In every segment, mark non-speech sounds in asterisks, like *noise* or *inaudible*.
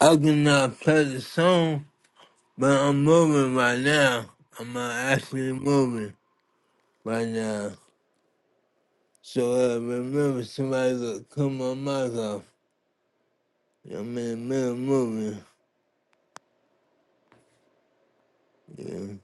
I cannot play the song, but I'm moving right now. I'm uh, actually moving right now. So uh, remember, somebody to cut my mic off. I'm in the middle of moving. Yeah.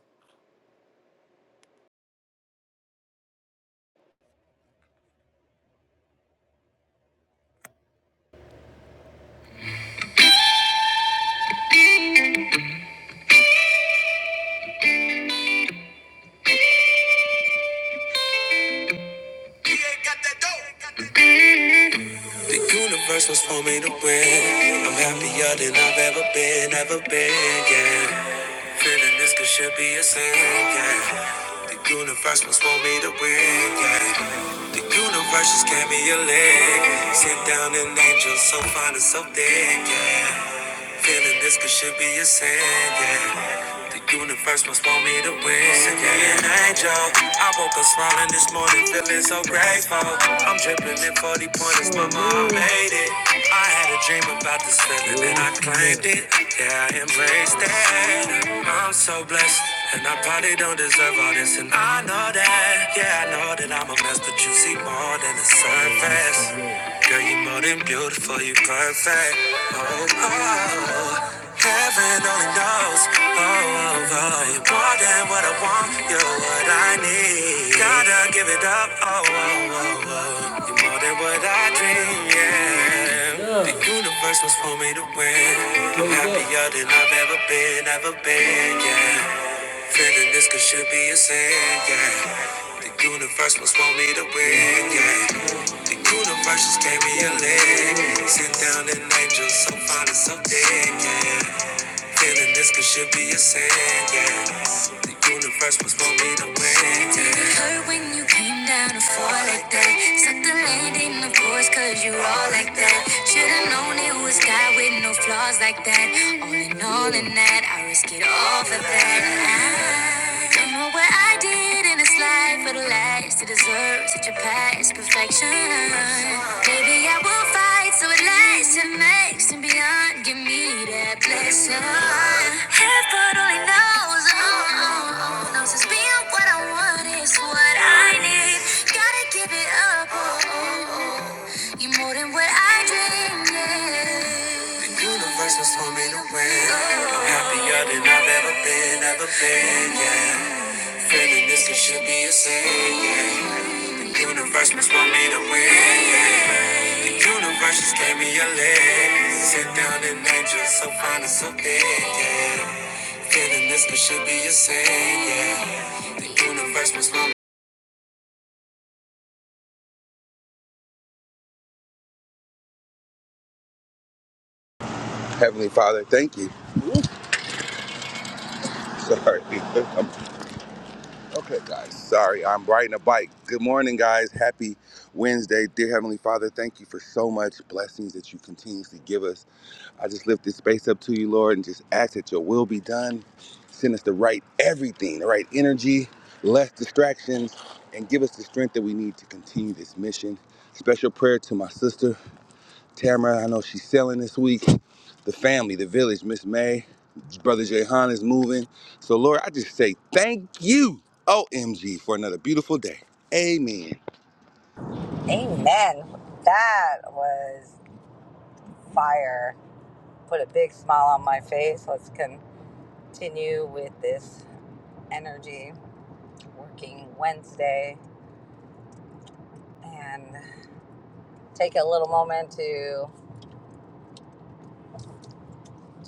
The universe was for me to win. I'm happier than I've ever been, ever been, yeah. Feeling this could should be a sin, yeah. The universe must want me to win, yeah. The universe just gave me a leg. Sit down an angel so fine and so thick, yeah. Feeling this could should be a sin, yeah. The universe must want me to win. Sick of an angel. I woke up smiling this morning, feeling so grateful. I'm dripping in 40 pointers, mama, mom made it. I had a dream about this feeling and I claimed it. Yeah, I embraced it. I'm so blessed. And I probably don't deserve all this, and I know that. Yeah, I know that I'm a mess, but you see more than the surface. Girl, you more than beautiful, you perfect. Oh, oh. Heaven only knows. Oh, oh, oh. You're more than what I want. You're what I need. Gotta give it up. Oh, oh, oh, oh. You're more than what I dream. Yeah. yeah. The universe was for me to win. I'm Yeah. happier than I've ever been, ever been. Yeah. Feeling this could should be a sin. Yeah. The universe was for me to win. Yeah. The universe just gave me a leg. Sit down and angel so fine and so thick. yeah. Feeling this could should be a sin, yeah. The universe was for me to win, yeah. it hurt when you came down to fall like that? Suck the landing, of course, cause you all like that. Should've known it was God with no flaws like that. All in all, in that, I risk it all for that. Don't know what I did in this life for the last to deserve such a past perfection. Maybe I will fight so it lasts and makes and beyond. Give me that blessing. Heaven only knows, oh, oh, oh, knows it's being what I want is what I need. Gotta give it up, oh, oh, oh. you're more than what I dreamed. yeah. The universe was for me to win. I'm happier than I've ever been, ever been, yeah. Feeling this it should be a sin. yeah. Universe must want me to win. yeah. Universe just gave me a leg. Sit down and angel, so fine and so big. Yeah. Feeling this it should be a sin. Yeah. The universe must want. Heavenly Father, thank you. Sorry. *laughs* okay, guys. Sorry, I'm riding a bike. Good morning, guys. Happy Wednesday. Dear Heavenly Father, thank you for so much blessings that you continuously give us. I just lift this space up to you, Lord, and just ask that your will be done. Send us the right everything, the right energy, less distractions, and give us the strength that we need to continue this mission. Special prayer to my sister. Tamara, I know she's selling this week. The family, the village, Miss May, Brother Jehan is moving. So, Lord, I just say thank you, OMG, for another beautiful day. Amen. Amen. That was fire. Put a big smile on my face. Let's continue with this energy working Wednesday and take a little moment to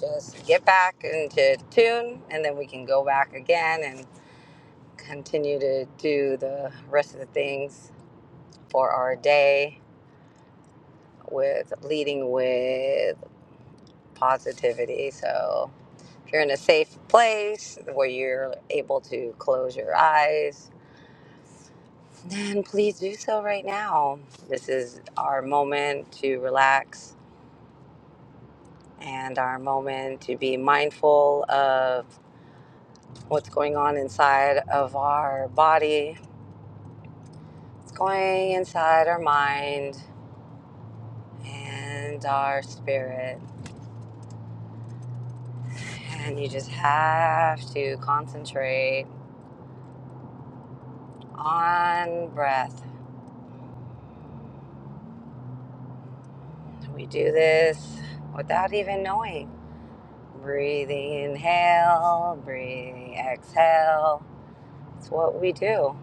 just get back into tune and then we can go back again and continue to do the rest of the things for our day with leading with positivity. So If you're in a safe place where you're able to close your eyes, then please do so right now. This is our moment to relax and our moment to be mindful of what's going on inside of our body, what's going inside our mind and our spirit. And you just have to concentrate on breath. We do this without even knowing. Breathing inhale, breathing exhale. It's what we do.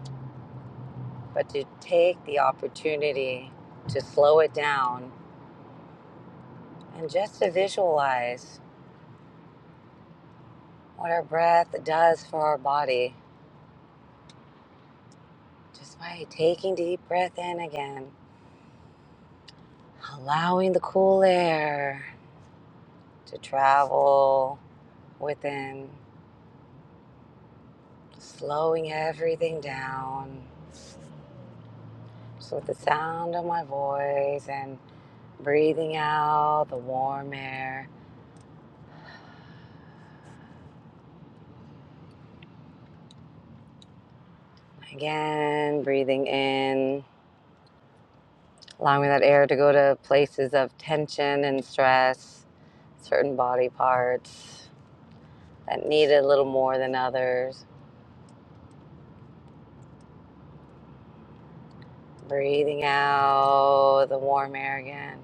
But to take the opportunity to slow it down and just to visualize what our breath does for our body just by taking deep breath in again, allowing the cool air to travel within, slowing everything down. So with the sound of my voice and breathing out the warm air Again, breathing in, allowing that air to go to places of tension and stress, certain body parts that need it a little more than others. Breathing out the warm air again,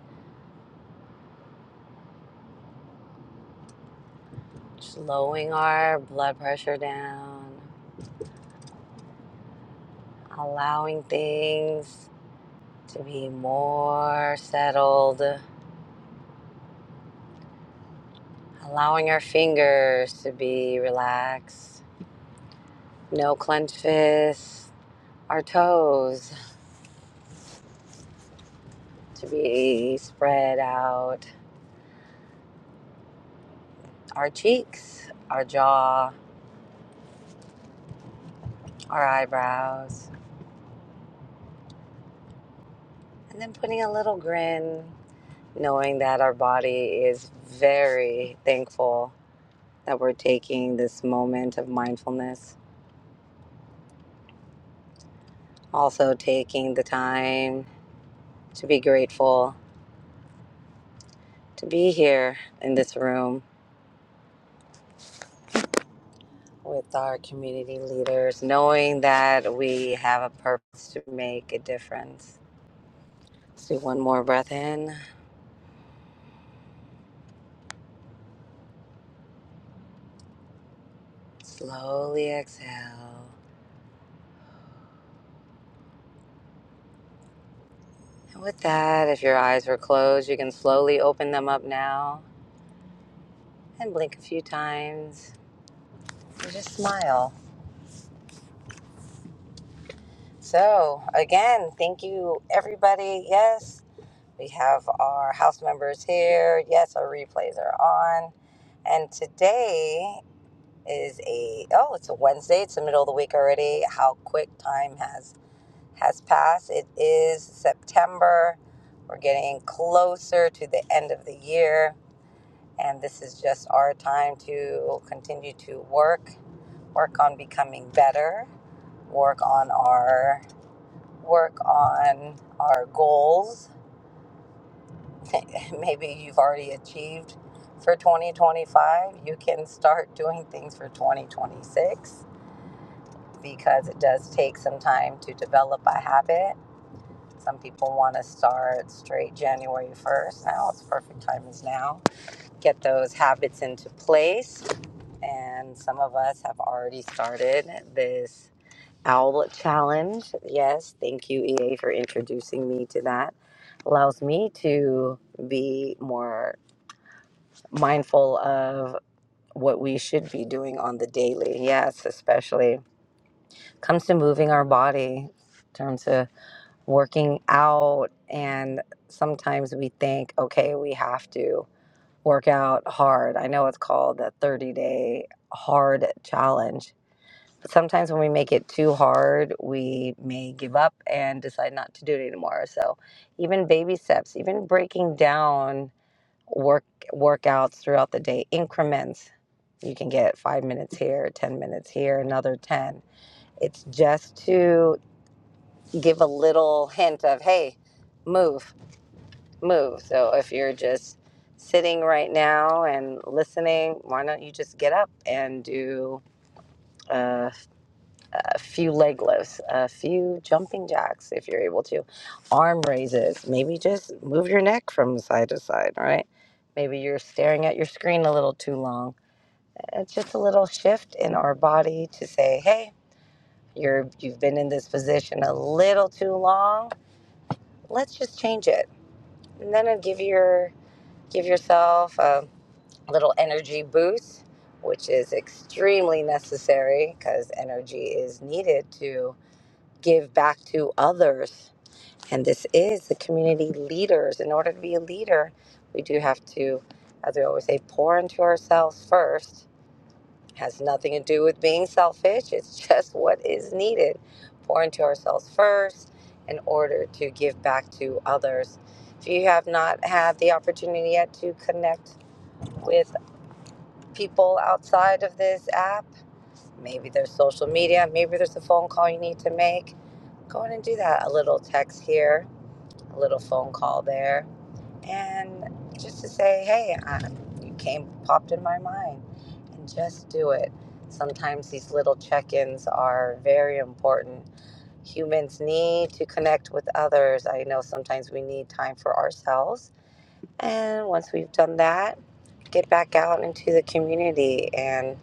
slowing our blood pressure down, allowing things to be more settled, allowing our fingers to be relaxed, no clenched fists, our toes to be spread out our cheeks, our jaw, our eyebrows, and then putting a little grin, knowing that our body is very thankful that we're taking this moment of mindfulness. Also, taking the time to be grateful to be here in this room with our community leaders, knowing that we have a purpose to make a difference. Let's do one more breath in Slowly exhale. And with that, if your eyes were closed, you can slowly open them up now and blink a few times and just smile. So, again, thank you, everybody. Yes, we have our house members here. Yes, our replays are on. And today is a, oh, it's a Wednesday. It's the middle of the week already. How quick time has has passed. It is September. We're getting closer to the end of the year, and this is just our time to continue to work, work on becoming better, work on our work on our goals. *laughs* Maybe you've already achieved for 2025. You can start doing things for 2026 because it does take some time to develop a habit Some people want to start straight January 1st. Now it's perfect time is now. Get those habits into place. And some of us have already started this owl challenge. Yes, thank you, EA, for introducing me to that. Allows me to be more mindful of what we should be doing on the daily. Yes, especially comes to moving our body in terms of working out and sometimes we think okay we have to work out hard i know it's called the 30 day hard challenge but sometimes when we make it too hard we may give up and decide not to do it anymore so even baby steps even breaking down work workouts throughout the day increments you can get five minutes here 10 minutes here another 10 it's just to give a little hint of hey move move. So if you're just sitting right now and listening, why don't you just get up and do uh, a few leg lifts, a few jumping jacks if you're able to, arm raises, maybe just move your neck from side to side, right? Maybe you're staring at your screen a little too long. It's just a little shift in our body to say, hey, you're, you've been in this position a little too long. Let's just change it. And then give your give yourself. a. little energy boost, which is extremely necessary because energy is needed to give back to others. And this is the community leaders. In order to be a leader, we do have to, as we always say, pour into ourselves first. Has nothing to do with being selfish, it's *laughs* just what is needed. Pour into ourselves first in order to give back to others. If you have not had the opportunity yet to connect, with people outside of this app. Maybe there's social media. Maybe there's a phone call you need to make. Go in and do that. A little text here, a little phone call there. And just to say, hey, I, you came, popped in my mind. And just do it. Sometimes these little check ins are very important. Humans need to connect with others. I know sometimes we need time for ourselves. And once we've done that, get back out into the community and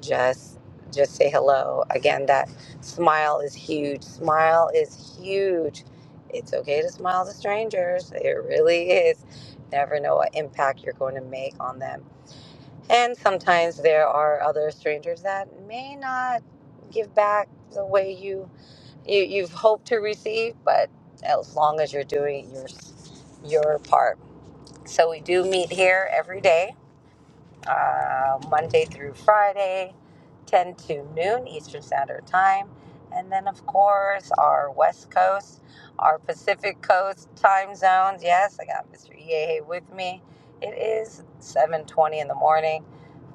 just just say hello again that smile is huge smile is huge it's okay to smile to strangers it really is never know what impact you're going to make on them and sometimes there are other strangers that may not give back the way you, you you've hoped to receive but as long as you're doing your your part so we do meet here every day uh, Monday through Friday, 10 to noon Eastern Standard Time. And then, of course, our West Coast, our Pacific Coast time zones. Yes, I got Mr. EAA with me. It is 7.20 in the morning.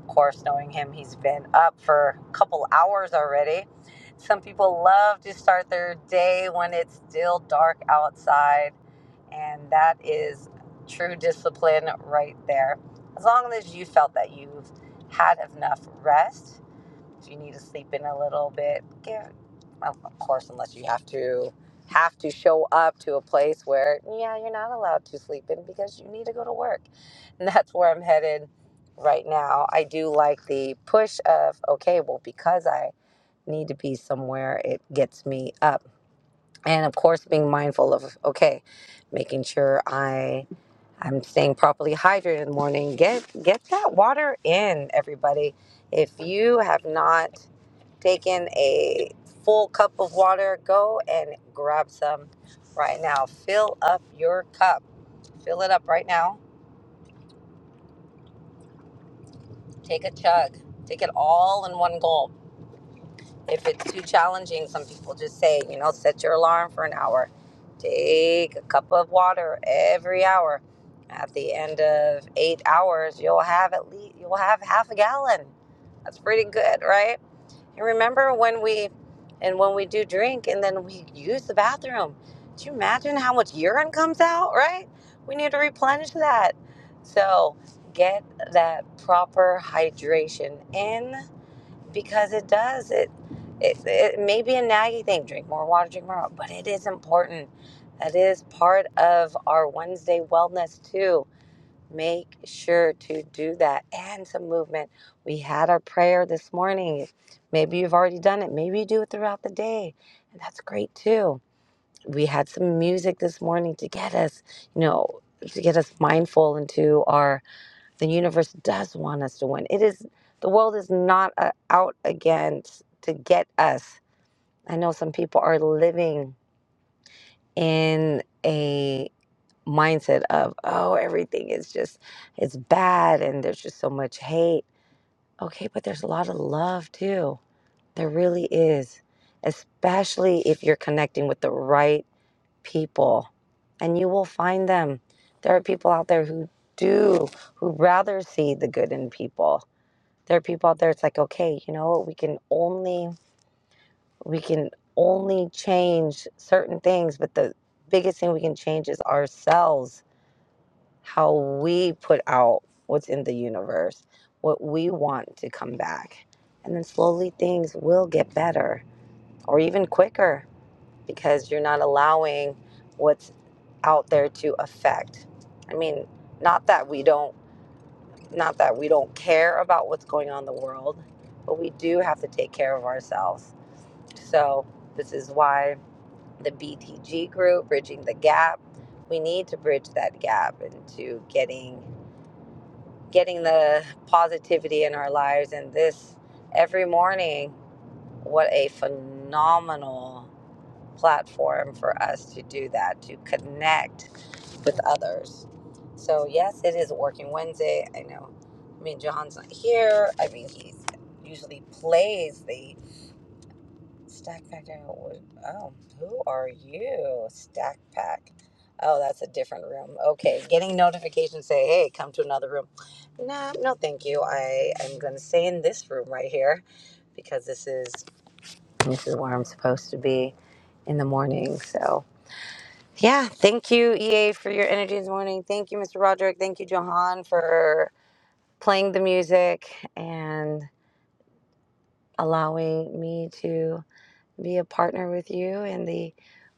Of course, knowing him, he's been up for a couple hours already. Some people love to start their day when it's still dark outside, and that is true discipline right there. As long as you felt that you've had enough rest if you need to sleep in a little bit, give of of course, unless you have to have to show up to a place where yeah, you're not allowed to sleep in because you need to go to work. *laughs* And that's where I'm headed right now. I do like the push of okay, well, because I need to be somewhere, it gets me up. And of course, being mindful of okay, making sure I I'm staying properly hydrated in the morning. Get get that water in, everybody. If you have not Take in a full cup of water. Go and grab some right now. Fill up your cup. Fill it up right now. Take a chug. Take it all in one gulp. If it's too challenging, some people just say, you know, set your alarm for an hour. Take a cup of water every hour. At the end of eight hours, you'll have at least you'll have half a gallon. That's pretty good, right? And remember when we and when we do drink and then we use the bathroom. Do you imagine how much urine comes out, right? We need to replenish that. So get that proper hydration in because it does it it, it may be a naggy thing. Drink more water, drink more water, but it is important. That is part of our Wednesday wellness too Make sure to do that and some movement. We had our prayer this morning. Maybe you've already done it. Maybe you do it throughout the day. And that's great too. We had some music this morning to get us, you know, to get us mindful into our, the universe does want us to win. It is, the world is not uh, out against to get us. I know some people are living in a mindset of oh everything is just it's bad and there's just so much hate okay but there's a lot of love too there really is especially if you're connecting with the right people and you will find them there are people out there who do who rather see the good in people there are people out there it's like okay you know what we can only we can only change certain things but the biggest thing we can change is ourselves how we put out what's in the universe, what we want to come back. And then slowly things will get better or even quicker because you're not allowing what's out there to affect. I mean, not that we don't not that we don't care about what's going on in the world, but we do have to take care of ourselves. So, this is why the BTG group, Bridging the Gap, we need to bridge that gap into getting getting the positivity in our lives and this every morning what a phenomenal platform for us to do that to connect with others so yes it is working wednesday i know i mean john's not here i mean he usually plays the Stack Pack. I don't- Oh, who are you? Stack Pack. Oh, that's a different room. Okay, getting notifications say, "Hey, come to another room." Nah, no, thank you. I am going to stay in this room right here because this is this is where I'm supposed to be in the morning. So, yeah, thank you, EA, for your energy this morning. Thank you, Mr. Roderick. Thank you, Johan, for playing the music and allowing me to. be a partner with you in the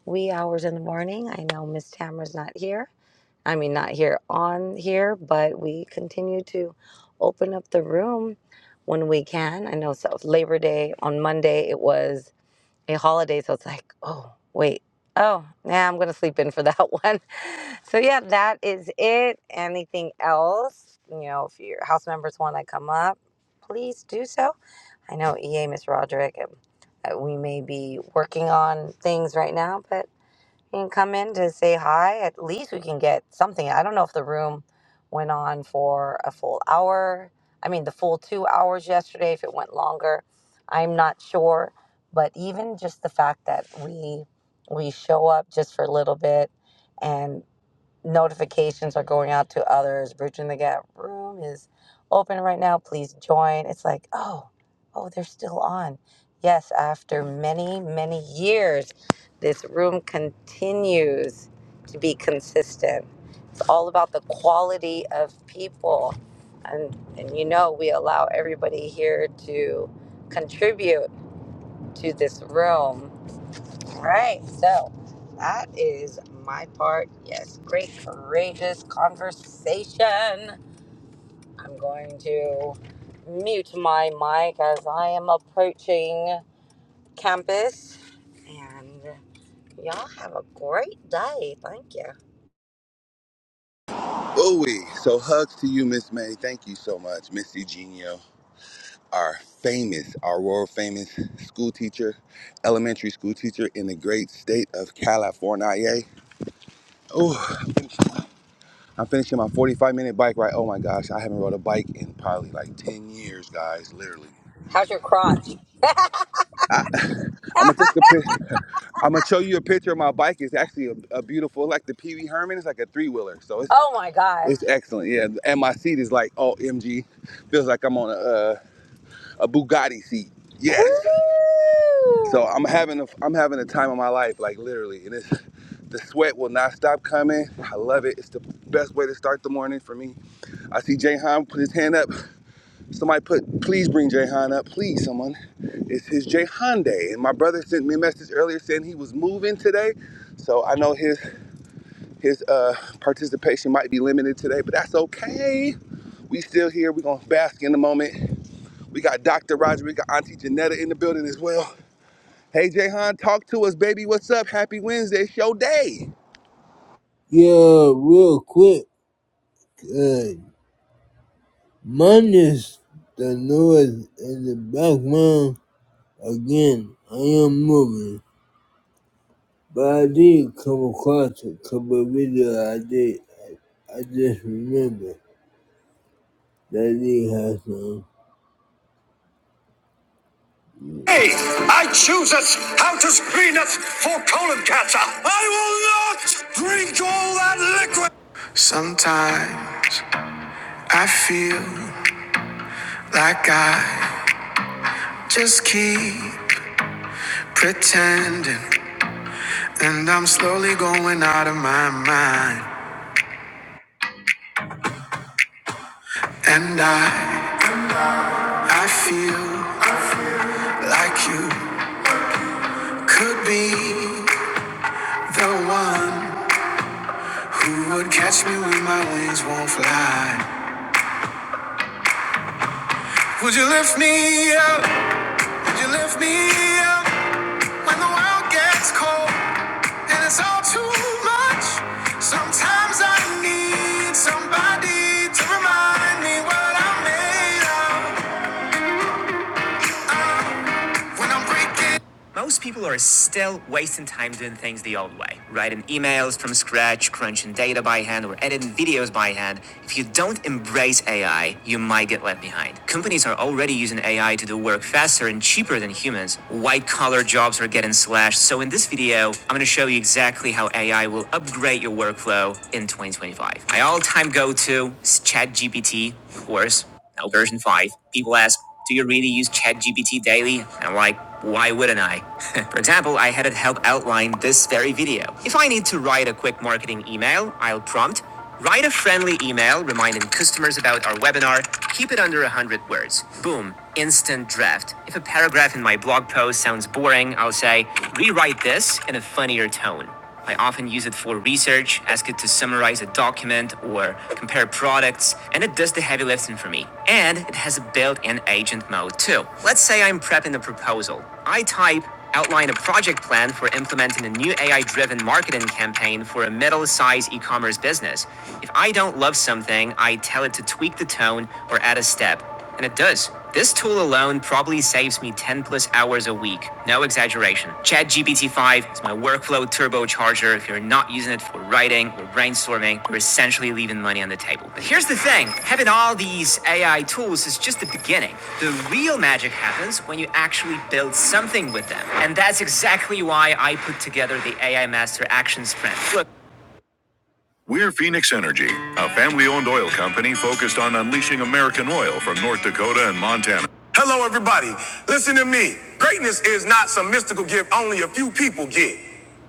wee hours in the morning. I know Miss Tamara's not here. I mean, not here on here, but we continue to open up the room when we can. I know so Labor Day on Monday it was a holiday, so it's like, oh wait, oh yeah, I'm gonna sleep in for that *laughs* one. So yeah, that is it. Anything else? You know, if your house members want to come up, please do so I know EA, Miss Roderick, um, uh, we may be working on things right now, but you can come in to say hi. At least we can get something. I don't know if the room went on for a full hour. I mean, the full two hours yesterday, if it went longer. I'm not sure. But even just the fact that we we show up just for a little bit and notifications are going out to others. Bridging the Gap room is open right now. Please join. It's like, oh, oh, they're still on. Yes, after many, many years, this room continues to be consistent. It's all about the quality of people. And, and you know, we allow everybody here to contribute to this room all Right. So that is my part. Yes. Great, courageous conversation. I'm going to mute my mic as I am approaching campus. And y'all have a great day. Thank you. Ooh, so hugs to you, Miss May. Thank you so much, Miss Eugenio, our famous, our world famous school teacher, elementary school teacher in the great state of California. Oh, I'm finishing my 45 minute bike ride. Oh my gosh, I haven't rode a bike in probably like 10 years, guys, literally. How's your crotch? I'm gonna take the pic. I'm gonna show you a picture of my bike. It's actually a, a beautiful, like the Pee Wee Herman. It's like a three wheeler, so *laughs* it's oh my gosh. it's excellent. Yeah, and my seat is like oh MG, feels like I'm on a uh, a Bugatti seat. Yes. So Woo! I'm having a I'm having a time of my life, like literally, and it's the sweat will not stop coming. I love it. It's the best way to start the morning for me. I see Jay Han put his hand up. Somebody put, please bring Jahan up, please, someone. It's his Jahan day, and my brother sent me a message earlier saying he was moving today, so I know his his uh, participation might be limited today, but that's okay. We still here. We're gonna bask in the moment. We got Dr. Roger, we got Auntie Janetta in the building as well. Hey Jahan, talk to us, baby. What's up? Happy Wednesday, show day. Yeah, real quick. Uh, minus the noise in the background. Again, I am moving, but I did come across a couple of videos I did. I just remember. That has some. I choose us how to screen us for colon cancer. I will not drink all that. Sometimes I feel like I just keep pretending, and I'm slowly going out of my mind. And I, I feel like you could be the one who would catch me when my wings won't fly. Would you lift me up? Would you lift me up? When the world gets cold and it's all too much, sometimes I need somebody to remind me what I'm made of. When I'm breaking, Most people are still wasting time doing things the old way, writing emails from scratch, crunching data by hand, or editing videos by hand. If you don't embrace AI, you might get left behind. Companies are already using AI to do work faster and cheaper than humans. White collar jobs are getting slashed. So, in this video, I'm going to show you exactly how AI will upgrade your workflow in 2025. My all time go to is ChatGPT, of course. Now, version 5, people ask, do you really use ChatGPT daily? I'm like, why wouldn't I? *laughs* For example, I had it help outline this very video. If I need to write a quick marketing email, I'll prompt, write a friendly email reminding customers about our webinar, keep it under 100 words. Boom, instant draft. If a paragraph in my blog post sounds boring, I'll say, rewrite this in a funnier tone. I often use it for research, ask it to summarize a document or compare products, and it does the heavy lifting for me. And it has a built-in agent mode too. Let's say I'm prepping a proposal. I type outline a project plan for implementing a new AI-driven marketing campaign for a middle-sized e-commerce business. If I don't love something, I tell it to tweak the tone or add a step. And it does. This tool alone probably saves me 10 plus hours a week. No exaggeration. ChatGPT 5 is my workflow turbocharger. If you're not using it for writing or brainstorming, you're essentially leaving money on the table. But here's the thing having all these AI tools is just the beginning. The real magic happens when you actually build something with them. And that's exactly why I put together the AI Master Action Sprint. We're Phoenix Energy, a family owned oil company focused on unleashing American oil from North Dakota and Montana. Hello, everybody. Listen to me. Greatness is not some mystical gift only a few people get.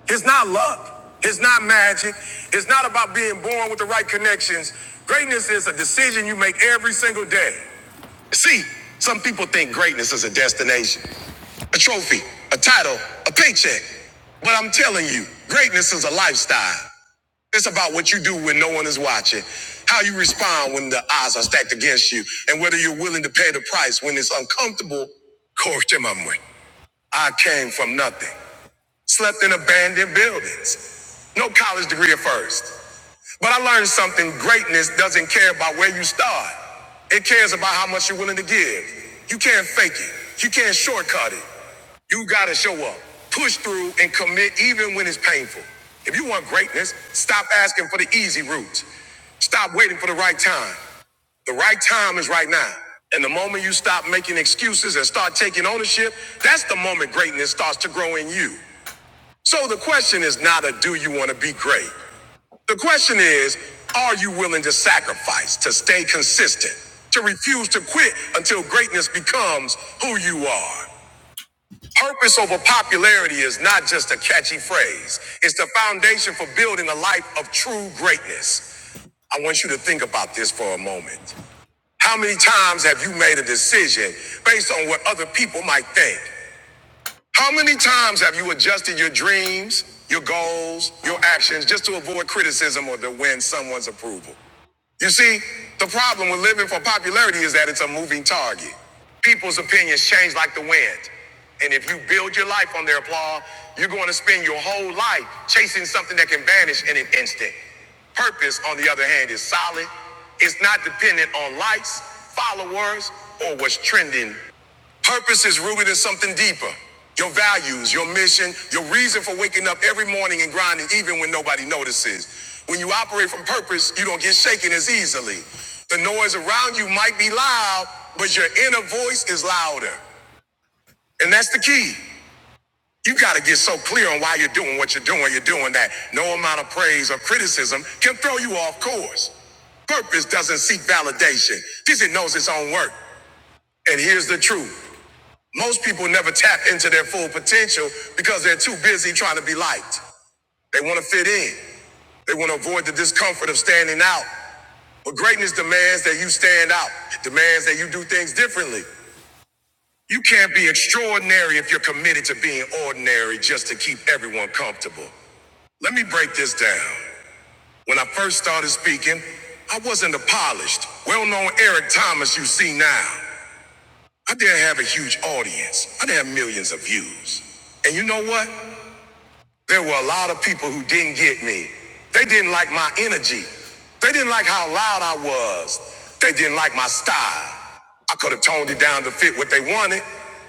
It's not luck. It's not magic. It's not about being born with the right connections. Greatness is a decision you make every single day. See, some people think greatness is a destination, a trophy, a title, a paycheck. But I'm telling you, greatness is a lifestyle. It's about what you do when no one is watching, how you respond when the odds are stacked against you, and whether you're willing to pay the price when it's uncomfortable. Coach them I came from nothing slept in abandoned buildings. No college degree at first. But I learned something greatness doesn't care about where you start, it cares about how much you're willing to give. You can't fake it, you can't shortcut it. You gotta show up, push through, and commit even when it's painful. If you want greatness, stop asking for the easy route. Stop waiting for the right time. The right time is right now. And the moment you stop making excuses and start taking ownership, that's the moment greatness starts to grow in you. So the question is not a do you want to be great? The question is, are you willing to sacrifice, to stay consistent, to refuse to quit until greatness becomes who you are? Purpose over popularity is not just a catchy phrase. It's the foundation for building a life of true greatness. I want you to think about this for a moment. How many times have you made a decision based on what other people might think? How many times have you adjusted your dreams, your goals, your actions just to avoid criticism or to win someone's approval? You see, the problem with living for popularity is that it's a moving target. People's opinions change like the wind. And if you build your life on their applause, you're going to spend your whole life chasing something that can vanish in an instant. Purpose, on the other hand, is solid. It's not dependent on likes, followers, or what's trending Purpose is rooted in something deeper. Your values, your mission, your reason for waking up every morning and grinding even when nobody notices. When you operate from purpose, you don't get shaken as easily. The noise around you might be loud, but your inner voice is louder. And that's the key. You got to get so clear on why you're doing what you're doing. You're doing that. No amount of praise or criticism can throw you off course. Purpose doesn't seek validation because it knows its own work. And here's the truth. Most people never tap into their full potential because they're too busy trying to be liked. They want to fit in. They want to avoid the discomfort of standing out. But greatness demands that you stand out, It demands that you do things differently. You can't be extraordinary if you're committed to being ordinary just to keep everyone comfortable. Let me break this down. When I first started speaking, I wasn't a polished, well known Eric Thomas you see now. I didn't have a huge audience, I didn't have millions of views. And you know what? There were a lot of people who didn't get me. They didn't like my energy. They didn't like how loud I was. They didn't like my style. I could have toned it down to fit what they wanted.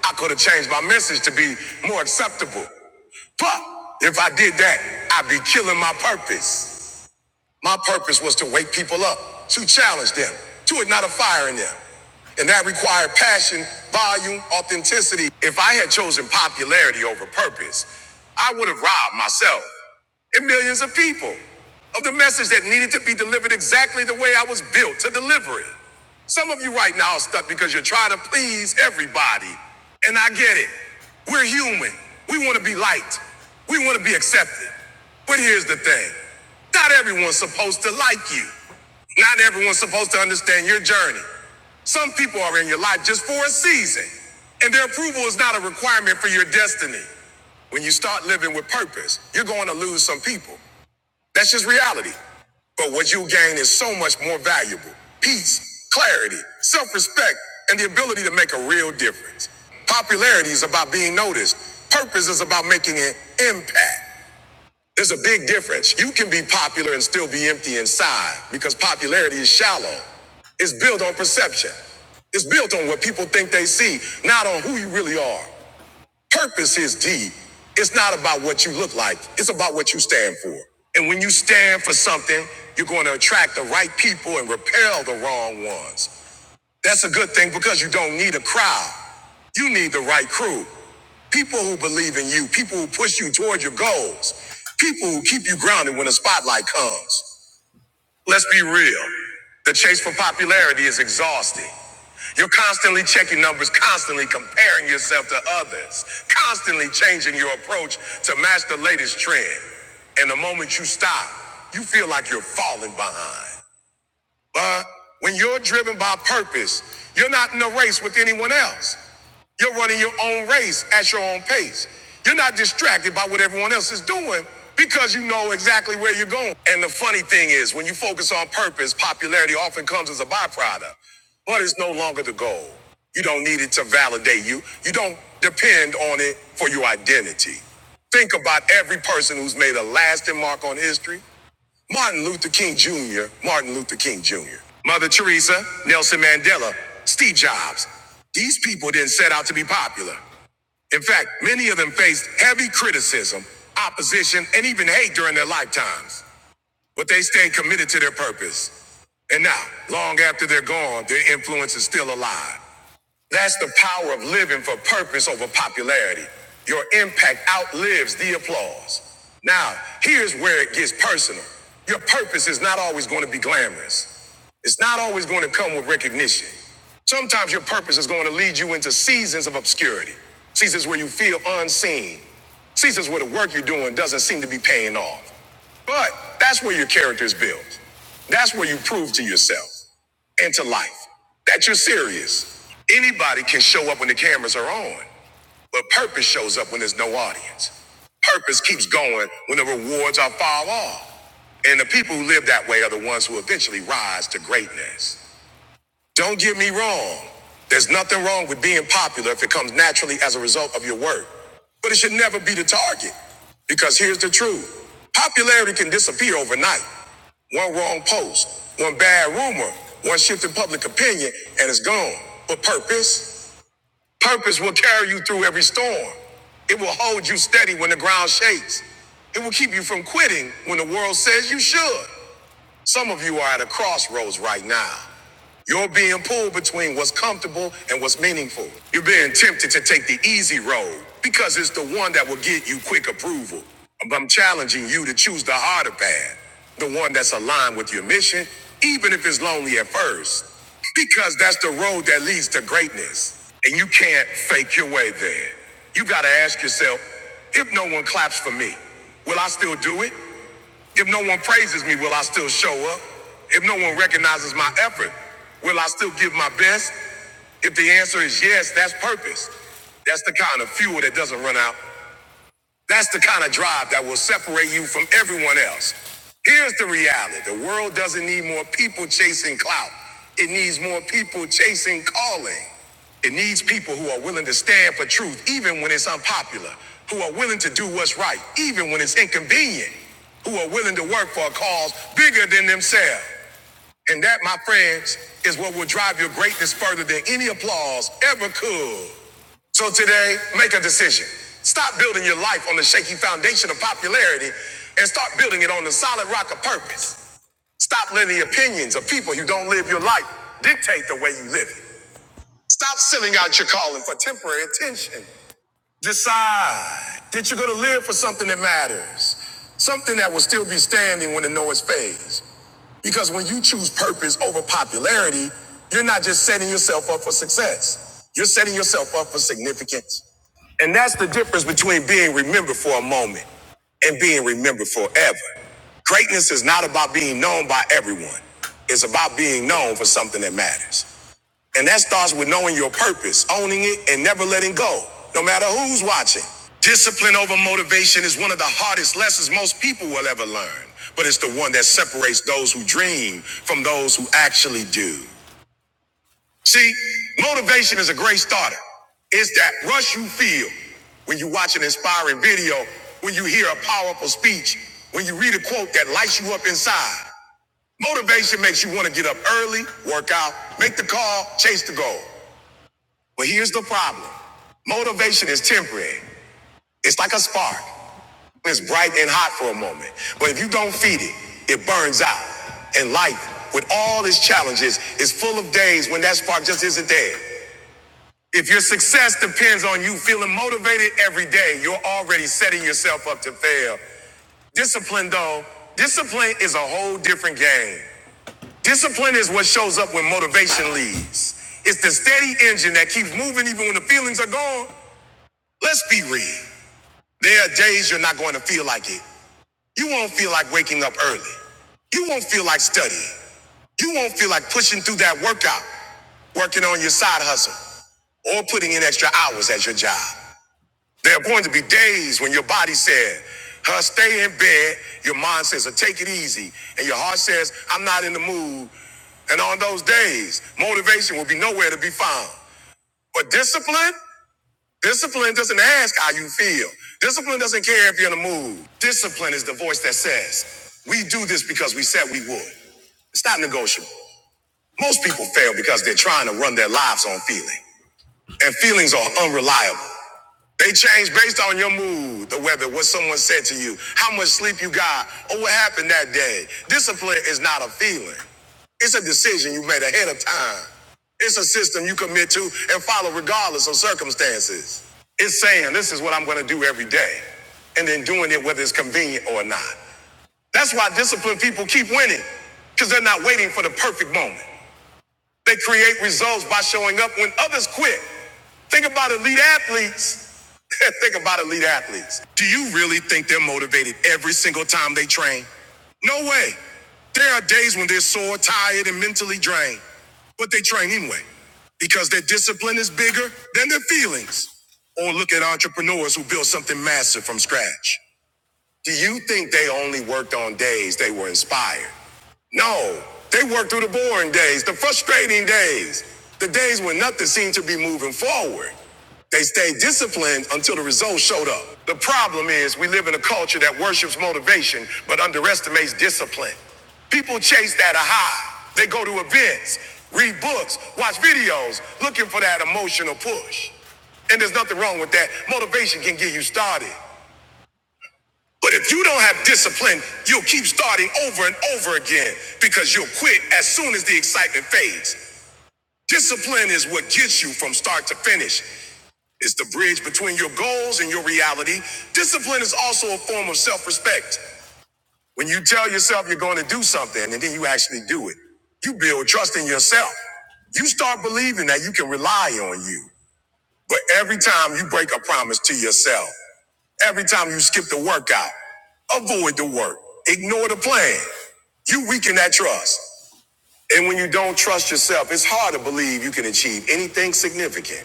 I could have changed my message to be more acceptable. But if I did that, I'd be killing my purpose. My purpose was to wake people up, to challenge them, to ignite a fire in them. And that required passion, volume, authenticity. If I had chosen popularity over purpose, I would have robbed myself and millions of people of the message that needed to be delivered exactly the way I was built to deliver it. Some of you right now are stuck because you're trying to please everybody. And I get it. We're human. We want to be liked. We want to be accepted. But here's the thing. Not everyone's supposed to like you. Not everyone's supposed to understand your journey. Some people are in your life just for a season, and their approval is not a requirement for your destiny. When you start living with purpose, you're going to lose some people. That's just reality. But what you gain is so much more valuable peace, clarity, self respect, and the ability to make a real difference. Popularity is about being noticed, purpose is about making an impact. There's a big difference. You can be popular and still be empty inside because popularity is shallow. It's built on perception. It's built on what people think they see, not on who you really are. Purpose is deep. It's not about what you look like. It's about what you stand for. And when you stand for something, you're going to attract the right people and repel the wrong ones. That's a good thing because you don't need a crowd. You need the right crew. People who believe in you, people who push you toward your goals, people who keep you grounded when the spotlight comes. Let's be real. The chase for popularity is exhausting. You're constantly checking numbers, constantly comparing yourself to others, constantly changing your approach to match the latest trend. And the moment you stop, you feel like you're falling behind. But when you're driven by purpose, you're not in a race with anyone else. You're running your own race at your own pace. You're not distracted by what everyone else is doing because you know exactly where you're going. And the funny thing is, when you focus on purpose, popularity often comes as a byproduct, but it's no longer the goal. You don't need it to validate you. You don't depend on it for your identity. Think about every person who's made a lasting mark on history. Martin Luther King Jr., Martin Luther King Jr., Mother Teresa, Nelson Mandela, Steve Jobs. These people didn't set out to be popular. In fact, many of them faced heavy criticism, opposition, and even hate during their lifetimes. But they stayed committed to their purpose. And now, long after they're gone, their influence is still alive. That's the power of living for purpose over popularity. Your impact outlives the applause. Now, here's where it gets personal. Your purpose is not always going to be glamorous. It's not always going to come with recognition. Sometimes your purpose is going to lead you into seasons of obscurity, seasons where you feel unseen, seasons where the work you're doing doesn't seem to be paying off. But that's where your character is built. That's where you prove to yourself into life. That you're serious. Anybody can show up when the cameras are on, but purpose shows up when there's no audience. Purpose keeps going when the rewards are far off. And the people who live that way are the ones who eventually rise to greatness. Don't get me wrong. There's nothing wrong with being popular if it comes naturally as a result of your work. But it should never be the target. Because here's the truth popularity can disappear overnight. One wrong post, one bad rumor, one shift in public opinion, and it's gone. But purpose? Purpose will carry you through every storm. It will hold you steady when the ground shakes. It will keep you from quitting when the world says you should. Some of you are at a crossroads right now. You're being pulled between what's comfortable and what's meaningful. You're being tempted to take the easy road because it's the one that will get you quick approval. I'm challenging you to choose the harder path, the one that's aligned with your mission, even if it's lonely at first, because that's the road that leads to greatness. And you can't fake your way there. You gotta ask yourself if no one claps for me, will I still do it? If no one praises me, will I still show up? If no one recognizes my effort, will I still give my best? If the answer is yes, that's purpose. That's the kind of fuel that doesn't run out. That's the kind of drive that will separate you from everyone else. Here's the reality the world doesn't need more people chasing clout, it needs more people chasing calling. It needs people who are willing to stand for truth, even when it's unpopular, who are willing to do what's right, even when it's inconvenient, who are willing to work for a cause bigger than themselves. And that, my friends, is what will drive your greatness further than any applause ever could. So today, make a decision. Stop building your life on the shaky foundation of popularity and start building it on the solid rock of purpose. Stop letting the opinions of people who don't live your life dictate the way you live it. Stop selling out your calling for temporary attention. Decide that you're going to live for something that matters, something that will still be standing when the noise fades. Because when you choose purpose over popularity, you're not just setting yourself up for success, you're setting yourself up for significance. And that's the difference between being remembered for a moment and being remembered forever. Greatness is not about being known by everyone, it's about being known for something that matters. And that starts with knowing your purpose, owning it, and never letting go, no matter who's watching. Discipline over motivation is one of the hardest lessons most people will ever learn, but it's the one that separates those who dream from those who actually do. See, motivation is a great starter. It's that rush you feel when you watch an inspiring video, when you hear a powerful speech, when you read a quote that lights you up inside. Motivation makes you want to get up early, work out, make the call, chase the goal. But here's the problem motivation is temporary, it's like a spark. It's bright and hot for a moment, but if you don't feed it, it burns out. And life, with all its challenges, is full of days when that spark just isn't there. If your success depends on you feeling motivated every day, you're already setting yourself up to fail. Discipline, though, discipline is a whole different game. Discipline is what shows up when motivation leaves. It's the steady engine that keeps moving even when the feelings are gone. Let's be real. There are days you're not going to feel like it. You won't feel like waking up early. You won't feel like studying. You won't feel like pushing through that workout, working on your side hustle, or putting in extra hours at your job. There are going to be days when your body said, huh, stay in bed. Your mind says, "Uh, take it easy. And your heart says, I'm not in the mood. And on those days, motivation will be nowhere to be found. But discipline? Discipline doesn't ask how you feel. Discipline doesn't care if you're in a mood. Discipline is the voice that says, we do this because we said we would. It's not negotiable. Most people fail because they're trying to run their lives on feeling. And feelings are unreliable. They change based on your mood, the weather, what someone said to you, how much sleep you got, or what happened that day. Discipline is not a feeling. It's a decision you made ahead of time. It's a system you commit to and follow regardless of circumstances. It's saying, this is what I'm going to do every day, and then doing it whether it's convenient or not. That's why disciplined people keep winning, because they're not waiting for the perfect moment. They create results by showing up when others quit. Think about elite athletes. *laughs* think about elite athletes. Do you really think they're motivated every single time they train? No way. There are days when they're sore, tired, and mentally drained, but they train anyway because their discipline is bigger than their feelings. Or look at entrepreneurs who built something massive from scratch. Do you think they only worked on days they were inspired? No, they worked through the boring days, the frustrating days, the days when nothing seemed to be moving forward. They stayed disciplined until the results showed up. The problem is, we live in a culture that worships motivation but underestimates discipline. People chase that high. They go to events, read books, watch videos, looking for that emotional push. And there's nothing wrong with that. Motivation can get you started. But if you don't have discipline, you'll keep starting over and over again because you'll quit as soon as the excitement fades. Discipline is what gets you from start to finish. It's the bridge between your goals and your reality. Discipline is also a form of self respect. When you tell yourself you're going to do something and then you actually do it, you build trust in yourself. You start believing that you can rely on you. But every time you break a promise to yourself, every time you skip the workout, avoid the work, ignore the plan, you weaken that trust. And when you don't trust yourself, it's hard to believe you can achieve anything significant.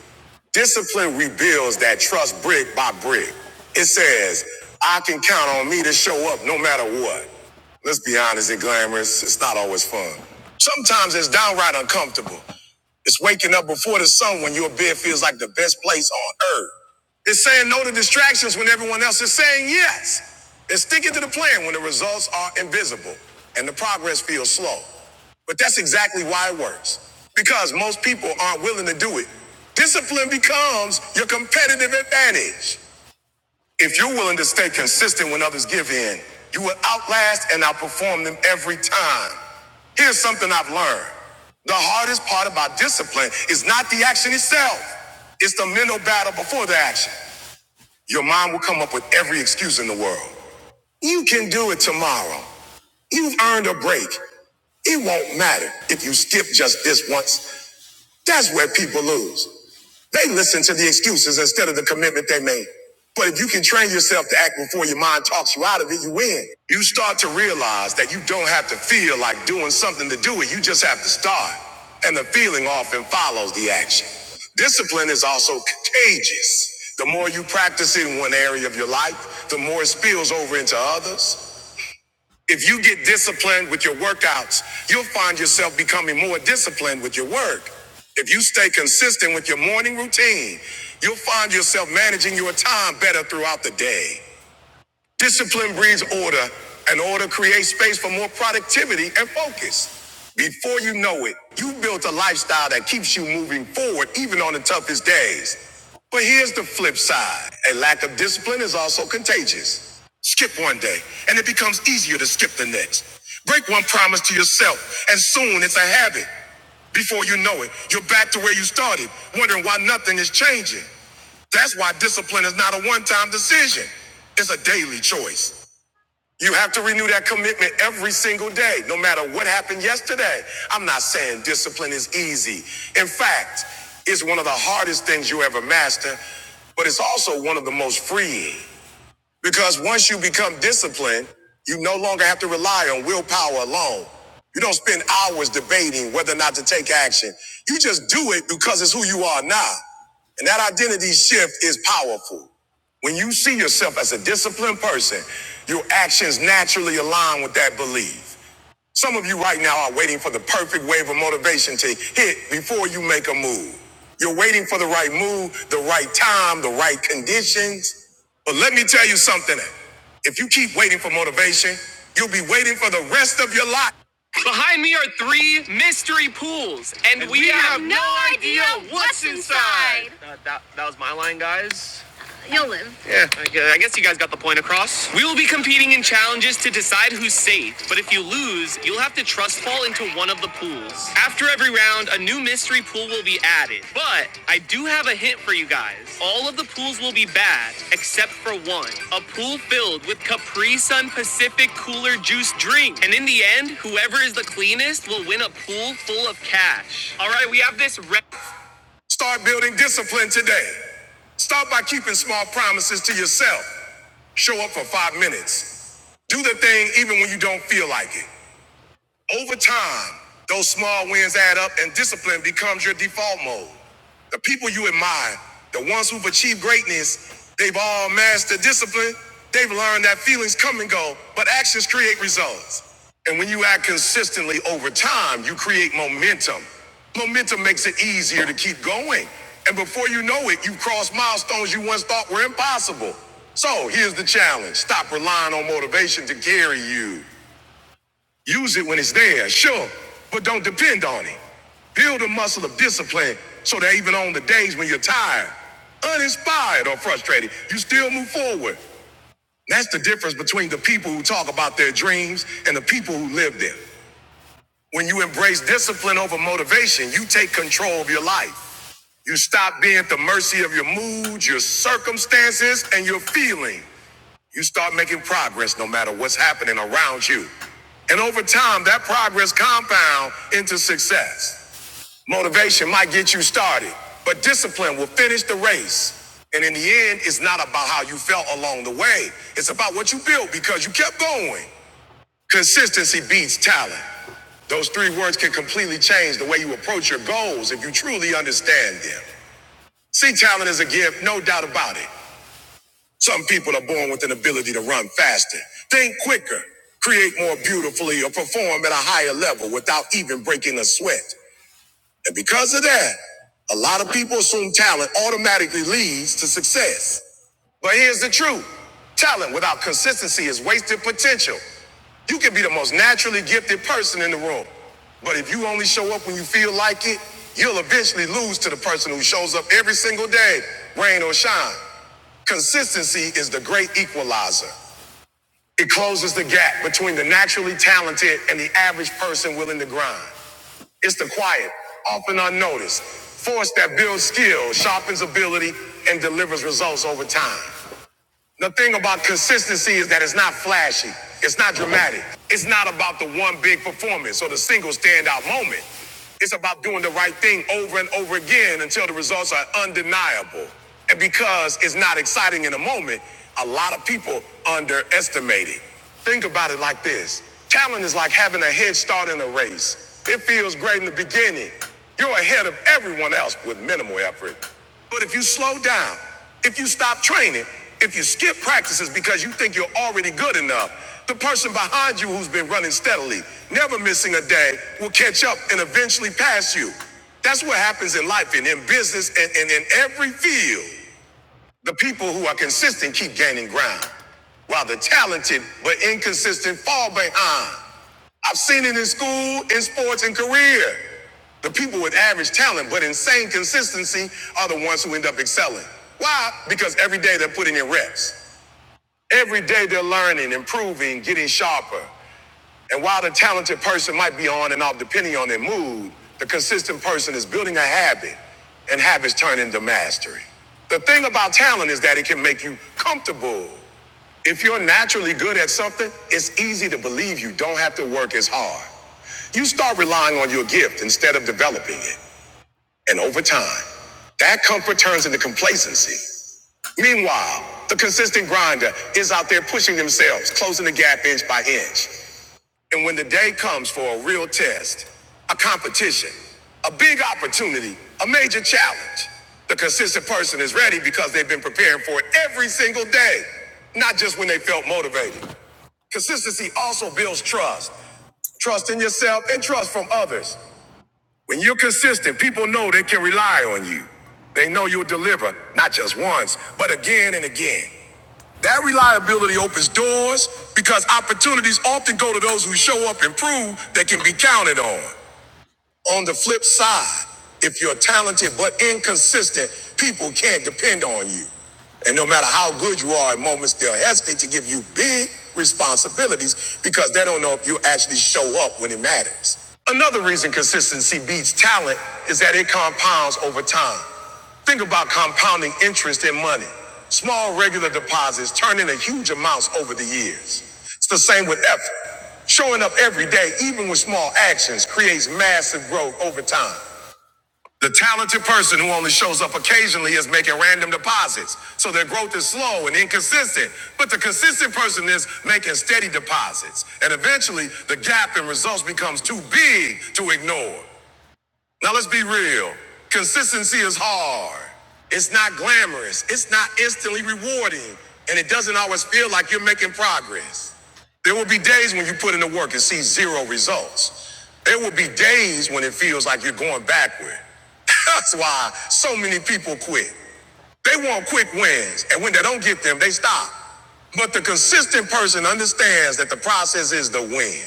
Discipline rebuilds that trust brick by brick. It says, I can count on me to show up no matter what. Let's be honest its glamorous, it's not always fun. Sometimes it's downright uncomfortable. It's waking up before the sun when your bed feels like the best place on earth. It's saying no to distractions when everyone else is saying yes. It's sticking to the plan when the results are invisible and the progress feels slow. But that's exactly why it works. Because most people aren't willing to do it. Discipline becomes your competitive advantage. If you're willing to stay consistent when others give in, you will outlast and outperform them every time. Here's something I've learned. The hardest part about discipline is not the action itself. It's the mental battle before the action. Your mind will come up with every excuse in the world. You can do it tomorrow. You've earned a break. It won't matter if you skip just this once. That's where people lose. They listen to the excuses instead of the commitment they made. But if you can train yourself to act before your mind talks you out of it, you win. You start to realize that you don't have to feel like doing something to do it. You just have to start. And the feeling often follows the action. Discipline is also contagious. The more you practice it in one area of your life, the more it spills over into others. If you get disciplined with your workouts, you'll find yourself becoming more disciplined with your work. If you stay consistent with your morning routine, you'll find yourself managing your time better throughout the day. Discipline breeds order, and order creates space for more productivity and focus. Before you know it, you built a lifestyle that keeps you moving forward even on the toughest days. But here's the flip side a lack of discipline is also contagious. Skip one day, and it becomes easier to skip the next. Break one promise to yourself, and soon it's a habit. Before you know it, you're back to where you started, wondering why nothing is changing. That's why discipline is not a one time decision, it's a daily choice. You have to renew that commitment every single day, no matter what happened yesterday. I'm not saying discipline is easy. In fact, it's one of the hardest things you ever master, but it's also one of the most freeing. Because once you become disciplined, you no longer have to rely on willpower alone. You don't spend hours debating whether or not to take action. You just do it because it's who you are now. And that identity shift is powerful. When you see yourself as a disciplined person, your actions naturally align with that belief. Some of you right now are waiting for the perfect wave of motivation to hit before you make a move. You're waiting for the right move, the right time, the right conditions. But let me tell you something. If you keep waiting for motivation, you'll be waiting for the rest of your life. Behind me are three mystery pools, and, And we, we have, have no no idea idea what's inside. Like, uh, I guess you guys got the point across. We will be competing in challenges to decide who's safe, but if you lose, you'll have to trust fall into one of the pools. After every round, a new mystery pool will be added. But I do have a hint for you guys. All of the pools will be bad, except for one. A pool filled with Capri Sun Pacific Cooler Juice drink. And in the end, whoever is the cleanest will win a pool full of cash. All right, we have this. Re- Start building discipline today. Start by keeping small promises to yourself. Show up for five minutes. Do the thing even when you don't feel like it. Over time, those small wins add up and discipline becomes your default mode. The people you admire, the ones who've achieved greatness, they've all mastered discipline. They've learned that feelings come and go, but actions create results. And when you act consistently over time, you create momentum. Momentum makes it easier to keep going. And before you know it, you've crossed milestones you once thought were impossible. So here's the challenge stop relying on motivation to carry you. Use it when it's there, sure, but don't depend on it. Build a muscle of discipline so that even on the days when you're tired, uninspired, or frustrated, you still move forward. That's the difference between the people who talk about their dreams and the people who live them. When you embrace discipline over motivation, you take control of your life. You stop being at the mercy of your mood, your circumstances, and your feelings. You start making progress no matter what's happening around you. And over time, that progress compound into success. Motivation might get you started, but discipline will finish the race. And in the end, it's not about how you felt along the way. It's about what you built because you kept going. Consistency beats talent. Those three words can completely change the way you approach your goals if you truly understand them. See, talent is a gift, no doubt about it. Some people are born with an ability to run faster, think quicker, create more beautifully, or perform at a higher level without even breaking a sweat. And because of that, a lot of people assume talent automatically leads to success. But here's the truth talent without consistency is wasted potential. You can be the most naturally gifted person in the room, but if you only show up when you feel like it, you'll eventually lose to the person who shows up every single day, rain or shine. Consistency is the great equalizer. It closes the gap between the naturally talented and the average person willing to grind. It's the quiet, often unnoticed, force that builds skill, sharpens ability, and delivers results over time. The thing about consistency is that it's not flashy, it's not dramatic, it's not about the one big performance or the single standout moment. It's about doing the right thing over and over again until the results are undeniable. And because it's not exciting in the moment, a lot of people underestimate it. Think about it like this talent is like having a head start in a race. It feels great in the beginning, you're ahead of everyone else with minimal effort. But if you slow down, if you stop training, if you skip practices because you think you're already good enough, the person behind you who's been running steadily, never missing a day, will catch up and eventually pass you. That's what happens in life and in business and, and in every field. The people who are consistent keep gaining ground, while the talented but inconsistent fall behind. I've seen it in school, in sports, and career. The people with average talent but insane consistency are the ones who end up excelling. Why? Because every day they're putting in reps. Every day they're learning, improving, getting sharper. And while the talented person might be on and off depending on their mood, the consistent person is building a habit, and habits turn into mastery. The thing about talent is that it can make you comfortable. If you're naturally good at something, it's easy to believe you don't have to work as hard. You start relying on your gift instead of developing it. And over time, that comfort turns into complacency. Meanwhile, the consistent grinder is out there pushing themselves, closing the gap inch by inch. And when the day comes for a real test, a competition, a big opportunity, a major challenge, the consistent person is ready because they've been preparing for it every single day, not just when they felt motivated. Consistency also builds trust trust in yourself and trust from others. When you're consistent, people know they can rely on you. They know you'll deliver, not just once, but again and again. That reliability opens doors because opportunities often go to those who show up and prove they can be counted on. On the flip side, if you're talented but inconsistent, people can't depend on you. And no matter how good you are at moments, they'll hesitate to give you big responsibilities because they don't know if you actually show up when it matters. Another reason consistency beats talent is that it compounds over time. Think about compounding interest in money. Small regular deposits turn into huge amounts over the years. It's the same with effort. Showing up every day, even with small actions, creates massive growth over time. The talented person who only shows up occasionally is making random deposits, so their growth is slow and inconsistent. But the consistent person is making steady deposits, and eventually the gap in results becomes too big to ignore. Now let's be real. Consistency is hard. It's not glamorous. It's not instantly rewarding. And it doesn't always feel like you're making progress. There will be days when you put in the work and see zero results. There will be days when it feels like you're going backward. *laughs* That's why so many people quit. They want quick wins, and when they don't get them, they stop. But the consistent person understands that the process is the win.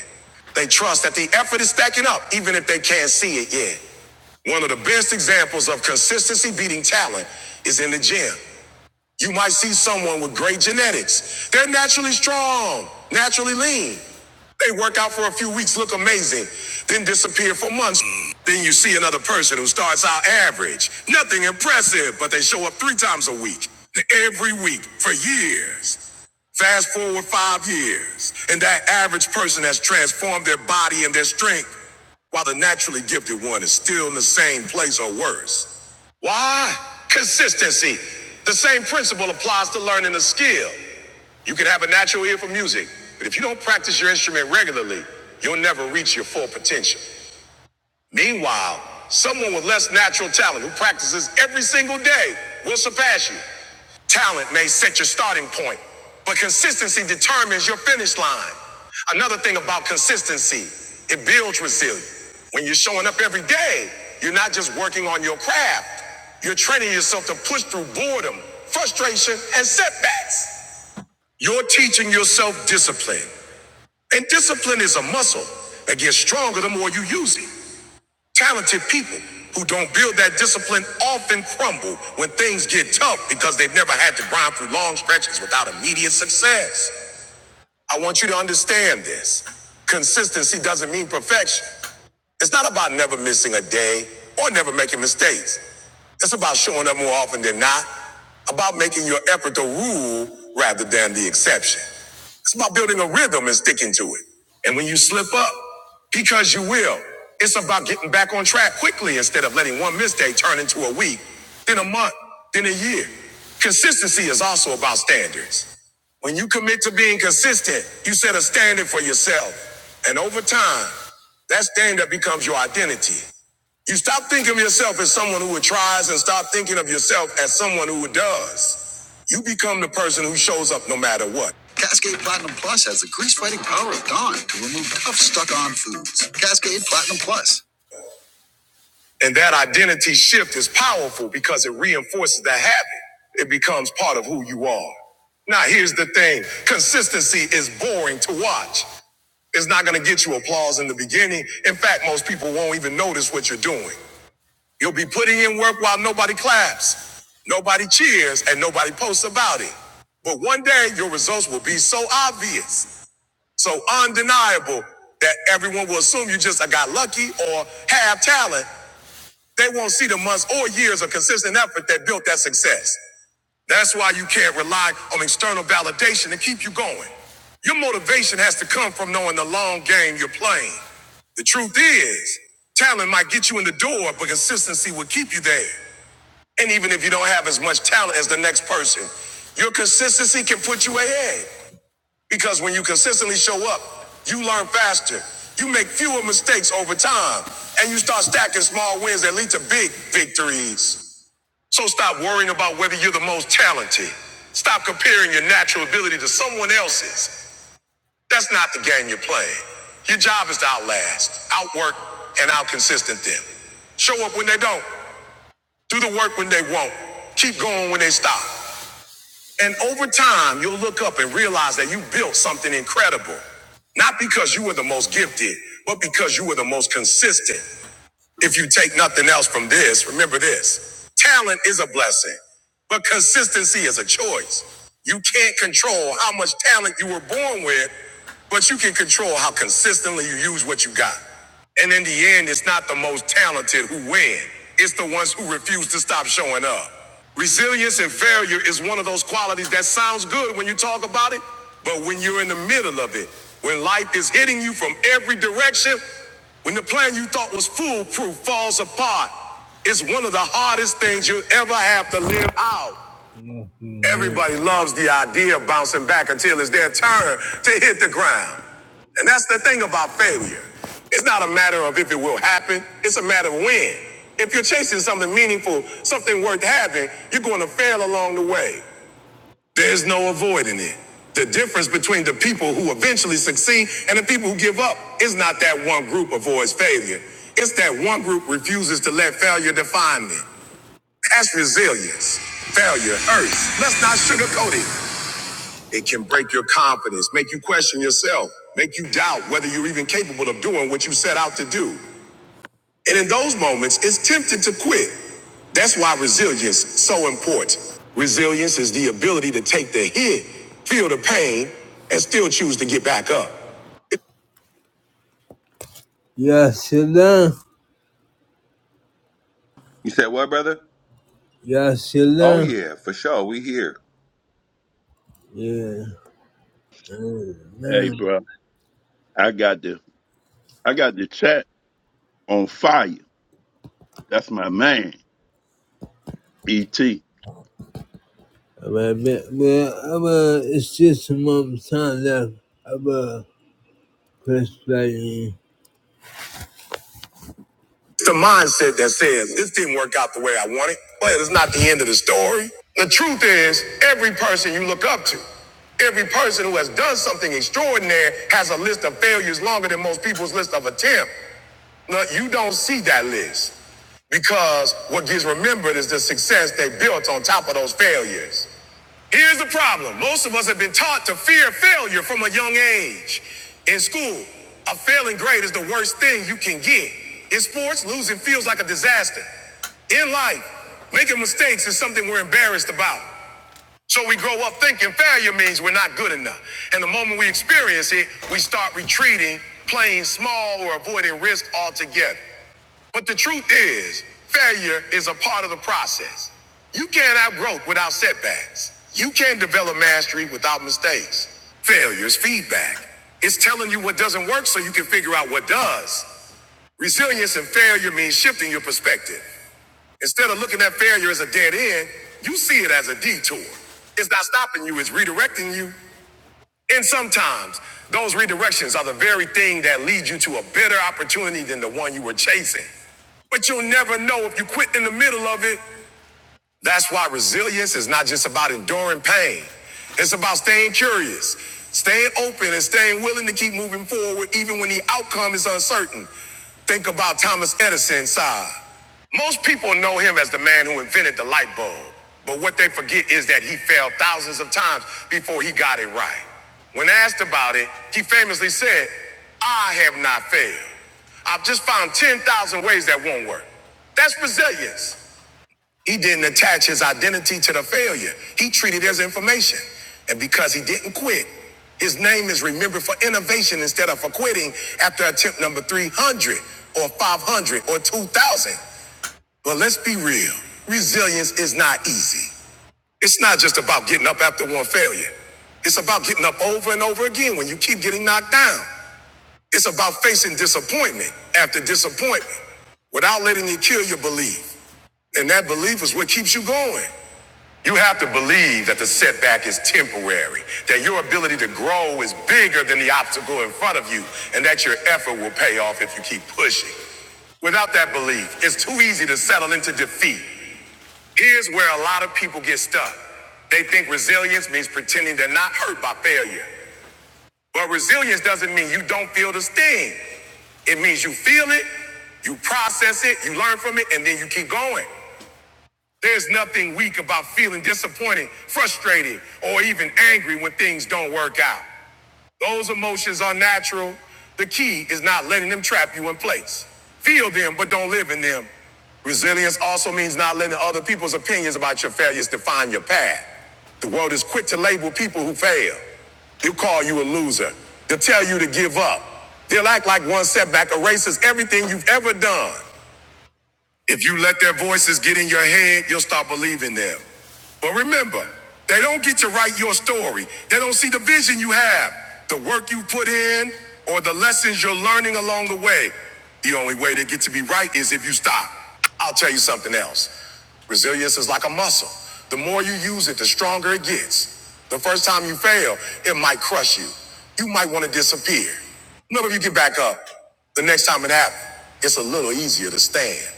They trust that the effort is stacking up, even if they can't see it yet. One of the best examples of consistency beating talent is in the gym. You might see someone with great genetics. They're naturally strong, naturally lean. They work out for a few weeks, look amazing, then disappear for months. Then you see another person who starts out average, nothing impressive, but they show up three times a week, every week for years. Fast forward five years, and that average person has transformed their body and their strength, while the naturally gifted one is still in the same place or worse. Why? Consistency. The same principle applies to learning a skill. You can have a natural ear for music, but if you don't practice your instrument regularly, you'll never reach your full potential. Meanwhile, someone with less natural talent who practices every single day will surpass you. Talent may set your starting point, but consistency determines your finish line. Another thing about consistency, it builds resilience. When you're showing up every day, you're not just working on your craft, you're training yourself to push through boredom, frustration, and setbacks. You're teaching yourself discipline, and discipline is a muscle that gets stronger the more you use it. Talented people who don't build that discipline often crumble when things get tough because they've never had to grind through long stretches without immediate success. I want you to understand this. Consistency doesn't mean perfection. It's not about never missing a day or never making mistakes. It's about showing up more often than not, about making your effort the rule rather than the exception. It's about building a rhythm and sticking to it. And when you slip up, because you will, it's about getting back on track quickly instead of letting one mistake turn into a week, then a month, then a year. Consistency is also about standards. When you commit to being consistent, you set a standard for yourself. And over time, that's thing that becomes your identity. You stop thinking of yourself as someone who tries and stop thinking of yourself as someone who does. You become the person who shows up no matter what. Cascade Platinum Plus has the grease fighting power of Dawn to remove tough, stuck on foods. Cascade Platinum Plus. And that identity shift is powerful because it reinforces the habit. It becomes part of who you are. Now, here's the thing consistency is boring to watch. It's not going to get you applause in the beginning. In fact, most people won't even notice what you're doing. You'll be putting in work while nobody claps, nobody cheers, and nobody posts about it. But one day, your results will be so obvious, so undeniable, that everyone will assume you just got lucky or have talent they won't see the months or years of consistent effort that built that success. That's why you can't rely on external validation to keep you going. Your motivation has to come from knowing the long game you're playing. The truth is, talent might get you in the door, but consistency will keep you there. And even if you don't have as much talent as the next person, your consistency can put you ahead. Because when you consistently show up, you learn faster, you make fewer mistakes over time, and you start stacking small wins that lead to big victories. So stop worrying about whether you're the most talented. Stop comparing your natural ability to someone else's. That's not the game you're playing. Your job is to outlast, outwork, and outconsistent them. Show up when they don't. Do the work when they won't. Keep going when they stop. And over time, you'll look up and realize that you built something incredible. Not because you were the most gifted, but because you were the most consistent. If you take nothing else from this, remember this talent is a blessing, but consistency is a choice. You can't control how much talent you were born with, but you can control how consistently you use what you got. And in the end, it's not the most talented who win, it's the ones who refuse to stop showing up. Resilience and failure is one of those qualities that sounds good when you talk about it, but when you're in the middle of it, when life is hitting you from every direction, when the plan you thought was foolproof falls apart, it's one of the hardest things you'll ever have to live out. Yeah. Everybody loves the idea of bouncing back until it's their turn to hit the ground. And that's the thing about failure. It's not a matter of if it will happen, it's a matter of when. If you're chasing something meaningful, something worth having, you're going to fail along the way. There's no avoiding it. The difference between the people who eventually succeed and the people who give up is not that one group avoids failure. It's that one group refuses to let failure define them. That's resilience. Failure hurts. Let's not sugarcoat it. It can break your confidence, make you question yourself, make you doubt whether you're even capable of doing what you set out to do. And in those moments, it's tempting to quit. That's why resilience is so important. Resilience is the ability to take the hit, feel the pain, and still choose to get back up. Yes, you learn. Yes, you Oh, learn. for sure, we here. Yeah, Hey, man. bro, I got the I got the chat on fire. That's my man, ET. But, but, but, but it's just a moment of time left. I'm a Chris Bailey. It's the mindset that says this didn't work out the way I wanted, but it's not the end of the story. The truth is, every person you look up to, every person who has done something extraordinary has a list of failures longer than most people's list of attempts. Now, you don't see that list because what gets remembered is the success they built on top of those failures. Here's the problem most of us have been taught to fear failure from a young age. In school, a failing grade is the worst thing you can get. In sports, losing feels like a disaster. In life, making mistakes is something we're embarrassed about. So we grow up thinking failure means we're not good enough. And the moment we experience it, we start retreating, playing small, or avoiding risk altogether. But the truth is, failure is a part of the process. You can't have growth without setbacks. You can't develop mastery without mistakes. Failure is feedback. It's telling you what doesn't work so you can figure out what does. Resilience and failure means shifting your perspective. Instead of looking at failure as a dead end, you see it as a detour. It's not stopping you, it's redirecting you and sometimes those redirections are the very thing that lead you to a better opportunity than the one you were chasing. But you'll never know if you quit in the middle of it that's why resilience is not just about enduring pain. It's about staying curious, staying open, and staying willing to keep moving forward even when the outcome is uncertain. Think about Thomas Edison's side. Most people know him as the man who invented the light bulb, but what they forget is that he failed thousands of times before he got it right. When asked about it, he famously said, I have not failed. I've just found 10,000 ways that won't work. That's resilience. He didn't attach his identity to the failure. He treated it as information. And because he didn't quit, his name is remembered for innovation instead of for quitting after attempt number 300 or 500 or 2000. But let's be real. Resilience is not easy. It's not just about getting up after one failure. It's about getting up over and over again when you keep getting knocked down. It's about facing disappointment after disappointment without letting it kill your belief. And that belief is what keeps you going. You have to believe that the setback is temporary, that your ability to grow is bigger than the obstacle in front of you, and that your effort will pay off if you keep pushing. Without that belief, it's too easy to settle into defeat. Here's where a lot of people get stuck. They think resilience means pretending they're not hurt by failure. But resilience doesn't mean you don't feel the sting. It means you feel it, you process it, you learn from it, and then you keep going. There's nothing weak about feeling disappointed, frustrated, or even angry when things don't work out. Those emotions are natural. The key is not letting them trap you in place. Feel them, but don't live in them. Resilience also means not letting other people's opinions about your failures define your path. The world is quick to label people who fail. They'll call you a loser. They'll tell you to give up. They'll act like one setback erases everything you've ever done. If you let their voices get in your head, you'll stop believing them. But remember, they don't get to write your story. They don't see the vision you have, the work you put in, or the lessons you're learning along the way. The only way to get to be right is if you stop. I'll tell you something else. Resilience is like a muscle. The more you use it, the stronger it gets. The first time you fail, it might crush you. You might want to disappear. But if you get back up, the next time it happens, it's a little easier to stand.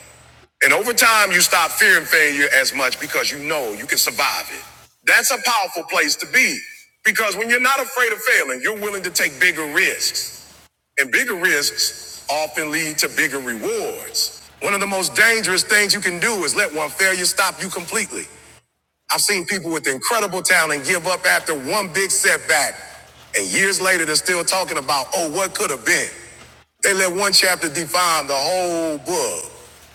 And over time, you stop fearing failure as much because you know you can survive it. That's a powerful place to be because when you're not afraid of failing, you're willing to take bigger risks. And bigger risks often lead to bigger rewards. One of the most dangerous things you can do is let one failure stop you completely. I've seen people with incredible talent give up after one big setback, and years later they're still talking about, oh, what could have been. They let one chapter define the whole book.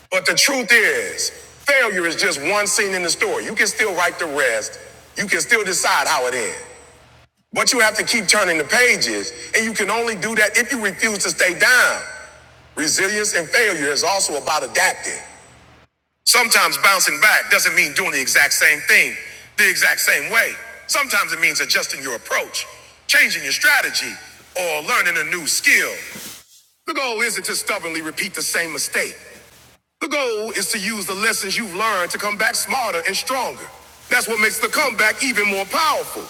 But the truth is, failure is just one scene in the story. You can still write the rest, you can still decide how it ends. But you have to keep turning the pages, and you can only do that if you refuse to stay down. Resilience and failure is also about adapting. Sometimes bouncing back doesn't mean doing the exact same thing the exact same way. Sometimes it means adjusting your approach, changing your strategy, or learning a new skill. The goal isn't to stubbornly repeat the same mistake. The goal is to use the lessons you've learned to come back smarter and stronger. That's what makes the comeback even more powerful.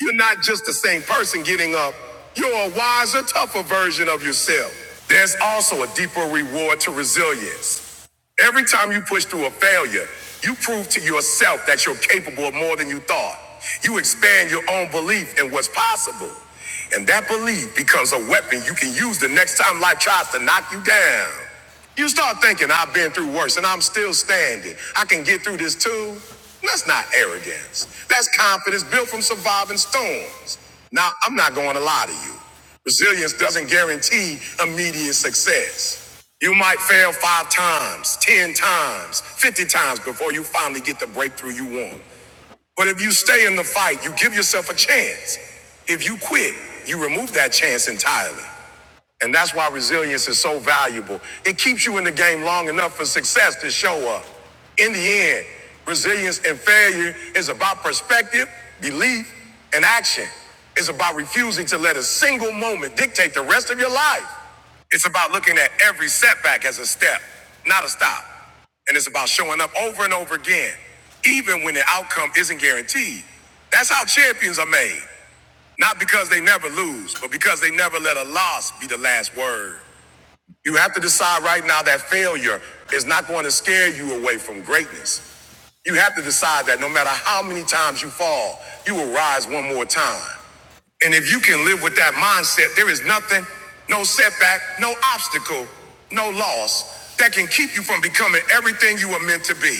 You're not just the same person getting up, you're a wiser, tougher version of yourself. There's also a deeper reward to resilience. Every time you push through a failure, you prove to yourself that you're capable of more than you thought. You expand your own belief in what's possible. And that belief becomes a weapon you can use the next time life tries to knock you down. You start thinking, I've been through worse and I'm still standing. I can get through this too. That's not arrogance. That's confidence built from surviving storms. Now, I'm not going to lie to you. Resilience doesn't guarantee immediate success. You might fail five times, 10 times, 50 times before you finally get the breakthrough you want. But if you stay in the fight, you give yourself a chance. If you quit, you remove that chance entirely. And that's why resilience is so valuable. It keeps you in the game long enough for success to show up. In the end, resilience and failure is about perspective, belief, and action. It's about refusing to let a single moment dictate the rest of your life. It's about looking at every setback as a step, not a stop. And it's about showing up over and over again, even when the outcome isn't guaranteed. That's how champions are made. Not because they never lose, but because they never let a loss be the last word. You have to decide right now that failure is not going to scare you away from greatness. You have to decide that no matter how many times you fall, you will rise one more time. And if you can live with that mindset, there is nothing, no setback, no obstacle, no loss that can keep you from becoming everything you were meant to be.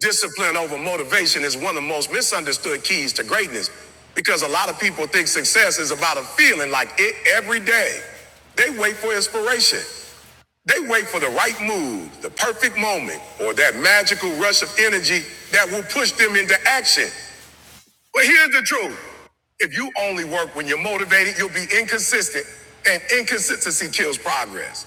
Discipline over motivation is one of the most misunderstood keys to greatness because a lot of people think success is about a feeling like it every day. They wait for inspiration. They wait for the right move, the perfect moment, or that magical rush of energy that will push them into action. But here's the truth. If you only work when you're motivated, you'll be inconsistent, and inconsistency kills progress.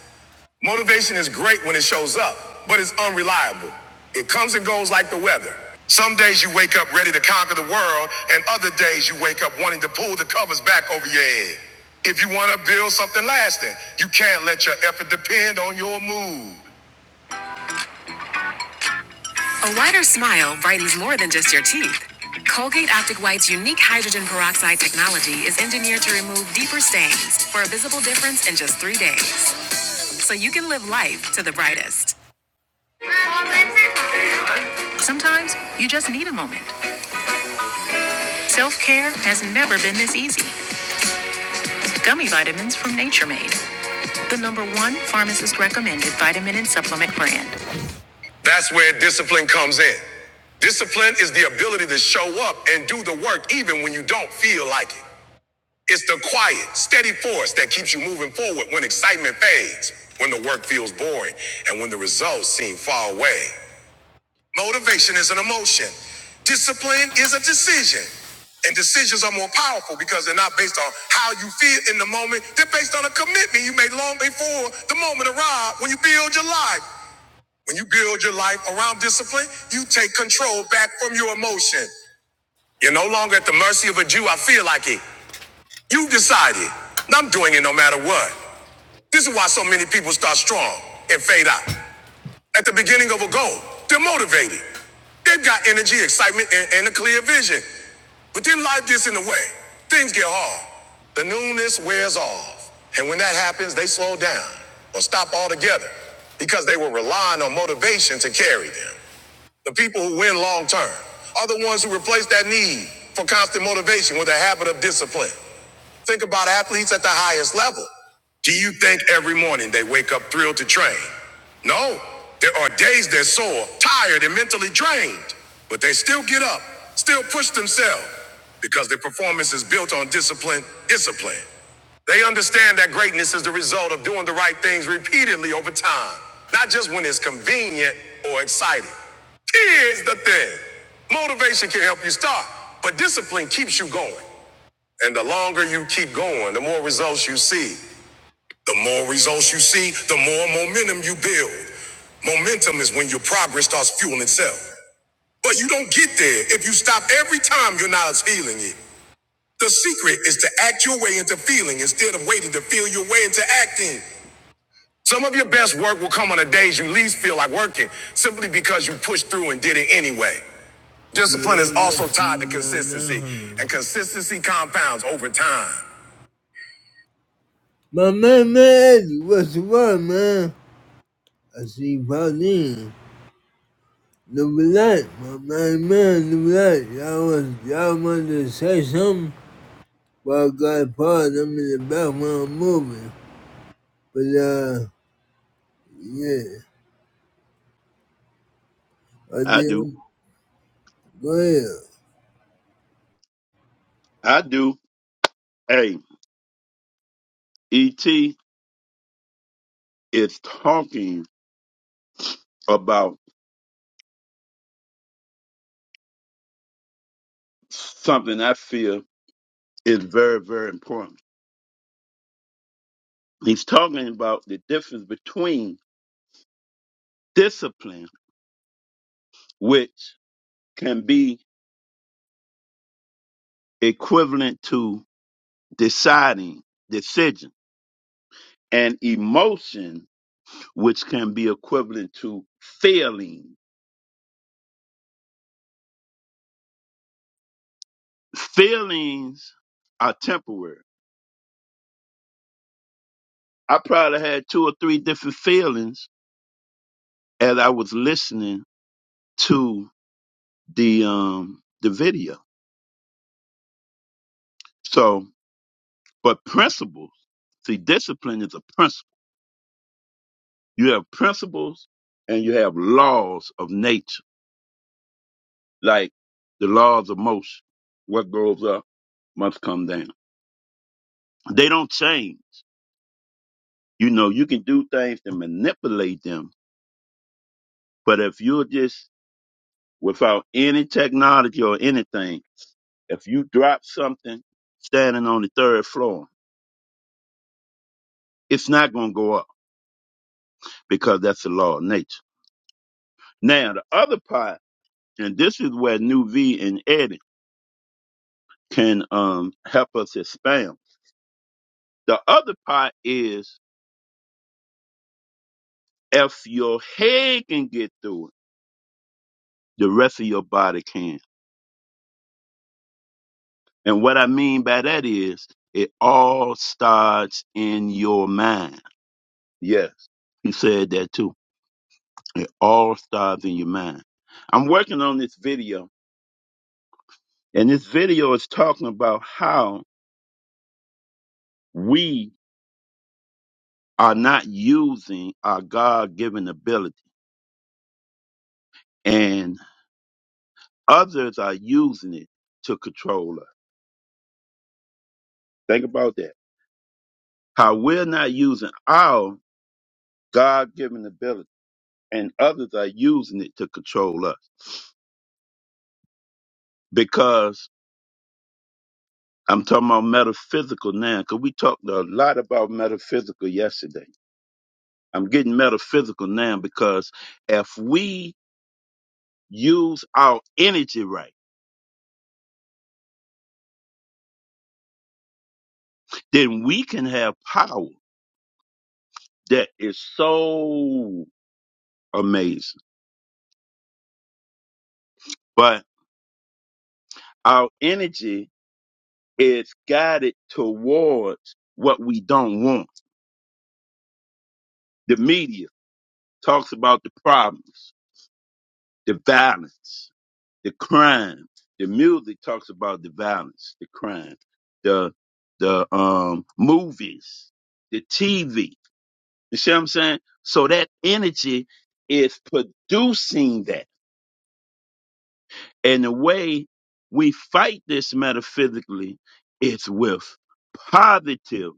Motivation is great when it shows up, but it's unreliable. It comes and goes like the weather. Some days you wake up ready to conquer the world, and other days you wake up wanting to pull the covers back over your head. If you want to build something lasting, you can't let your effort depend on your mood. so you can live life to the brightest. Sometimes you just need a moment. Self care has never been this easy. Gummy vitamins from Nature Made, the number one pharmacist recommended vitamin and supplement brand. That's where discipline comes in. Discipline is the ability to show up and do the work even when you don't feel like it. It's the quiet, steady force that keeps you moving forward when excitement fades, when the work feels boring, and when the results seem far away. Motivation is an emotion. Discipline is a decision. And decisions are more powerful because they're not based on how you feel in the moment. They're based on a commitment you made long before the moment arrived when you build your life. When you build your life around discipline, you take control back from your emotion. You're no longer at the mercy of a Jew. I feel like it. You decided. I'm doing it no matter what. This is why so many people start strong and fade out at the beginning of a goal. They're motivated. They've got energy, excitement, and, and a clear vision. But then life gets in the way. Things get hard. The newness wears off. And when that happens, they slow down or stop altogether because they were relying on motivation to carry them. The people who win long term are the ones who replace that need for constant motivation with a habit of discipline. Think about athletes at the highest level. Do you think every morning they wake up thrilled to train? No. There are days they're sore, tired, and mentally drained, but they still get up, still push themselves, because their performance is built on discipline, discipline. They understand that greatness is the result of doing the right things repeatedly over time, not just when it's convenient or exciting. Here's the thing motivation can help you start, but discipline keeps you going. And the longer you keep going, the more results you see. The more results you see, the more momentum you build. Momentum is when your progress starts fueling itself. But you don't get there if you stop every time you're not feeling it. The secret is to act your way into feeling instead of waiting to feel your way into acting. Some of your best work will come on the days you least feel like working, simply because you pushed through and did it anyway. Discipline is also tied to consistency, and consistency compounds over time. My man, man, what's wrong, man? I see Pauline. The black, my man, man, the black. Y'all want, y'all want to say something, but I got part of them in the background moving. But, uh, yeah, I I do, didn't. Go ahead. I do. Hey, ET is talking about something I feel is very, very important. He's talking about the difference between discipline, which can be equivalent to deciding, decision, and emotion, which can be equivalent to feeling feelings are temporary. I probably had two or three different feelings as I was listening to the um the video. So, but principles, see, discipline is a principle. You have principles and you have laws of nature, like the laws of motion. What goes up must come down. They don't change. You know, you can do things to manipulate them, but if you're just without any technology or anything. If you drop something standing on the third floor, it's not going to go up because that's the law of nature. Now, the other part, and this is where New V and Eddie can um, help us expand. The other part is if your head can get through it, the rest of your body can. And what I mean by that is it all starts in your mind. Yes. He said that too It all starts in your mind. I'm working on this video, and this video is talking about how we are not using our God given ability, and others are using it to control us. Think about that. How we're not using our God given ability, and others are using it to control us. Because I'm talking about metaphysical now, because we talked a lot about metaphysical yesterday I'm getting metaphysical now because if we use our energy right, then we can have power that is so amazing. But our energy is guided towards what we don't want. The media talks about the problems, the violence, the crime. The music talks about the violence, the crime, the the um movies, the TV You see what I'm saying? So that energy is producing that. And the way we fight this metaphysically is with positive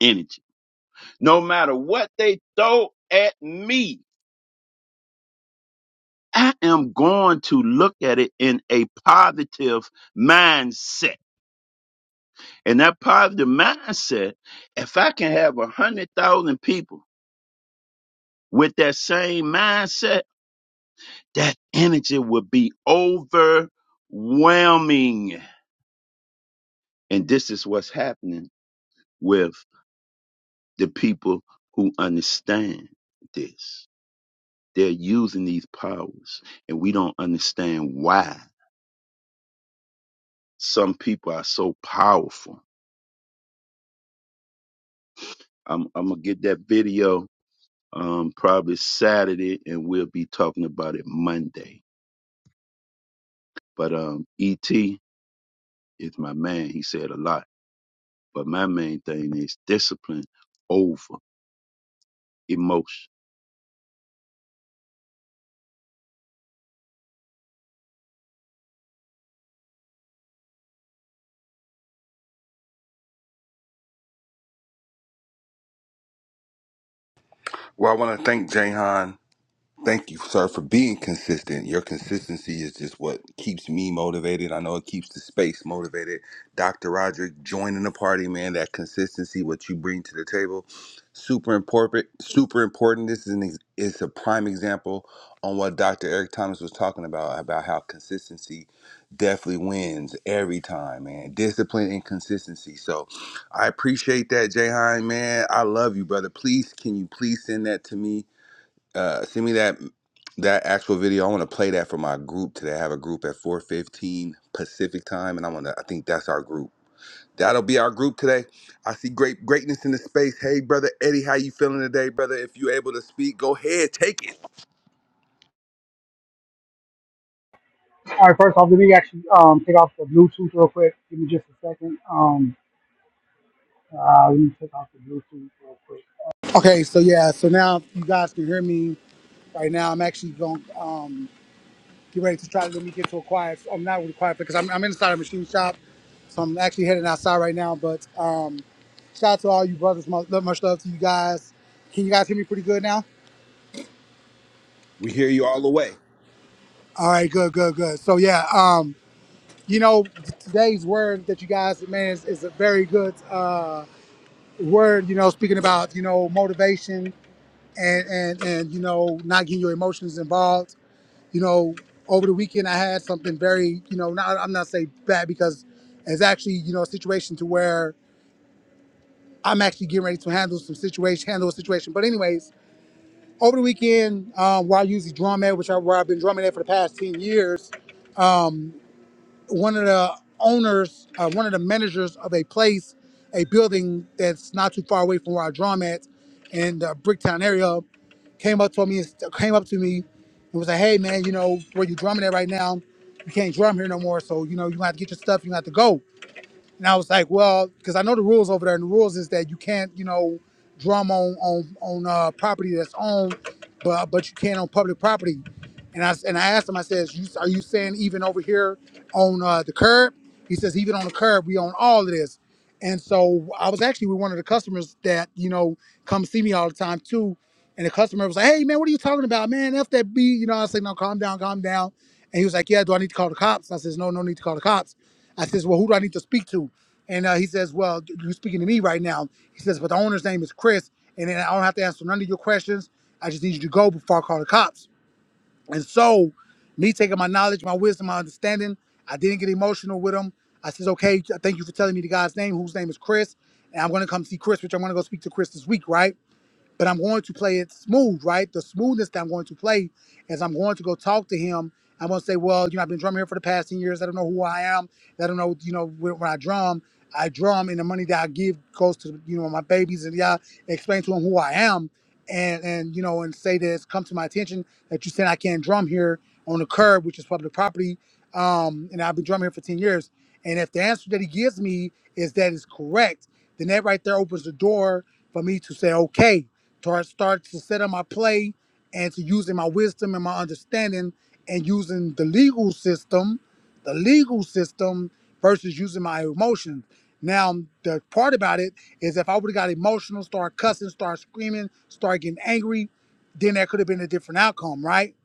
energy. No matter what they throw at me, I am going to look at it in a positive mindset. And that positive mindset, if I can have a hundred thousand people with that same mindset, that energy would be overwhelming. And this is what's happening with the people who understand this. They're using these powers, and we don't understand why some people are so powerful. I'm, I'm gonna get that video um, probably Saturday, and we'll be talking about it Monday. But um, ET is my man. He said a lot, but my main thing is discipline over emotion Well, I want to thank Jahan Thank you, sir, for being consistent. Your consistency is just what keeps me motivated. I know it keeps the space motivated. Dr. Roderick joining the party, man. That consistency, what you bring to the table, super important. Super important. This is an ex- is a prime example on what Dr. Eric Thomas was talking about about how consistency definitely wins every time, man. Discipline and consistency. So, I appreciate that, Jayhan, man. I love you, brother. Please, can you please send that to me? uh send me that that actual video. I want to play that for my group today. I have a group at 4:15 Pacific time and I want to I think that's our group. That'll be our group today. I see great greatness in the space. Hey brother Eddie, how you feeling today, brother? If you able to speak, go ahead, take it. All right, first off, let me actually um, take off the Bluetooth real quick. Give me just a second. Um, uh, let me take off the Bluetooth real quick. Okay, so yeah, so now you guys can hear me. Right now, I'm actually going to um, get ready to try to let me get to a quiet. I'm not really quiet because I'm, I'm inside a machine shop, so I'm actually heading outside right now. But um, shout out to all you brothers. Much, much love to you guys. Can you guys hear me pretty good now? We hear you all the way. All right, good, good, good. So yeah, um, you know, today's word that you guys, man, is, is a very good. Uh, word, you know, speaking about, you know, motivation and and and you know, not getting your emotions involved. You know, over the weekend I had something very, you know, not I'm not saying bad because it's actually, you know, a situation to where I'm actually getting ready to handle some situation, handle a situation. But anyways, over the weekend, um, where I usually drum at, which I where I've been drumming at for the past ten years, um, one of the owners, uh, one of the managers of a place, a building that's not too far away from where I drum at, in the Bricktown area, came up to me and came up to me and was like, "Hey man, you know where you drumming at right now? You can't drum here no more. So you know you gonna have to get your stuff. You gonna have to go." And I was like, well, because I know the rules over there, and the rules is that you can't, you know, drum on on on uh, property that's owned, but but you can on public property. And I s- and I asked him, I says, you, are you saying even over here on uh, the curb? He says, even on the curb, we own all of this. And so I was actually with one of the customers that, you know, come see me all the time too. And the customer was like, hey, man, what are you talking about? Man, F that B. You know, I said, no, calm down, calm down. And he was like, yeah, do I need to call the cops? I says, no, no need to call the cops. I says, well, who do I need to speak to? And uh, he says, well, you're speaking to me right now. He says, but the owner's name is Chris. And then I don't have to answer none of your questions. I just need you to go before I call the cops. And so, me taking my knowledge, my wisdom, my understanding, I didn't get emotional with him. I says, okay, thank you for telling me the guy's name, whose name is Chris. And I'm going to come see Chris, which I'm going to go speak to Chris this week, right? But I'm going to play it smooth, right? The smoothness that I'm going to play is I'm going to go talk to him. I'm going to say, well, you know, I've been drumming here for the past 10 years. I don't know who I am. I don't know, you know, when, when I drum, I drum and the money that I give goes to, you know, my babies and yeah, explain to him who I am and and you know and say that it's come to my attention that you said I can't drum here on the curb, which is public property, um, and I've been drumming here for ten years. And if the answer that he gives me is that is correct, then that right there opens the door for me to say, okay, to start to set up my play and to using my wisdom and my understanding and using the legal system, the legal system versus using my emotions. Now, the part about it is if I would have got emotional, start cussing, start screaming, start getting angry, then that could have been a different outcome, right?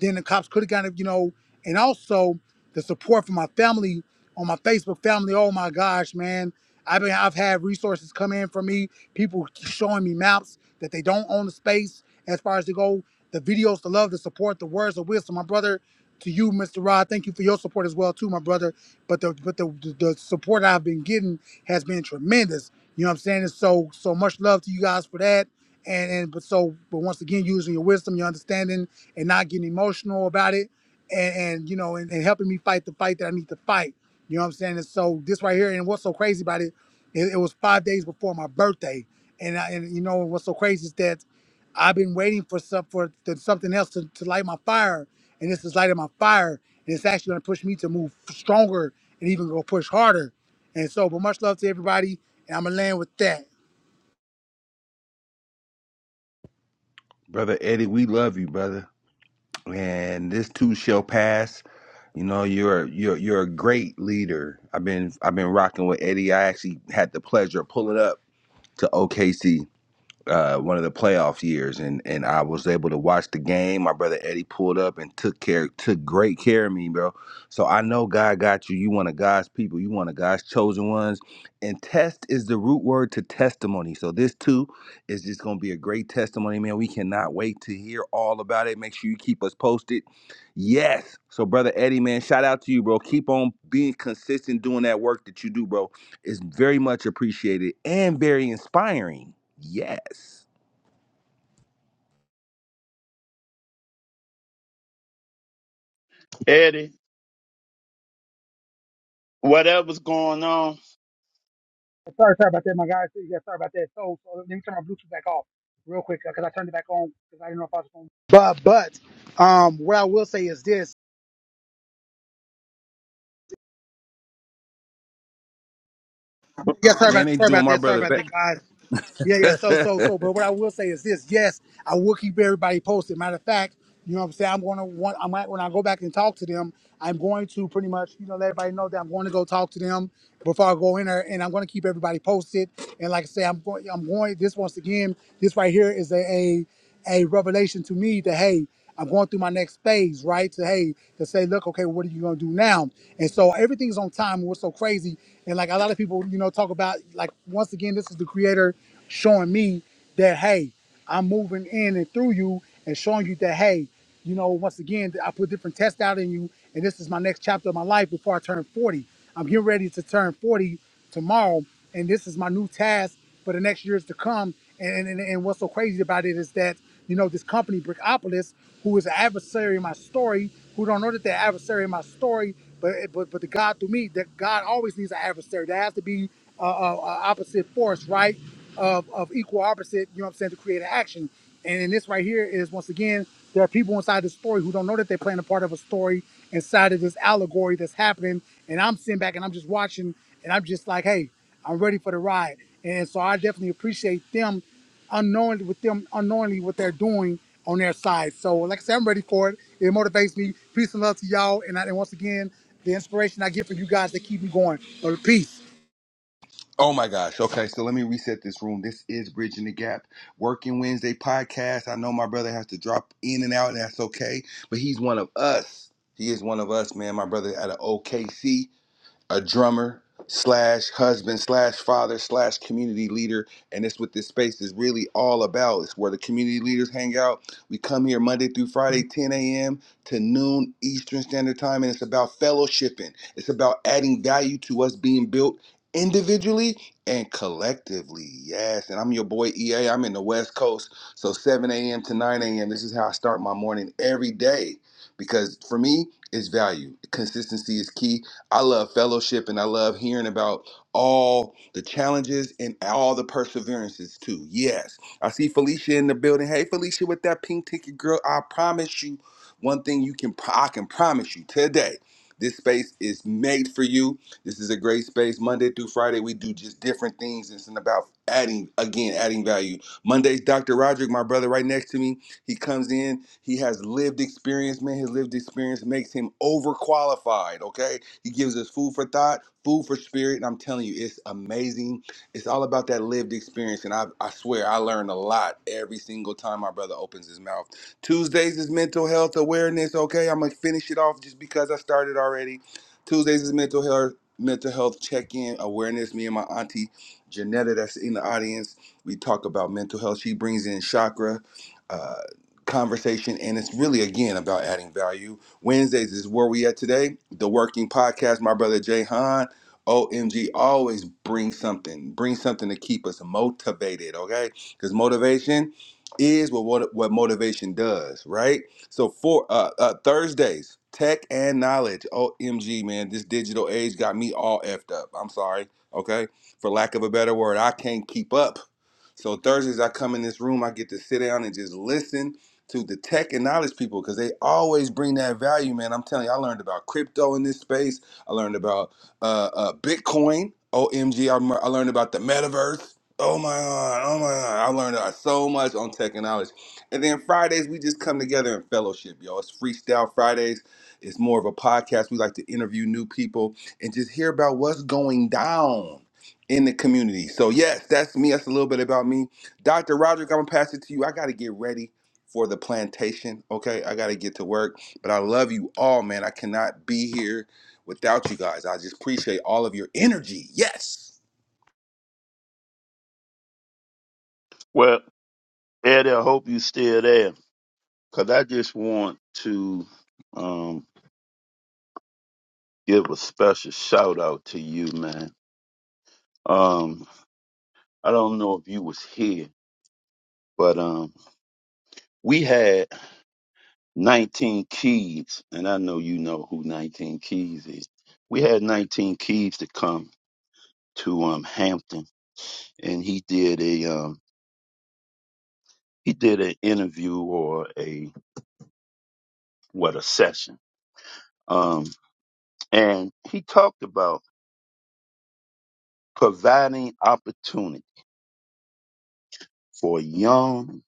then the cops could have kind of, you know, and also the support from my family on my Facebook family. Oh my gosh, man. I've been I've had resources come in for me, people showing me maps that they don't own the space as far as to go, the videos, the love, the support, the words of wisdom. My brother, to you, Mr. Rod, thank you for your support as well, too, my brother. But the but the the the support I've been getting has been tremendous. You know what I'm saying? And so so much love to you guys for that and and but so but once again using your wisdom your understanding and not getting emotional about it and and you know and, and helping me fight the fight that i need to fight you know what i'm saying and so this right here and what's so crazy about it it, it was five days before my birthday and I, and you know what's so crazy is that i've been waiting for some for the, something else to, to light my fire and this is lighting my fire and it's actually going to push me to move stronger and even go push harder and so but much love to everybody and i'm gonna land with that Brother Eddie, we love you, brother. And this too shall pass. You know, you're you're you're a great leader. I've been I've been rocking with Eddie. I actually had the pleasure of pulling up to OKC uh, one of the playoff years, and and I was able to watch the game. My brother Eddie pulled up and took care, took great care of me, bro. So I know God got you. You one of God's people. You one of God's chosen ones. And test is the root word to testimony. So this too is just gonna be a great testimony, man. We cannot wait to hear all about it. Make sure you keep us posted. Yes. So brother Eddie, man, shout out to you, bro. Keep on being consistent, doing that work that you do, bro. It's very much appreciated and very inspiring Yes. Eddie, whatever's going on, Yes, Sorry, sorry about that, my guys. Yeah, sorry about that. So, so let me turn my Bluetooth back off real quick because I turned it back on because I didn't know if I was going. But but um, what I will say is this. Yeah, sorry Man, about they sorry doing about my that. Sorry brother about that, back. guys. Yeah, yeah. So so *laughs* so. But what I will say is this. Yes, I will keep everybody posted. Matter of fact, you know what I'm saying. I'm gonna want. I might when I go back and talk to them. I'm going to pretty much you know let everybody know that I'm going to go talk to them before I go in there, and I'm going to keep everybody posted. And like I say, I'm going. I'm going. This once again. This right here is a. a a revelation to me that hey i'm going through my next phase right to hey to say look okay what are you going to do now and so everything's on time and what's so crazy and like a lot of people you know talk about like once again this is the creator showing me that hey i'm moving in and through you and showing you that hey you know, once again, I put different tests out in you, and this is my next chapter of my life before I turn 40. I'm getting ready to turn 40 tomorrow, and this is my new task for the next years to come. And, and, and what's so crazy about it is that, you know, this company, Brickopolis, who is an adversary in my story, who don't know that they're adversary in my story, but but but the God through me, that God always needs an adversary. There has to be a, a, a opposite force, right? Of, of equal opposite, you know what I'm saying, to create an action. And in this right here is once again, there are people inside the story who don't know that they're playing a part of a story inside of this allegory that's happening. And I'm sitting back and I'm just watching and I'm just like, hey, I'm ready for the ride. And so I definitely appreciate them unknowingly with them unknowingly what they're doing on their side. So like I said, I'm ready for it. It motivates me. Peace and love to y'all. And, I, and once again, the inspiration I get from you guys that keep me going. But peace. oh my gosh. Okay, so let me reset this room. This is Bridging the Gap, Working Wednesday podcast. I know my brother has to drop in and out, and that's okay. But he's one of us. He is one of us, man. My brother out of OKC. a drummer slash husband slash father slash community leader and it's what this space is really all about it's where the community leaders hang out we come here monday through friday 10 a.m to noon eastern standard time and it's about fellowshipping it's about adding value to us being built individually and collectively yes and i'm your boy ea i'm in the west coast so 7 a.m to 9 a.m this is how i start my morning every day because for me it's value consistency is key I love fellowship and I love hearing about all the challenges and all the perseverances too. Yes. I see Felicia in the building. Hey Felicia with that pink ticket girl, I promise you one thing you can pro- I can promise you today. This space is made for you. This is a great space. Monday through Friday, we do just different things. It's about adding, again, adding value. Mondays, Dr. Roderick, my brother right next to me, he comes in. He has lived experience, man. His lived experience makes him overqualified, okay? He gives us food for thought, food for spirit. And I'm telling you, it's amazing. It's all about that lived experience. And I, I swear, I learn a lot every single time my brother opens his mouth. Tuesdays is mental health awareness. Okay, I'm gonna finish it off just because I started already. Tuesdays is mental health mental health check-in awareness. Me and my auntie Janetta, that's in the audience, we talk about mental health. She brings in chakra. Uh, conversation and it's really again about adding value Wednesdays is where we at today. The Working Podcast, my brother Jay Han. OMG, always bring something. Bring something to keep us motivated, okay? Because motivation is what, what what motivation does, right? So for uh, uh Thursdays, tech and knowledge. OMG, man, this digital age got me all effed up. I'm sorry, okay? For lack of a better word, I can't keep up. So Thursdays, I come in this room, I get to sit down and just listen to the tech and knowledge people because they always bring that value, man. I'm telling you, I learned about crypto in this space. I learned about uh, uh, Bitcoin. OMG, I, rem- I learned about the metaverse. Oh my God, oh my God. I learned uh, so much on tech and knowledge. And then Fridays, we just come together and fellowship, y'all. It's Freestyle Fridays. It's more of a podcast. We like to interview new people and just hear about what's going down in the community. So, yes, that's me. That's a little bit about me. Dr. Roderick, I'm going to pass it to you. I got to get ready for the plantation. Okay, I gotta get to work, but I love you all, man. I cannot be here without you guys. I just appreciate all of your energy. Yes. well, Eddie, I hope you still there. Cause I just want to um give a special shout out to you, man. Um, I don't know if you was here, but um we had 19 kids, and I know you know who 19 Keys is. We had 19 Keys to come to um Hampton and he did a um he did an interview or a what a session. Um, And he talked about providing opportunity for young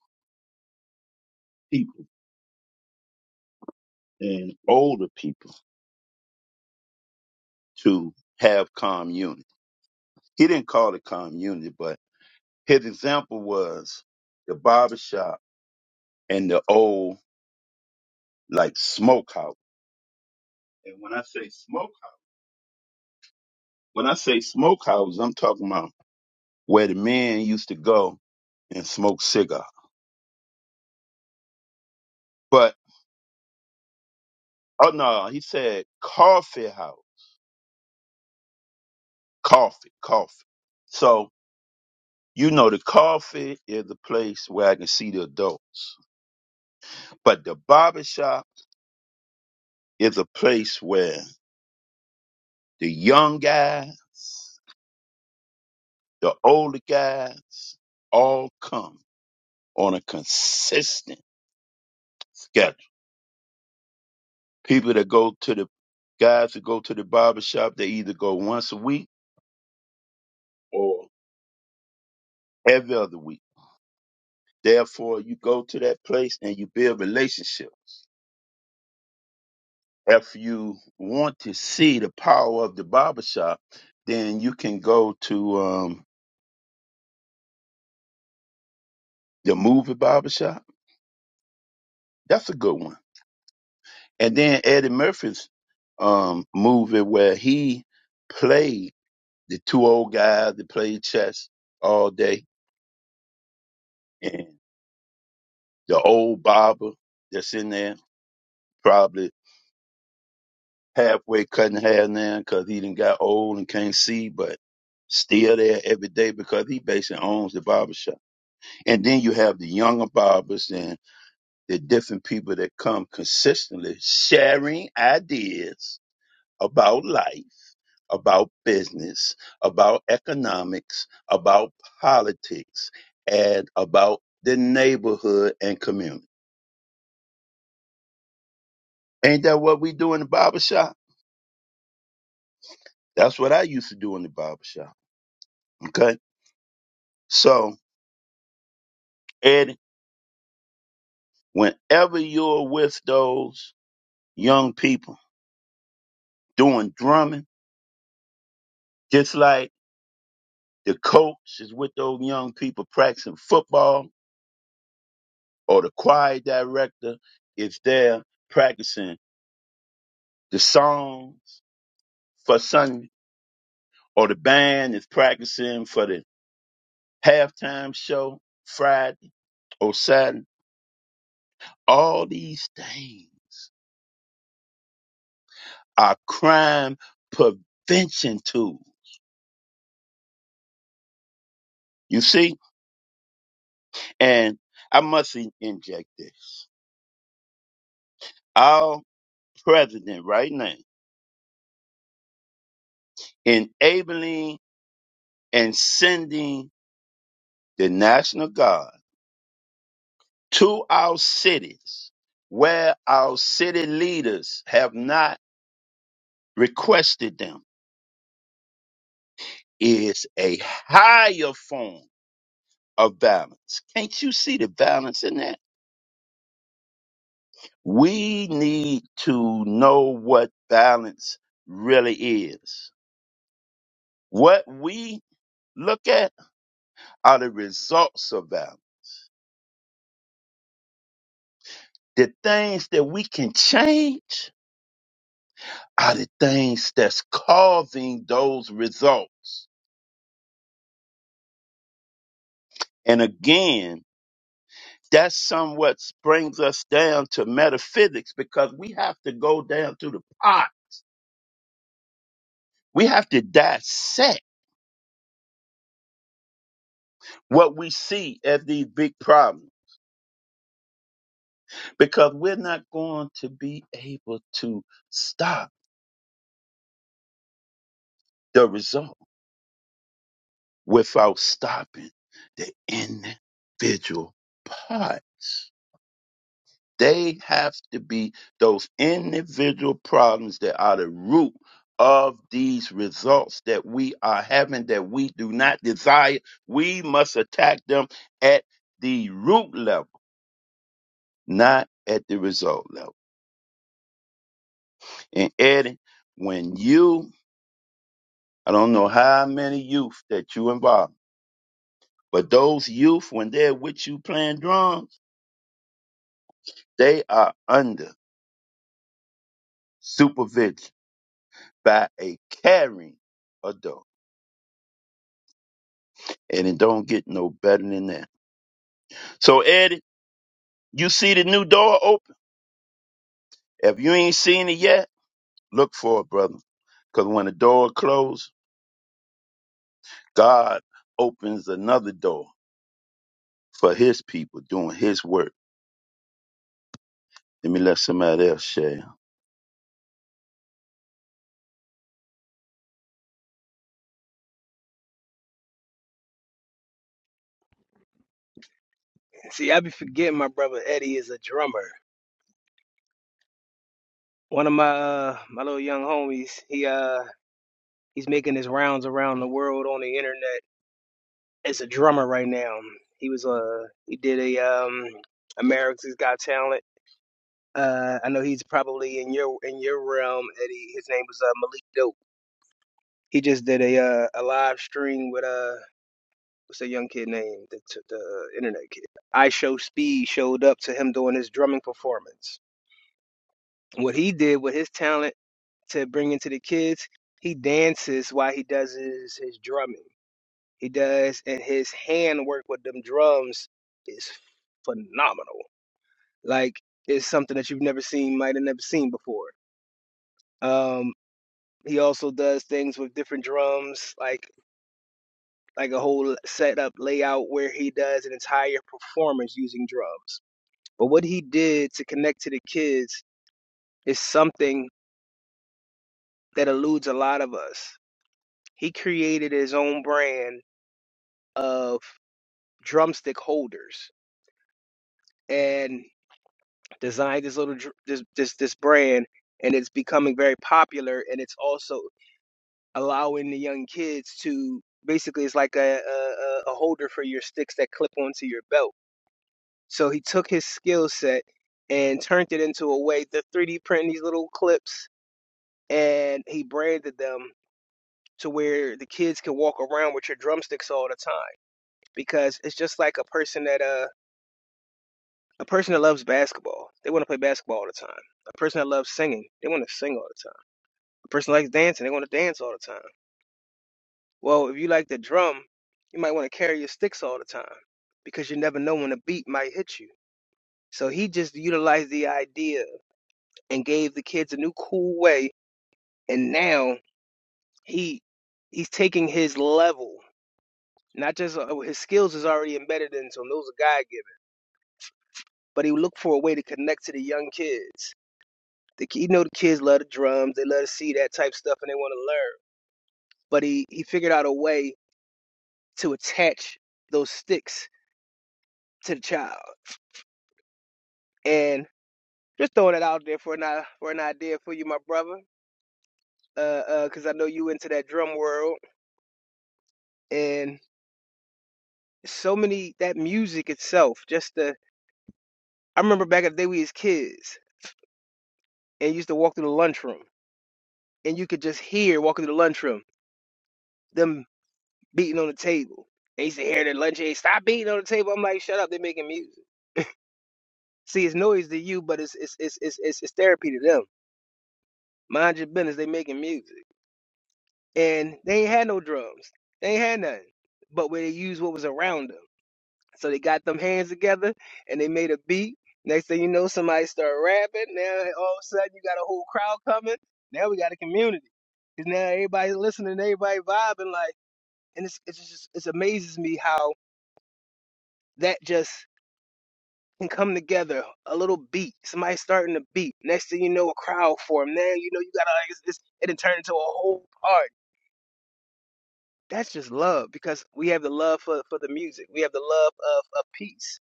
people and older people to have community. He didn't call it community, but his example was the barbershop and the old like smokehouse. And when I say smokehouse, when I say smokehouse, I'm talking about where the men used to go and smoke cigar. But oh no, he said coffee house, coffee, coffee. So You know, the coffee is the place where I can see the adults, but the barbershop is a place where the young guys, the older guys, all come on a consistent schedule. People that go to the guys that go to the barbershop, they either go once a week or every other week. Therefore, you go to that place and you build relationships. if you want to see the power of the barbershop, then you can go to um, the movie barbershop. That's a good one. And then Eddie Murphy's um, movie where he played the two old guys that played chess all day and the old barber that's in there probably halfway cutting hair now because he done got old and can't see, but still there every day because he basically owns the barbershop. And then you have the younger barbers and the different people that come consistently sharing ideas about life, about business, about economics, about politics, and about the neighborhood and community. Ain't that what we do in the barbershop? That's what I used to do in the barbershop. Okay. So, Eddie, whenever you're with those young people doing drumming, just like The coach is with those young people practicing football, or the choir director is there practicing the songs for Sunday, or the band is practicing for the halftime show Friday or Saturday. All these things are crime prevention tools. You see? And I must in- inject this. Our president right now enabling and sending the national guard to our cities where our city leaders have not requested them is a higher form of violence. Can't you see the violence in that? We need to know what violence really is. What we look at are the results of violence. The things that we can change are the things that's causing those results And again, that somewhat brings us down to metaphysics because we have to go down to the pot. We have to dissect what we see as these big problems because we're not going to be able to stop the result without stopping the individual parts. They have to be those individual problems that are the root of these results that we are having that we do not desire. We must attack them at the root level, not at the result level. And Eddie, when you, I don't know how many youth that you involve, but those youth, when they're with you playing drums, they are under supervision by a caring adult and it don't get no better than that. So, Eddie, you see the new door open. If you ain't seen it yet, look for it, brother. Because when the door closes, God opens another door for his people doing his work. Let me let somebody else share. See, I be forgetting my brother Eddie is a drummer. One of my uh, my little young homies, he uh he's making his rounds around the world on the internet as a drummer right now. He was uh he did a um America's Got Talent. Uh, I know he's probably in your in your realm, Eddie. His name was uh, Malik Dope. He just did a uh, a live stream with uh what's that young kid name? The t- the uh, internet kid. I Show Speed showed up to him doing his drumming performance. What he did with his talent to bring into the kids. He dances while he does his, his drumming. He does, and his hand work with them drums is phenomenal. Like it's something that you've never seen, might have never seen before. Um, he also does things with different drums, like like a whole setup layout where he does an entire performance using drums. But what he did to connect to the kids is something that eludes a lot of us. He created his own brand of drumstick holders and designed this little dr- this this this brand and it's becoming very popular and it's also allowing the young kids to basically it's like a a, a holder for your sticks that clip onto your belt so he took his skill set and turned it into a way to 3d print these little clips and he branded them to where the kids can walk around with your drumsticks all the time because it's just like a person that uh. A person that loves basketball, they want to play basketball all the time. A person that loves singing, they want to sing all the time. A person that likes dancing, they want to dance all the time. Well, if you like the drum, you might want to carry your sticks all the time because you never know when a beat might hit you. So he just utilized the idea and gave the kids a new cool way. And now he he's taking his level, not just uh, his skills is already embedded in, so those are God given. But he looked for a way to connect to the young kids The, ki- you know, the kids love the drums. They love to see that type stuff, and they want to learn. But he he figured out a way to attach those sticks to the child. And just throwing it out there for an i- for an idea for you, my brother, uh, because I know you into that drum world and so many that music itself. Just the I remember back in the day we was kids and used to walk through the lunchroom, and you could just hear walking through the lunchroom them beating on the table. They used to hear the lunch aid stop beating on the table. I'm like, shut up, they're making music. See, it's noise to you, but it's it's it's it's it's, it's therapy to them. Mind your business, they making music, and they ain't had no drums, they ain't had nothing, but where they used what was around them. So they got them hands together and they made a beat. Next thing you know, somebody start rapping. Now all of a sudden you got a whole crowd coming. Now we got a community because now everybody's listening, everybody vibing like, and it's it's just it amazes me how that just can come together. A little beat, somebody starting to beat. Next thing you know, a crowd form. Now you know you gotta like it's, it's, it'll turn into a whole party. That's just love because we have the love for, for the music. We have the love of, of peace,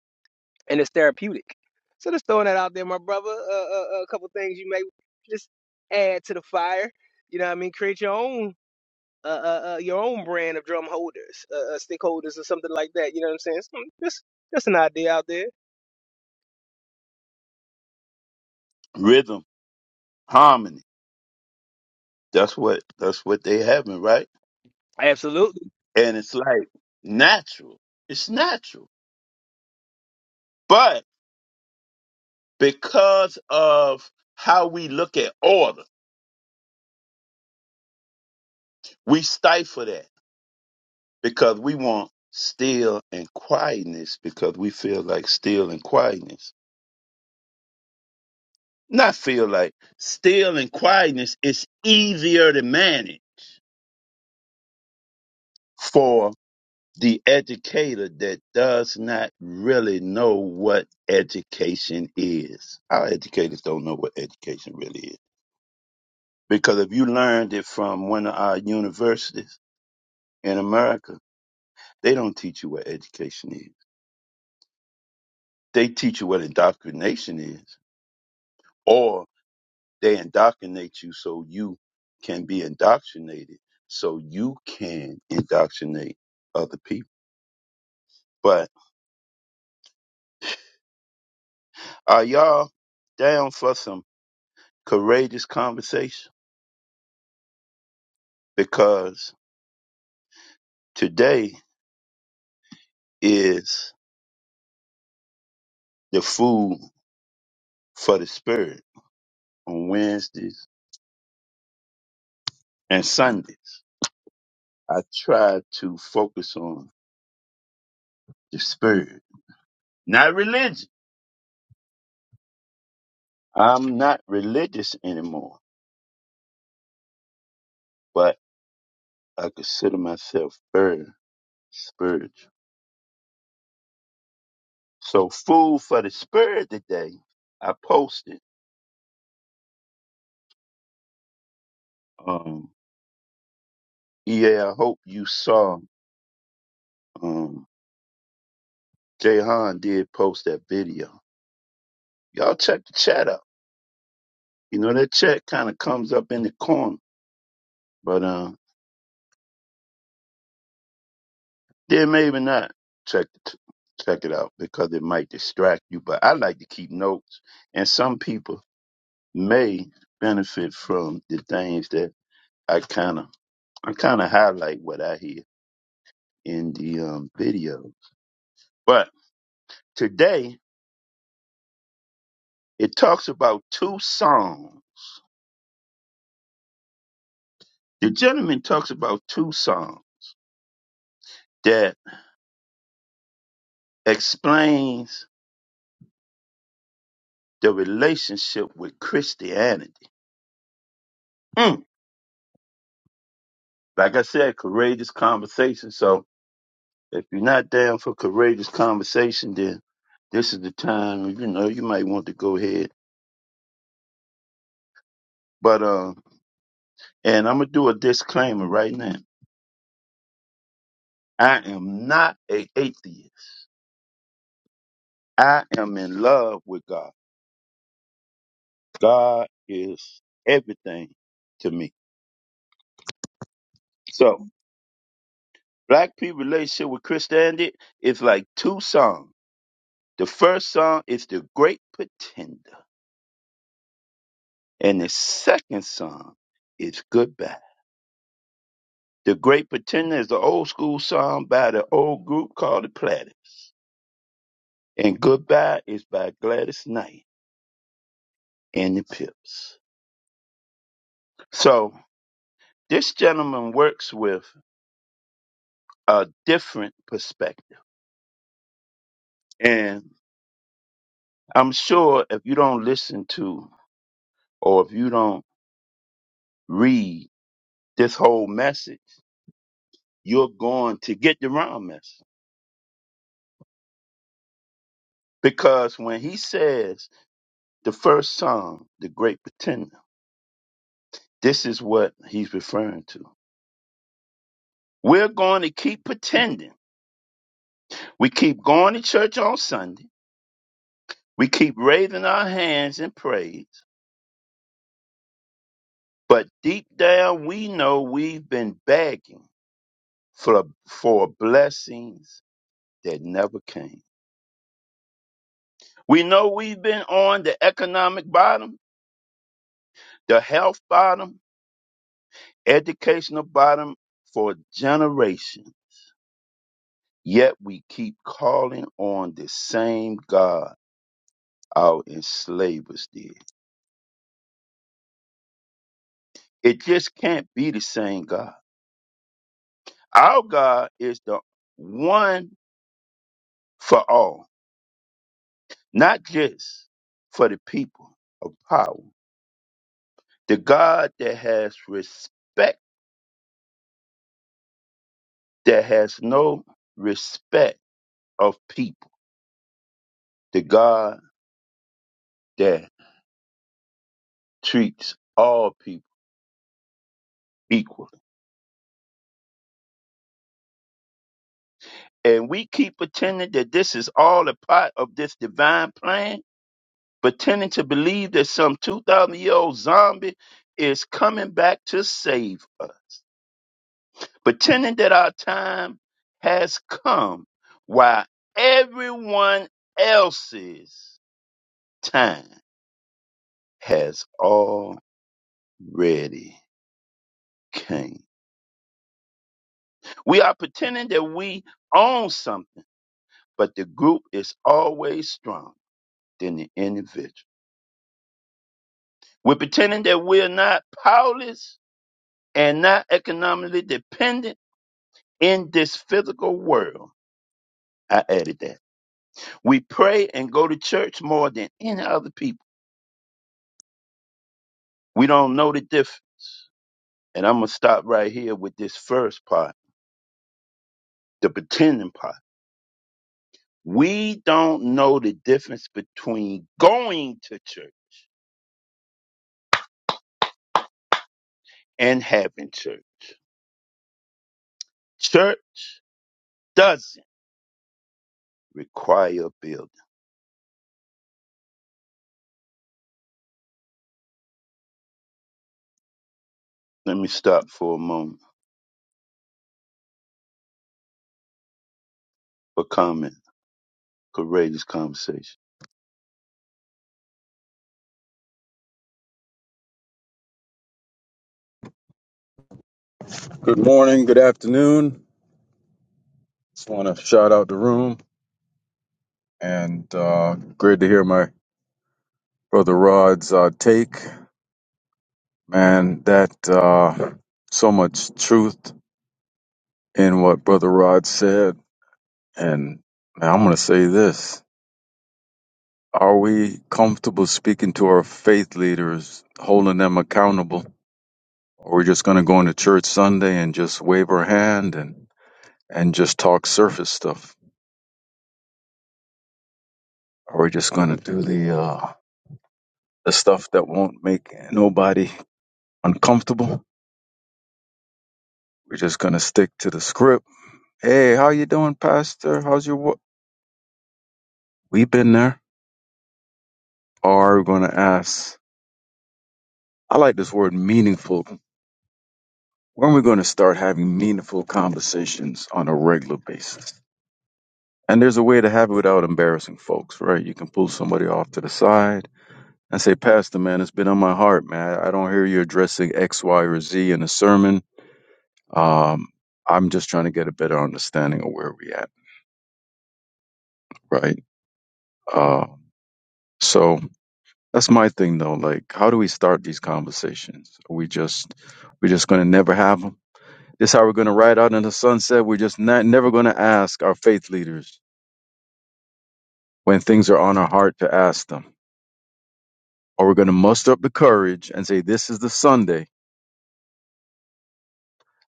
and it's therapeutic. So just throwing that out there, my brother. Uh, uh, uh, a couple things you may just add to the fire. You know, what I mean, create your own. Uh, uh, uh, your own brand of drum holders, uh, uh, stick holders, or something like that. You know what I'm saying? Some- Just, just an idea out there. Rhythm, harmony. That's what that's what they having, right? Absolutely. And it's like natural. It's natural. But because of how we look at order, we stifle that because we want still and quietness because we feel like still and quietness. Not feel like still and quietness is easier to manage for the educator that does not really know what education is. Our educators don't know what education really is. Because if you learned it from one of our universities in America, they don't teach you what education is. They teach you what indoctrination is or They indoctrinate you so you can be indoctrinated, so you can indoctrinate other people. But are y'all down for some courageous conversation? Because today is the food for the spirit on Wednesdays and Sundays. I try to focus on the spirit, not religion. I'm not religious anymore, but I consider myself very spiritual. So food for the spirit today. I posted. Um, yeah, I hope you saw. Um, Jahan did post that video. Y'all check the chat out. You know that chat kind of comes up in the corner, but uh, then maybe not. Check it, check it out because it might distract you. But I like to keep notes, and some people may benefit from the things that I kind of I kind of highlight what I hear in the um, video. But today it talks about two songs. The gentleman talks about two songs that explains the relationship with Christianity. Mm. Like I said, courageous conversation. So if you're not down for courageous conversation, then this is the time. You know, you might want to go ahead. But um, and I'm gonna do a disclaimer right now. I am not a atheist. I am in love with God. God is everything to me. So Black people relationship with Christianity is like two songs. The first song is The Great Pretender, and the second song is Goodbye. The Great Pretender is the old school song by the old group called the Platters, and Goodbye is by Gladys Knight and the Pips. So this gentleman works with a different perspective, and I'm sure if you don't listen to or if you don't read this whole message you're going to get the wrongness. Because when he says the first psalm, the great pretender, this is what he's referring to. We're going to keep pretending. We keep going to church on Sunday. We keep raising our hands in praise. But deep down, we know we've been begging for, for blessings that never came. We know we've been on the economic bottom, the health bottom, educational bottom for a generation, yet we keep calling on the same God our enslavers did. It just can't be the same God. Our God is the one for all, not just for the people of power. The God that has respect, that has no respect of people. The God that treats all people equal and we keep pretending that this is all a part of this divine plan, pretending to believe that some 2,000 year old zombie is coming back to save us, pretending that our time has come while everyone else's time has already came. We are pretending that we own something, but the group is always stronger than the individual. We're pretending that we're not powerless and not economically dependent in this physical world. I added that. We pray and go to church more than any other people. We don't know the difference. And I'm going to stop right here with this first part, the pretending part. We don't know the difference between going to church and having church. Church doesn't require a building. Let me stop for a moment for comment, courageous conversation. Good morning, good afternoon. Just want to shout out the room and uh, great to hear my brother Rod's uh, take. Man, that uh, so much truth in what brother Rod said. And man, I'm going to say this. Are we comfortable speaking to our faith leaders, holding them accountable? Or are we just going to go into church Sunday and just wave our hand and, and just talk surface stuff? Are we just going to do the, uh, the stuff that won't make nobody uncomfortable. We're just gonna stick to the script. Hey, how you doing, Pastor? How's your work? We've been there. Are we gonna ask? I like this word meaningful. When are we gonna start having meaningful conversations on a regular basis? And there's a way to have it without embarrassing folks, right? You can pull somebody off to the side and say, Pastor, man, it's been on my heart, man. I don't hear you addressing X, Y, or Z in a sermon. Um, I'm just trying to get a better understanding of where we're at right? Uh, so that's my thing, though. Like, how do we start these conversations? Are we just we're just gonna never have them. This how we're gonna ride out in the sunset. We're just not never gonna ask our faith leaders when things are on our heart to ask them, or we're gonna muster up the courage and say, "This is the Sunday.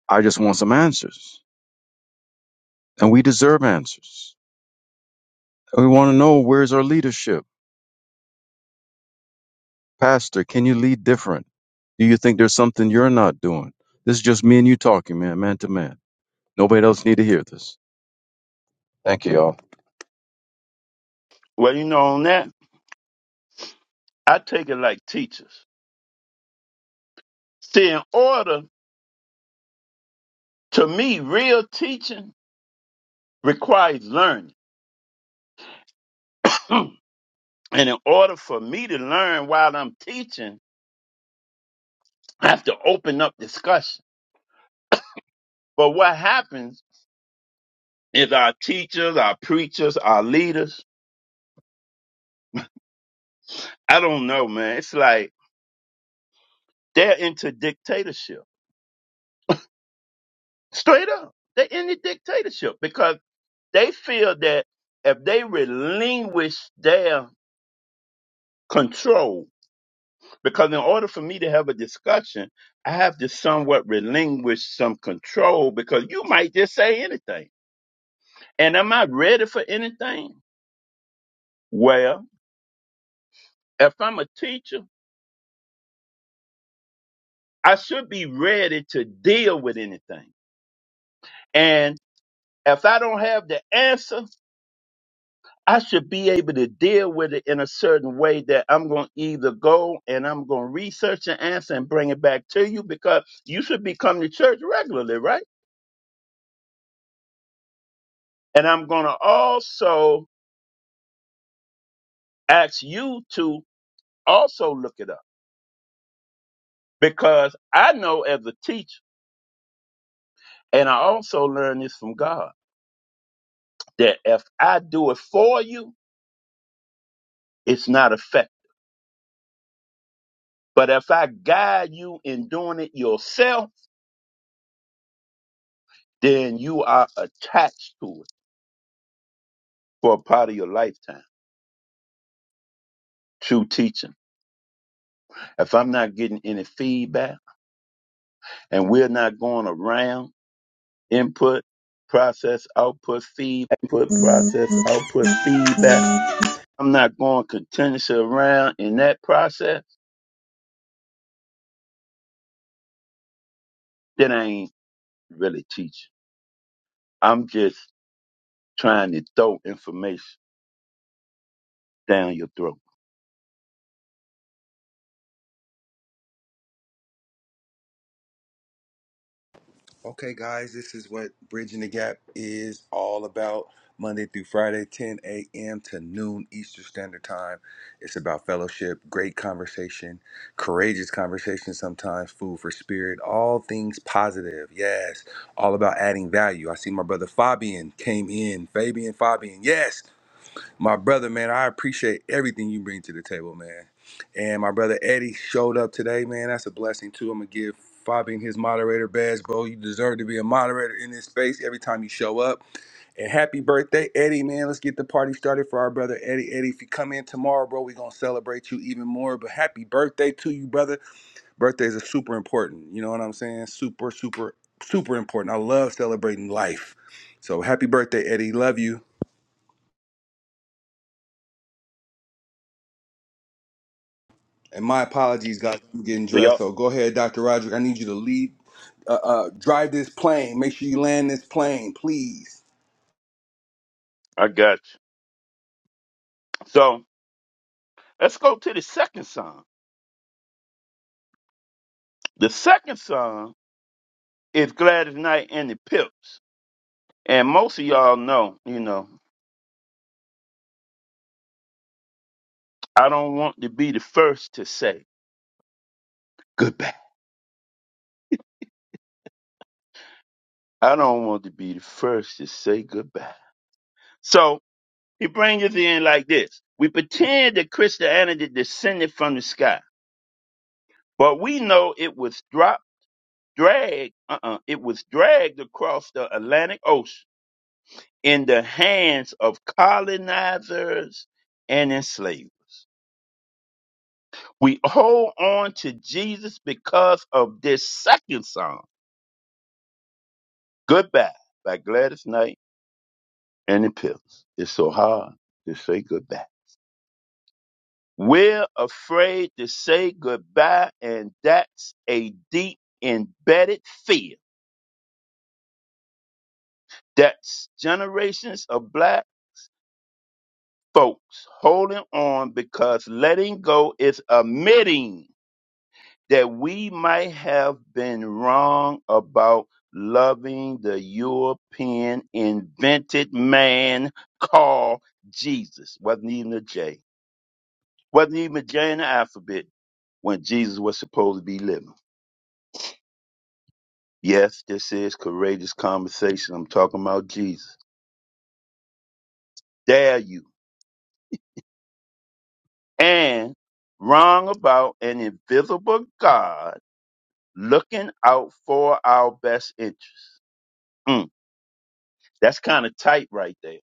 I just want some answers, and we deserve answers. And we want to know where's our leadership, Pastor? Can you lead different? Do you think there's something you're not doing? This is just me and you talking, man, man to man." Nobody else need to hear this. Thank you, y'all. Well, you know, on that, I take it like teachers. See, in order, to me, real teaching requires learning. *clears throat* and in order for me to learn while I'm teaching, I have to open up discussion. But what happens is our teachers, our preachers, our leaders, I don't know, man. It's like they're into dictatorship. Straight up. They're into dictatorship because they feel that if they relinquish their control, Because in order for me to have a discussion, I have to somewhat relinquish some control because you might just say anything. And am I ready for anything? Well, if I'm a teacher, I should be ready to deal with anything. And if I don't have the answer, I should be able to deal with it in a certain way that I'm going to either go and I'm going to research the answer and bring it back to you because you should be coming to church regularly, right? And I'm going to also ask you to also look it up because I know as a teacher, and I also learned this from God, that if I do it for you, it's not effective. But if I guide you in doing it yourself, then you are attached to it for a part of your lifetime. True teaching. If I'm not getting any feedback and we're not going around input, process, output, feedback, input, process, output, feedback. I'm not going continuously around in that process, then I ain't really teaching. I'm just trying to throw information down your throat. Okay, guys, this is what Bridging the Gap is all about. Monday through Friday, 10 a.m. to noon Eastern Standard Time. It's about fellowship, great conversation, courageous conversation sometimes, food for spirit, all things positive. Yes, all about adding value. I see my brother Fabian came in. Fabian, Fabian, yes. my brother, man, I appreciate everything you bring to the table, man. And my brother Eddie showed up today, man. That's a blessing too. I'm gonna give Fabian his moderator badge, bro. You deserve to be a moderator in this space every time you show up. And happy birthday, Eddie, man. Let's get the party started for our brother Eddie. Eddie, if you come in tomorrow, bro, we're gonna celebrate you even more. But happy birthday to you, brother. Birthdays are super important. You know what I'm saying? Super, super, super important. I love celebrating life. So happy birthday, Eddie. Love you. And my apologies, guys. I'm getting So, dressed. y'all, So go ahead, Dr. Roderick. I need you to lead, uh, uh, drive this plane. Make sure you land this plane, please. I got you. So let's go to the second song. The second song is Gladys Knight and the Pips. And most of y'all know, you know, I don't want to be the first to say goodbye. I don't want to be the first to say goodbye. So he brings us in like this. We pretend that Christianity descended from the sky But we know it was drop, dragged, uh-uh, it was dragged across the Atlantic Ocean in the hands of colonizers and enslavers. We hold on to Jesus because of this second song, Goodbye, by Gladys Knight and the Pips. It's so hard to say goodbye. We're afraid to say goodbye, and that's a deep embedded fear. That's generations of black folks holding on because letting go is admitting that we might have been wrong about loving the European invented man called Jesus. Wasn't even a J. Wasn't even a J in the alphabet when Jesus was supposed to be living. Yes, this is courageous conversation. I'm talking about Jesus. Dare you. And wrong about an invisible God looking out for our best interests. Mm, that's kind of tight right there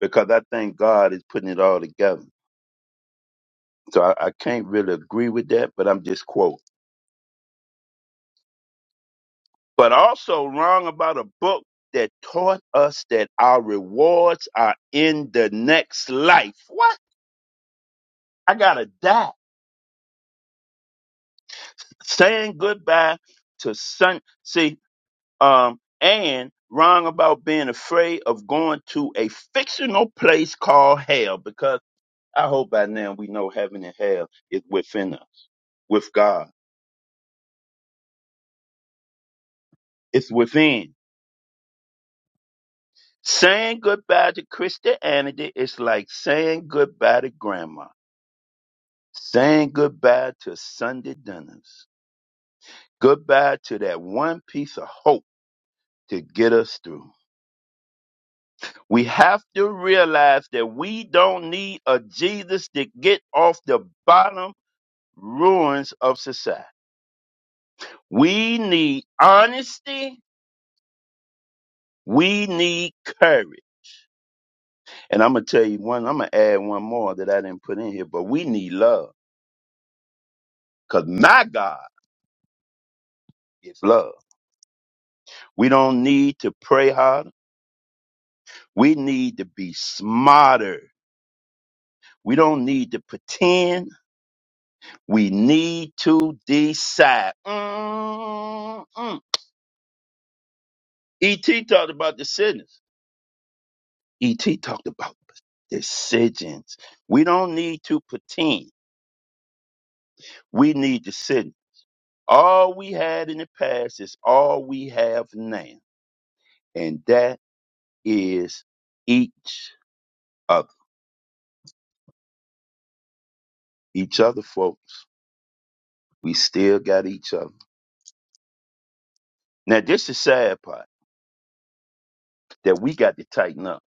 because I think God is putting it all together. So I, I can't really agree with that, but I'm just quoting. But also wrong about a book that taught us that our rewards are in the next life. What? I gotta die. Saying goodbye to sun. See, um, and wrong about being afraid of going to a fictional place called hell because I hope by now we know heaven and hell is within us, with God. It's within. Saying goodbye to Christianity is like saying goodbye to grandma, saying goodbye to Sunday dinners, goodbye to that one piece of hope to get us through. We have to realize that we don't need a Jesus to get off the bottom ruins of society. We need honesty. We need courage. And I'm gonna tell you one. I'm gonna add one more that I didn't put in here. But we need love, cause my God is love. We don't need to pray harder. We need to be smarter. We don't need to pretend. We need to decide. Mm-mm. Et talked about decisions. Et talked about decisions. We don't need to pretend. We need to sit. All we had in the past is all we have now, and that is each other. Each other, folks. We still got each other. Now, this is the sad part that we got to tighten up.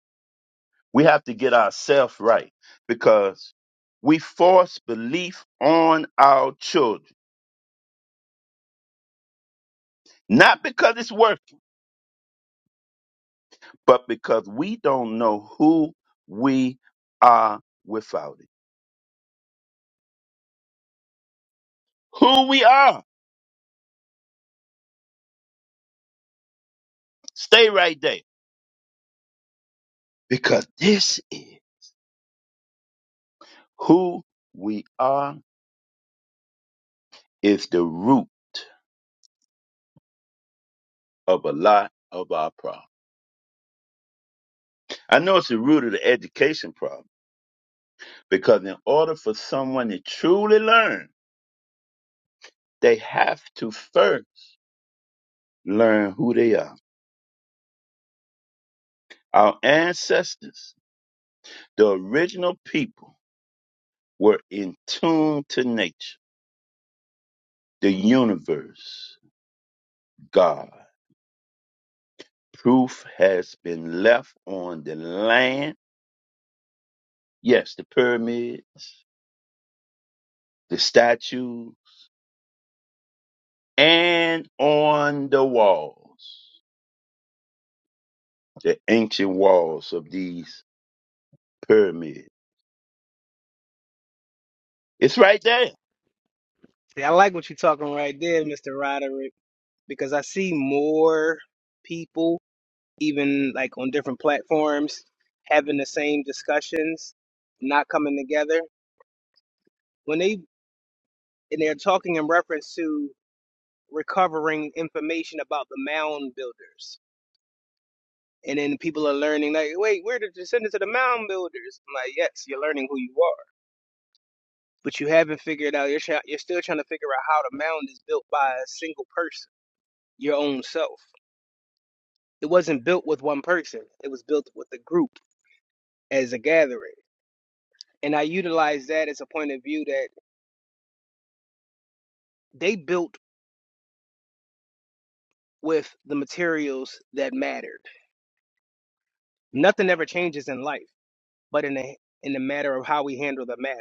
We have to get ourselves right because we force belief on our children, not because it's working, but because we don't know who we are without it. Who we are. Stay right there because this is who we are is the root of a lot of our problems. I know it's the root of the education problem because in order for someone to truly learn, they have to first learn who they are. Our ancestors, the original people, were in tune to nature, the universe, God. Proof has been left on the land. Yes, the pyramids, the statues, and on the walls, the ancient walls of these pyramids It's right there. See, I like what you're talking right there, Mr. Roderick, because I see more people, even like on different platforms, having the same discussions, not coming together. When they and they're talking in reference to recovering information about the mound builders. And then people are learning, like, wait, we're the descendants of the mound builders. I'm like, yes, you're learning who you are, but you haven't figured out. You're try- you're still trying to figure out how the mound is built by a single person, your own self It wasn't built with one person. It was built with a group as a gathering. And I utilized that as a point of view that they built with the materials that mattered. Nothing ever changes in life, but in the in the matter of how we handle the matter.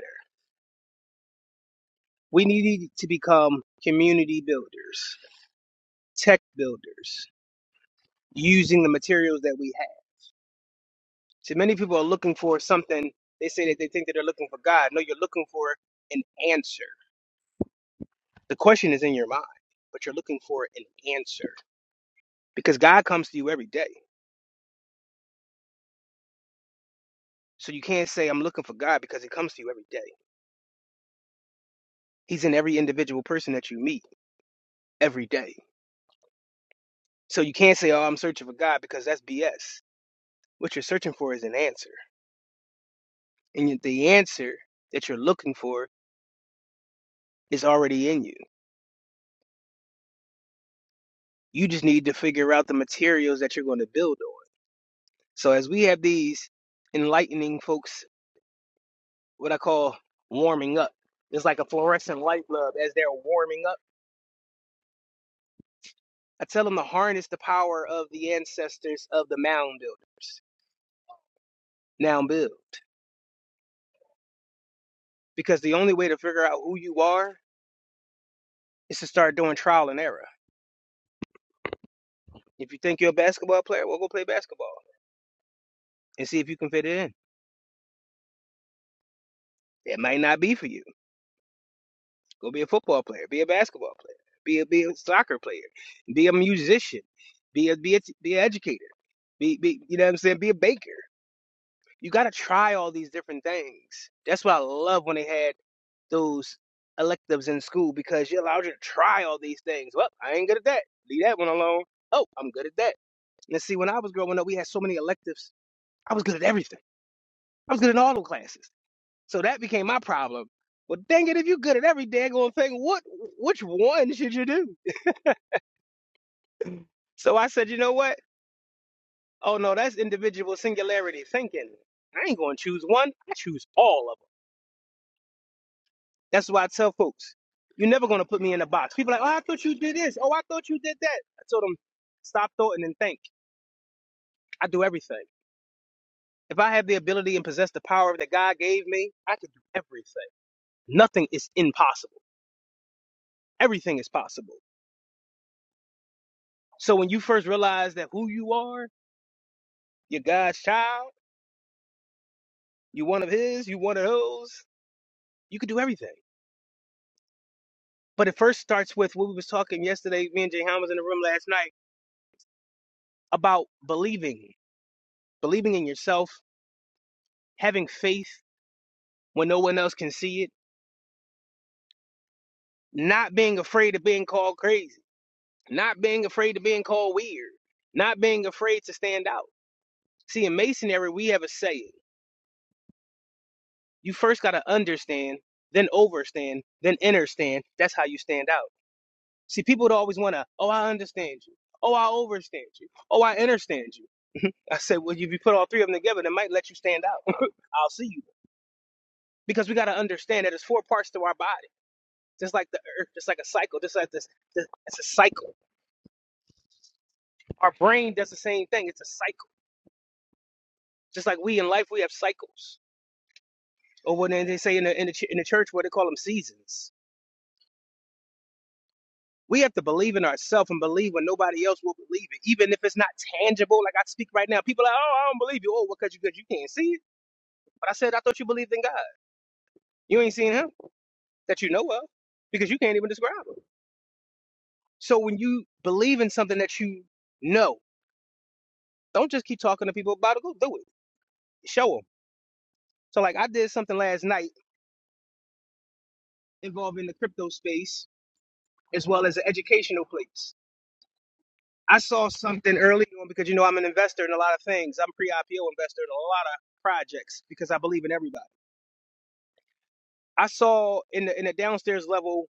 We needed to become community builders, tech builders, using the materials that we have. So many people are looking for something. They say that they think that they're looking for God. No, you're looking for an answer. The question is in your mind, but you're looking for an answer. because God comes to you every day. So you can't say I'm looking for God because he comes to you every day. He's in every individual person that you meet every day. So you can't say, "Oh, I'm searching for God," because that's BS. What you're searching for is an answer, and the answer that you're looking for is already in you. You just need to figure out the materials that you're going to build on. So as we have these enlightening folks, what I call warming up, it's like a fluorescent light bulb as they're warming up I tell them to harness the power of the ancestors of the mound builders, now build. Because the only way to figure out who you are is to start doing trial and error. If you think you're a basketball player, well, go play basketball and see if you can fit it in. It might not be for you. Go be a football player, be a basketball player, be a, be a soccer player, be a musician, be a, be a be an educator, be, be you know what I'm saying, be a baker. You got to try all these different things. That's what I love when they had those electives in school because you're allowed you to try all these things. Well, I ain't good at that. Leave that one alone. Oh, I'm good at that. And see, when I was growing up, we had so many electives. I was good at everything. I was good at all the classes. So that became my problem. Well, dang it, if you're good at every daggone thing, what which one should you do? So I said, you know what? Oh no, that's individual singularity thinking. I ain't gonna choose one. I choose all of them. That's why I tell folks, you're never gonna put me in a box. People are like, oh, I thought you did this. Oh, I thought you did that. I told them, stop thought and then think. I do everything. If I have the ability and possess the power that God gave me, I can do everything. Nothing is impossible. Everything is possible. So when you first realize that who you are, you're God's child, you're one of His, you're one of those, you can do everything. But it first starts with what we was talking yesterday. Me and Jay Ham was in the room last night about believing, believing in yourself, having faith, when no one else can see it. Not being afraid of being called crazy. Not being afraid of being called weird. Not being afraid to stand out. See, in masonry, we have a saying. You first got to understand, then overstand, then understand. That's how you stand out. See, people would always want to, oh, I understand you. Oh, I overstand you. Oh, I understand you. I said, well, if you put all three of them together, that might let you stand out. *laughs* I'll see you. Because we got to understand that there's four parts to our body, just like the earth, just like a cycle, just like this, this it's a cycle Our brain does the same thing. It's a cycle. Just like we in life, we have cycles. Or what they say in the, in the, ch- in the church, what they call them seasons. We have to believe in ourselves and believe when nobody else will believe it, even if it's not tangible. Like I speak right now, people are like, oh, I don't believe you. Oh, well, because you, 'cause you can't see it. But I said, I thought you believed in God. You ain't seen him that you know of because you can't even describe him. So when you believe in something that you know, don't just keep talking to people about it. Go do it. Show them. So like I did something last night involving the crypto space as well as an educational place. I saw something early on because you know I'm an investor in a lot of things. I'm pre-IPO investor in a lot of projects because I believe in everybody. I saw in the in the downstairs level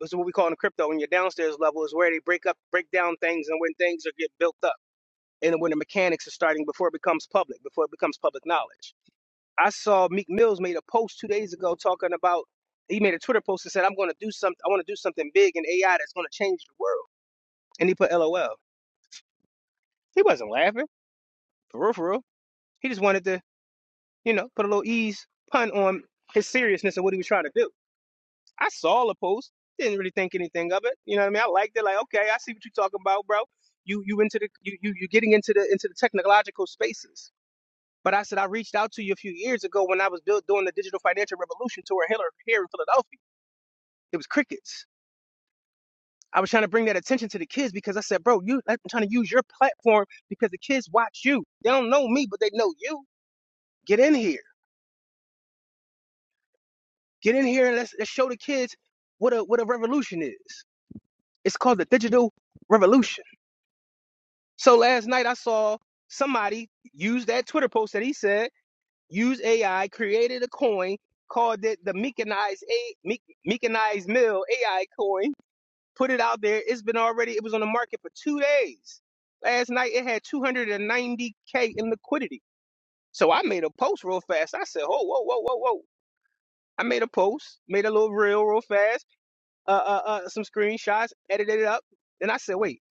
this is what we call in the crypto in your downstairs level is where they break up break down things and when things are get built up and when the mechanics are starting before it becomes public, before it becomes public knowledge. I saw Meek Mills made a post two days ago talking about he made a Twitter post and said, I'm gonna do something I wanna do something big in AI that's gonna change the world. And he put LOL. He wasn't laughing. For real, for real. He just wanted to, you know, put a little ease pun on his seriousness of what he was trying to do. I saw the post, didn't really think anything of it. You know what I mean? I liked it. Like, okay, I see what you're talking about, bro. You you into the you you you're getting into the into the technological spaces. But I said I reached out to you a few years ago when I was built doing the digital financial revolution tour here, here in Philadelphia. It was crickets. I was trying to bring that attention to the kids because I said, bro, you I'm trying to use your platform because the kids watch you. They don't know me, but they know you. Get in here Get in here and let's, let's show the kids what a what a revolution is. It's called the digital revolution. So last night I saw somebody use that Twitter post that he said use AI created a coin called it the Meekanized a Meek, Meekanized Mill AI coin. Put it out there. It's been already. It was on the market for two days. Last night it had 290k in liquidity. So I made a post real fast. I said, "Oh, whoa, whoa, whoa, whoa!" I made a post, made a little reel real fast uh, uh, uh, some screenshots, edited it up. And I said, wait,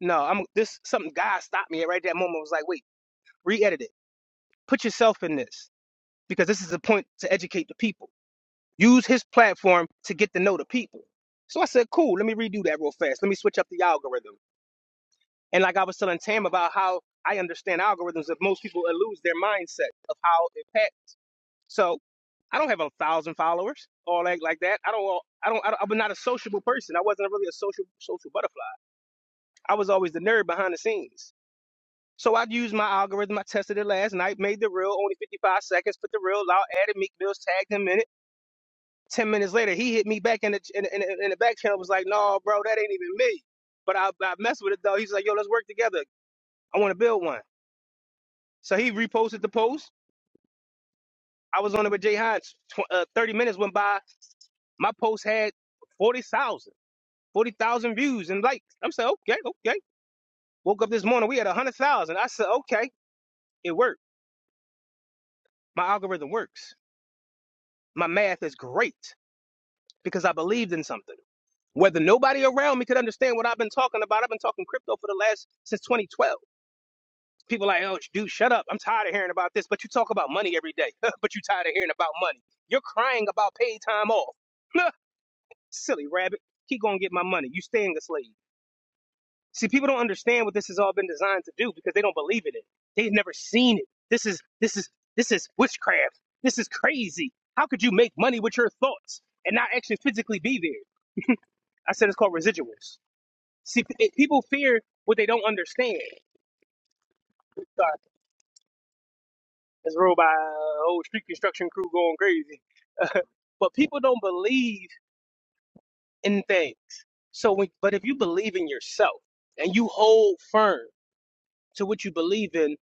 no, I'm this something. God stopped me at right that moment. I Was like, wait, re-edit it. Put yourself in this because this is a point to educate the people. Use his platform to get to know the people. So I said, cool. Let me redo that real fast. Let me switch up the algorithm. And like I was telling Tam about how I understand algorithms, if most people lose their mindset of how it pack. So I don't have a thousand followers or like like that. I don't. I don't. I don't I'm not a sociable person. I wasn't really a social social butterfly. I was always the nerd behind the scenes. So I used my algorithm. I tested it last night, made the reel only 55 seconds, put the reel out, added Meek Mills, tagged him in it. 10 minutes later, he hit me back in the, in, the- in, the- in the back channel, was like, no, bro, that ain't even me. But I, I messed with it though. He's like, yo, let's work together. I want to build one. So he reposted the post. I was on it with Jay Hines. Tw- uh, 30 minutes went by. My post had 40,000, 40,000 views and likes. I'm saying, okay, okay. Woke up this morning, we had 100,000. I said, okay, it worked. My algorithm works. My math is great because I believed in something. Whether nobody around me could understand what I've been talking about, I've been talking crypto for the last since 2012. People are like, oh, dude, shut up. I'm tired of hearing about this. But you talk about money every day. *laughs* but you are tired of hearing about money. You're crying about paid time off. *laughs* Silly rabbit. Keep gonna get my money. You staying a slave. See, people don't understand what this has all been designed to do because they don't believe in it. They've never seen it. This is this is this is witchcraft. This is crazy. How could you make money with your thoughts and not actually physically be there? I said it's called residuals. See, it, people fear what they don't understand. Sorry, it's ruled by a whole street construction crew going crazy. *laughs* but people don't believe in things. So, when, but if you believe in yourself and you hold firm to what you believe in,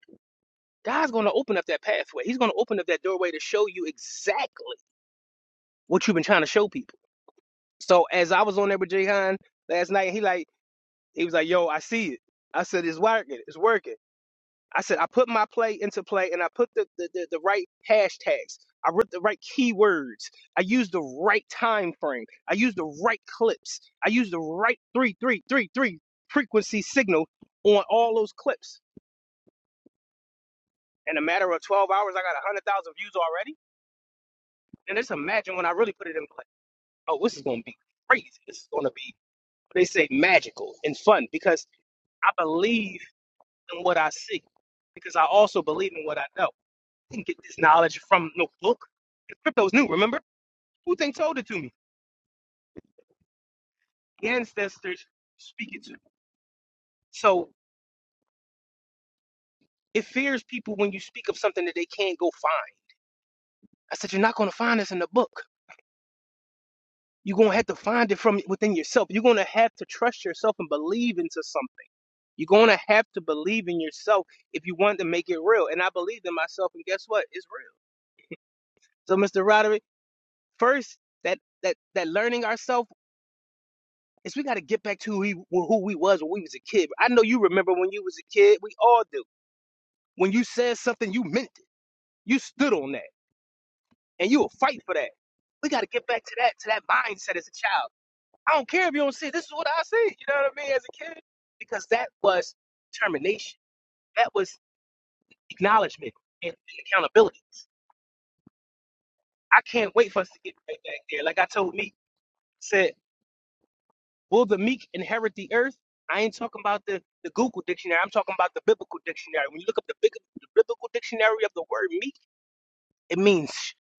God's going to open up that pathway. He's going to open up that doorway to show you exactly what you've been trying to show people. So, as I was on there with Jay last night, he like he was like, "Yo, I see it." I said, "It's working. It's working." I said I put my play into play and I put the, the, the, the right hashtags. I wrote the right keywords. I used the right time frame. I used the right clips. I used the right three three three three frequency signal on all those clips. In a matter of twelve hours, I got a hundred thousand views already. And just imagine when I really put it in play. Oh, this is gonna be crazy. This is gonna be they say magical and fun because I believe in what I see. Because I also believe in what I know. didn't get this knowledge from no book. The crypto's new, remember? Who think told it to me? The ancestors speak it to me. So it fears people when you speak of something that they can't go find. I said, You're not gonna find this in the book. You're gonna have to find it from within yourself. You're gonna have to trust yourself and believe into something. You're gonna have to believe in yourself if you want to make it real. And I believed in myself, and guess what? It's real. So, Mr. Roderick, first that that that learning ourselves. is we got to get back to who, he, who we was when we was a kid. I know you remember when you was a kid. We all do. When you said something, you meant it. You stood on that, and you will fight for that. We got to get back to that to that mindset as a child. I don't care if you don't see it. This is what I see. You know what I mean? As a kid, because that was determination. That was acknowledgement and, and accountability. I can't wait for us to get right back there. Like I told me, said. Will the meek inherit the earth? I ain't talking about the, the Google dictionary. I'm talking about the biblical dictionary. When you look up the, big, the biblical dictionary of the word meek, it means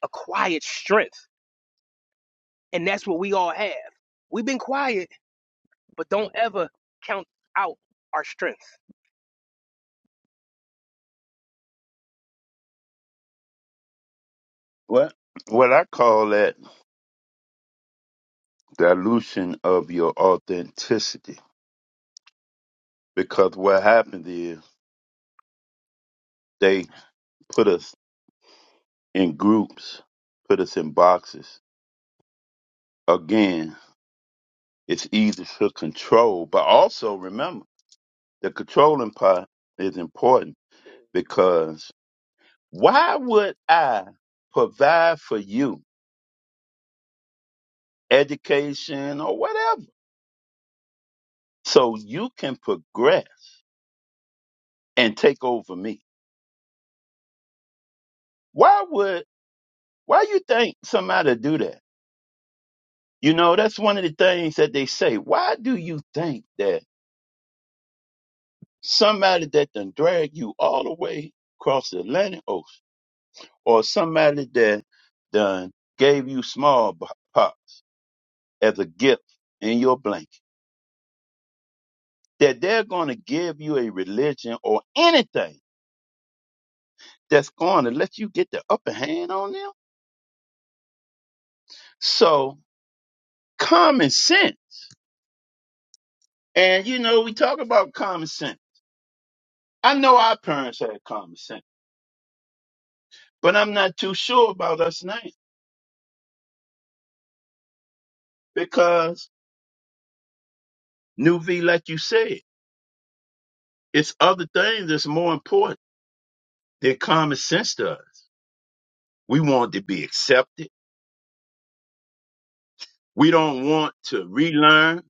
a quiet strength. And that's what we all have. We've been quiet, but don't ever count out our strength. What what I call that dilution of your authenticity. Because what happened is they put us in groups, put us in boxes. Again, it's easy to control, but also remember the controlling part is important because why would I provide for you education or whatever so you can progress and take over me? Why would Why you think somebody do that? You know, that's one of the things that they say. Why do you think that somebody that done drag you all the way across the Atlantic Ocean or somebody that done gave you small b- pop as a gift in your blanket, that they're going to give you a religion or anything that's going to let you get the upper hand on them? So common sense. And you know, we talk about common sense. I know our parents had common sense. But I'm not too sure about us now because New V, like you said, it's other things that's more important than common sense to us. We want to be accepted. We don't want to relearn.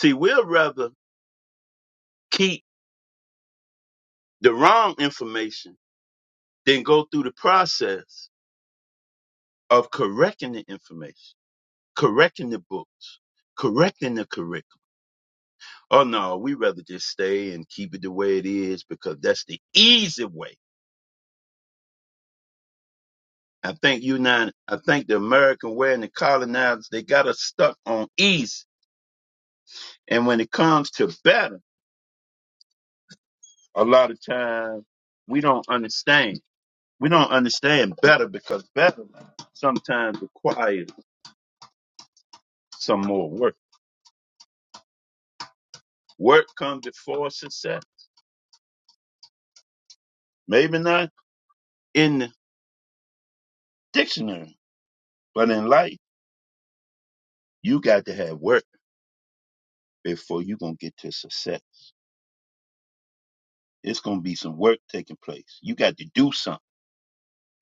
See, we'll rather keep the wrong information than go through the process of correcting the information, correcting the books, correcting the curriculum. Oh no, we rather just stay and keep it the way it is because that's the easy way I think United, I think the American way and the colonizers, they got us stuck on East. And when it comes to better, a lot of times we don't understand. We don't understand better because better sometimes requires some more work. Work comes before success. Maybe not in the dictionary, but in life, you got to have work before you're going to get to success. It's going to be some work taking place. You got to do something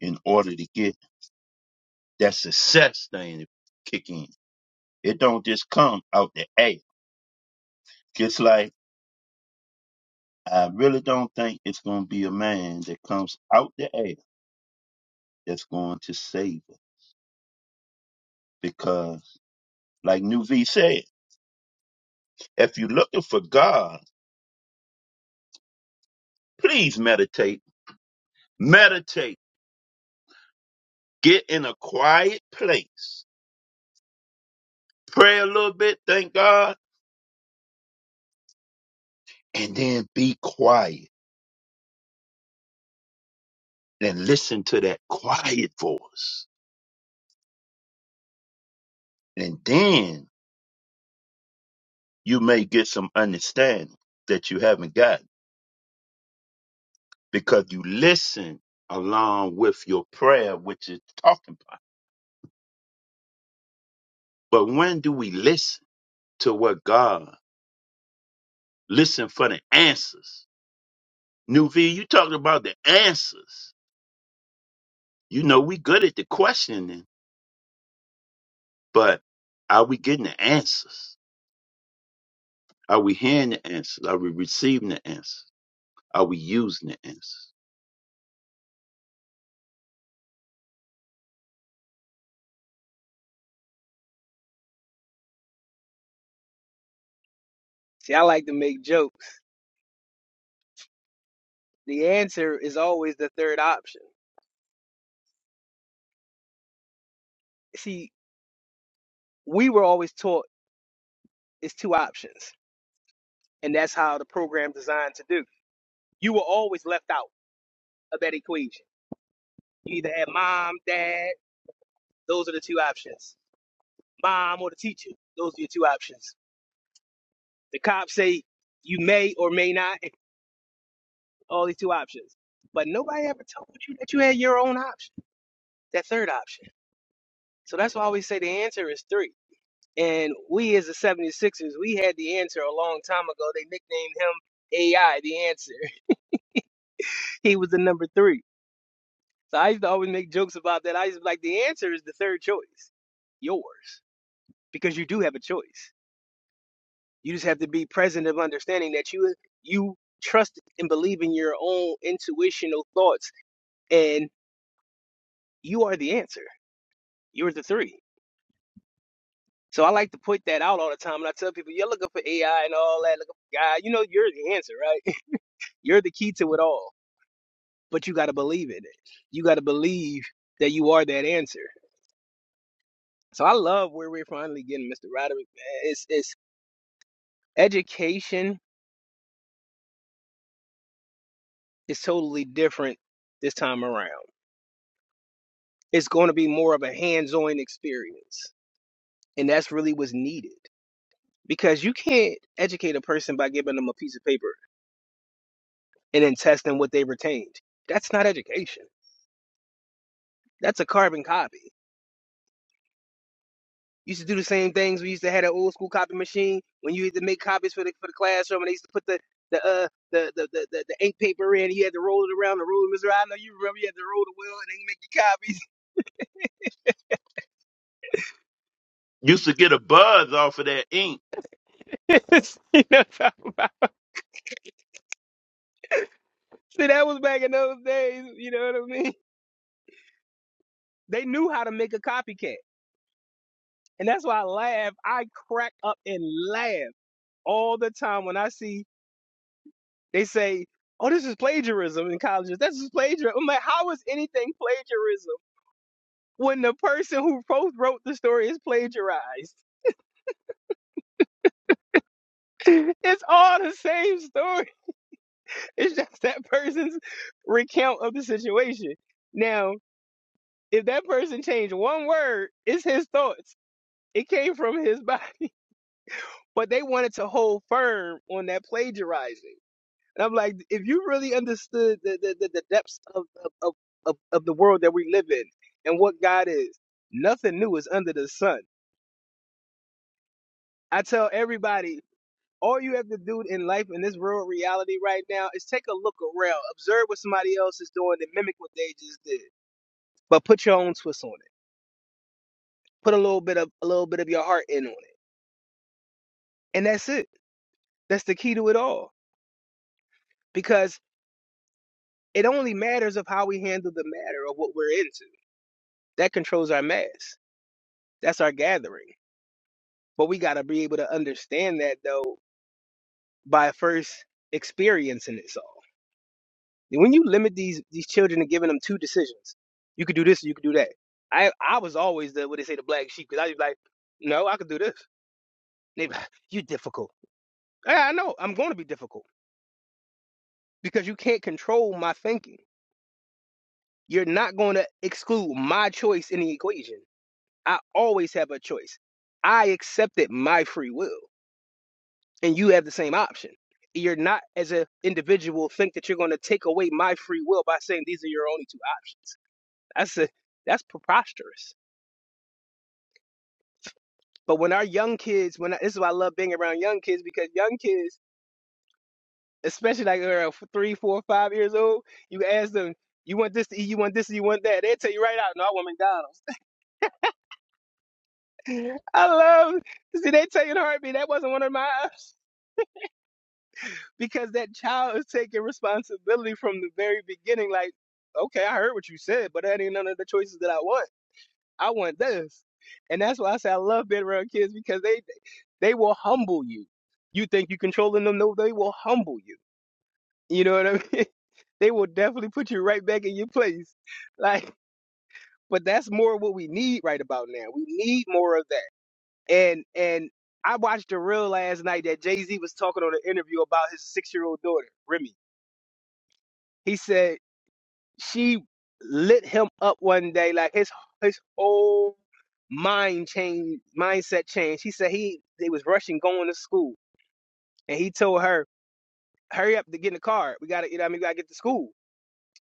in order to get That success thing kick in. It don't just come out the air. Just like I really don't think it's gonna be a man that comes out the air that's going to save us. Because like New V said, if you're looking for God, please meditate. Meditate. Get in a quiet place. Pray a little bit, thank God, and then be quiet and listen to that quiet voice. And then you may get some understanding that you haven't gotten because you listen along with your prayer, which is talking about. But when do we listen to what God? Listen for the answers. New V, you talked about the answers. You know, we good at the questioning, but are we getting the answers? Are we hearing the answers? Are we receiving the answers? Are we using the answers? See, I like to make jokes. The answer is always the third option. See, we were always taught it's two options. And that's how the program designed to do. You were always left out of that equation. You either had mom, dad, Those are the two options. Mom or the teacher. Those are your two options. The cops say you may or may not. All these two options. But nobody ever told you that you had your own option, that third option. So that's why I always say the answer is three. And we as the 76ers, we had the answer a long time ago. They nicknamed him AI, the answer. *laughs* He was the number three. So I used to always make jokes about that. I used to be like, the answer is the third choice, yours, because you do have a choice. You just have to be present of understanding that you you trust and believe in your own intuitional thoughts, and you are the answer. You're the three. So I like to put that out all the time, and I tell people, you're looking for AI and all that, looking for God. You know, you're the answer, right? *laughs* You're the key to it all. But you got to believe in it. You got to believe that you are that answer. So I love where we're finally getting, Mr. Roderick. man. It's it's education is totally different this time around. it's going to be more of a hands-on experience and that's really what's needed because you can't educate a person by giving them a piece of paper and then testing what they retained that's not education that's a carbon copy used to do the same things we used to have an old school copy machine when you had to make copies for the for the classroom and they used to put the the uh the the the, the, the ink paper in you had to roll it around the ruler Mister, I know you remember you had to roll the wheel and they make your copies Used to get a buzz off of that ink. *laughs* you know what I'm talking about see that was back in those days you know what I mean They knew how to make a copycat. And that's why I laugh. I crack up and laugh all the time when I see they say, oh, this is plagiarism in colleges. This is plagiarism. I'm like, how is anything plagiarism when the person who both wrote the story is plagiarized? *laughs* It's all the same story. *laughs* It's just that person's recount of the situation. Now, if that person changed one word, it's his thoughts. It came from his *laughs* body. but they wanted to hold firm on that plagiarizing. And I'm like, if you really understood the the, the, the depths of, of, of, of of the world that we live in and what God is, nothing new is under the sun. I tell everybody, all you have to do in life in this real reality right now is take a look around, observe what somebody else is doing and mimic what they just did. But put your own twist on it. Put a little bit of a little bit of your heart in on it. And that's it. That's the key to it all. because. It only matters of how we handle the matter of what we're into. That controls our mass. That's our gathering. But we got to be able to understand that though by first experiencing this all. And When you limit these these children and giving them two decisions, you could do this, or you could do that. I I was always the what they say the black sheep because I was like, no, I could do this. They be like, you difficult. Yeah, I know I'm going to be difficult because you can't control my thinking. You're not going to exclude my choice in the equation I always have a choice. I accepted my free will, and you have the same option. You're not, as an individual, think that you're going to take away my free will by saying these are your only two options. That's a, that's preposterous. But when our young kids, when I, this is why I love being around young kids because young kids, especially like around three, four, five years old, you ask them, you want this to eat, you want this, you want that. They tell you right out, no, I want McDonald's. *laughs* I love. See, they tell you in a heartbeat that wasn't one of my options. because that child is taking responsibility from the very beginning. Like, okay, I heard what you said, but that ain't none of the choices that I want. I want this, and that's why I say I love being around kids because they they will humble you. You think you are controlling them? No, they will humble you. You know what I mean? *laughs* they will definitely put you right back in your place. Like, but that's more what we need right about now. We need more of that. And and I watched a reel last night that Jay Z was talking on an interview about his six year old daughter, Remy. He said she lit him up one day, like his his whole mind change mindset changed. He said he they was rushing going to school, and he told her, "Hurry up to get in the car. We gotta, you know, what I mean, we gotta get to school."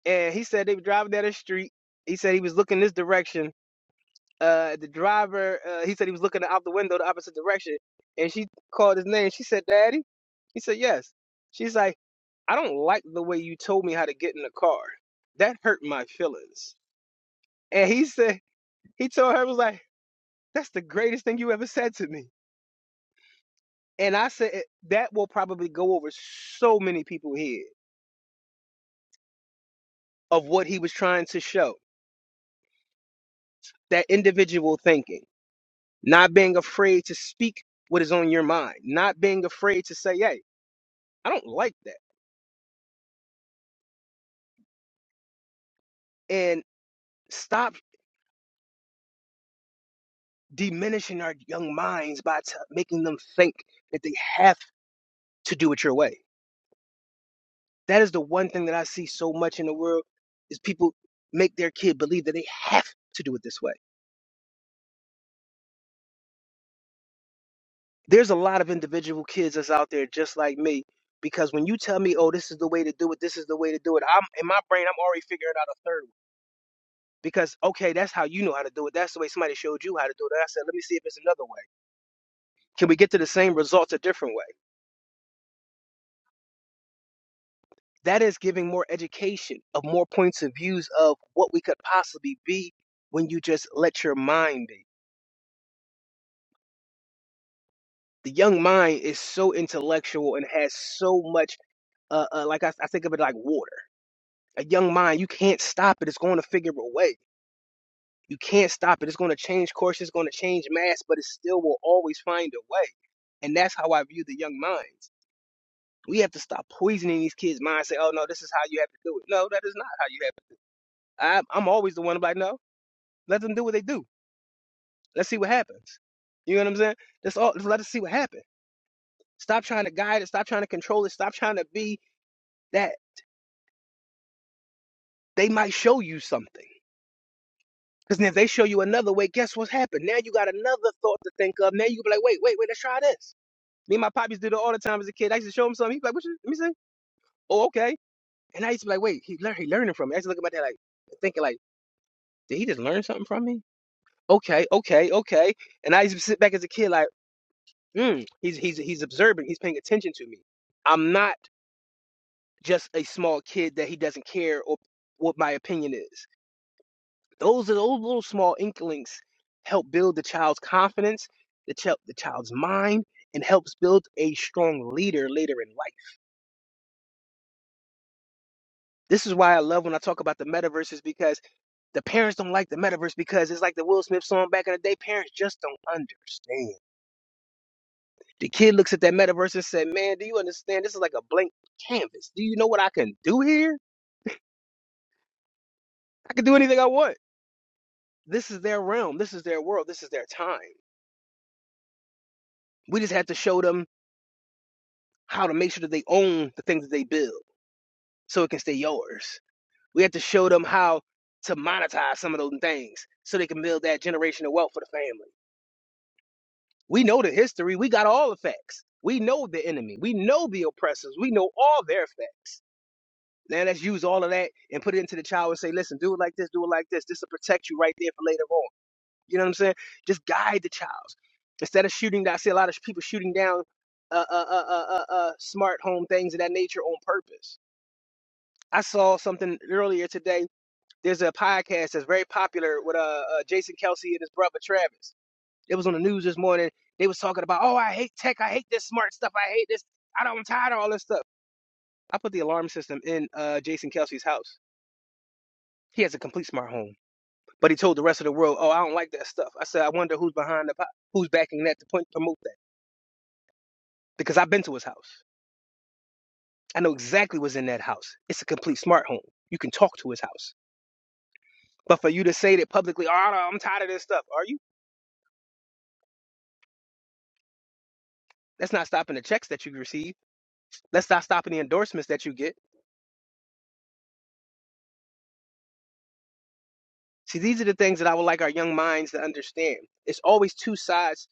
And he said they were driving down the street. He said he was looking this direction. Uh, the driver, uh, he said he was looking out the window the opposite direction, and she called his name. She said, "Daddy." He said, "Yes." She's like, "I don't like the way you told me how to get in the car. That hurt my feelings." And he said. He told her, was like, that's the greatest thing you ever said to me. And I said, "Eh, that will probably go over so many people's head of what he was trying to show. That individual thinking, not being afraid to speak what is on your mind, not being afraid to say, hey, I don't like that. And stop diminishing our young minds by t- making them think that they have to do it your way. That is the one thing that I see so much in the world is people make their kid believe that they have to do it this way there's a lot of individual kids that's out there just like me because when you tell me oh this is the way to do it this is the way to do it i'm in my brain i'm already figuring out a third one because okay that's how you know how to do it that's the way somebody showed you how to do it and i said let me see if it's another way can we get to the same results a different way that is giving more education of more points of views of what we could possibly be when you just let your mind be the young mind is so intellectual and has so much uh, uh like I, I think of it like water a young mind, you can't stop it. It's going to figure a way. You can't stop it. It's going to change course. It's going to change mass, but it still will always find a way. And that's how I view the young minds. We have to stop poisoning these kids' minds. Say, oh no, this is how you have to do it. No, that is not how you have. To. do it. I, I'm always the one I'm like, no, let them do what they do. Let's see what happens. You know what I'm saying? Let's all let's let us see what happens. Stop trying to guide it. Stop trying to control it. Stop trying to be that they might show you something. Because then if they show you another way, guess what's happened? Now you got another thought to think of. Now you be like, wait, wait, wait, let's try this. Me and my poppies do it all the time as a kid. I used to show him something. He'd be like, what you, let me see. Oh, okay. And I used to be like, wait, he learn, he learning from me. I used to look at my dad like, thinking like, did he just learn something from me? Okay, okay, okay. And I used to sit back as a kid like, hmm, he's, he's, he's observing. He's paying attention to me. I'm not just a small kid that he doesn't care or what my opinion is. Those those little small inklings help build the child's confidence, the, ch- the child's mind, and helps build a strong leader later in life. This is why I love when I talk about the metaverse is because the parents don't like the metaverse because it's like the Will Smith song back in the day. Parents just don't understand. The kid looks at that metaverse and said, "Man, do you understand? This is like a blank canvas. Do you know what I can do here? I can do anything I want. This is their realm. This is their world. This is their time. We just have to show them." how to make sure that they own the things that they build. so it can stay yours. We have to show them how to monetize some of those things so they can build that generational wealth for the family. We know the history. We got all the facts. We know the enemy. We know the oppressors. We know all their facts. Now let's use all of that and put it into the child and say, listen, do it like this, do it like this. This will protect you right there for later on. You know what I'm saying? Just guide the child. Instead of shooting, I see a lot of people shooting down uh, uh, uh, uh, uh, uh, smart home things of that nature on purpose. I saw something earlier today There's a podcast that's very popular with uh, uh Jason Kelsey and his brother Travis. It was on the news this morning. They was talking about, oh, I hate tech. I hate this smart stuff. I hate this. I don't. I'm tired of all this stuff. I put the alarm system in uh Jason Kelsey's house. He has a complete smart home, but he told the rest of the world, oh, I don't like that stuff. I said, I wonder who's behind the who's backing that to promote that because I've been to his house. I know exactly what's in that house. It's a complete smart home. You can talk to his house. But for you to say that publicly, oh, I'm tired of this stuff, are you? That's not stopping the checks that you receive. Let's not stop at the endorsements that you get. See, these are the things that I would like our young minds to understand. It's always two sides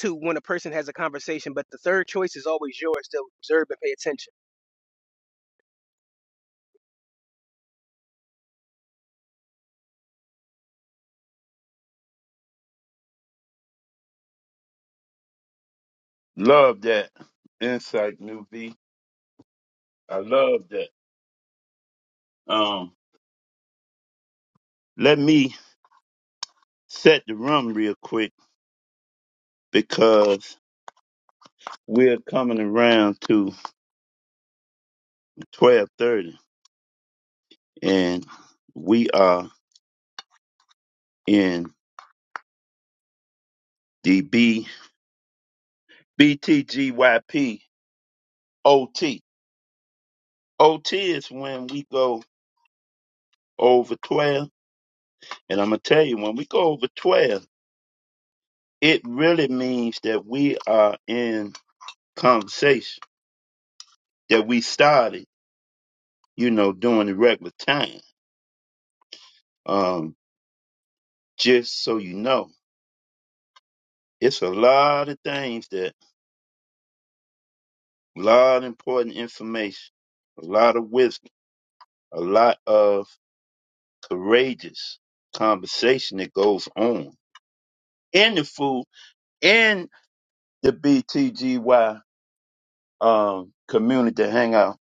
to when a person has a conversation, but the third choice is always yours to observe and pay attention. Love that insight, New V. I love that. Um, let me set the room real quick because we're coming around to twelve thirty, and we are in the B B T G Y P O T. O T is when we go over twelve, and I'm gonna tell you when we go over twelve, it really means that we are in conversation that we started, you know, during the regular time. Um, just so you know. It's a lot of things that, a lot of important information, a lot of wisdom, a lot of courageous conversation that goes on in the food, in the BTGY um, community hangout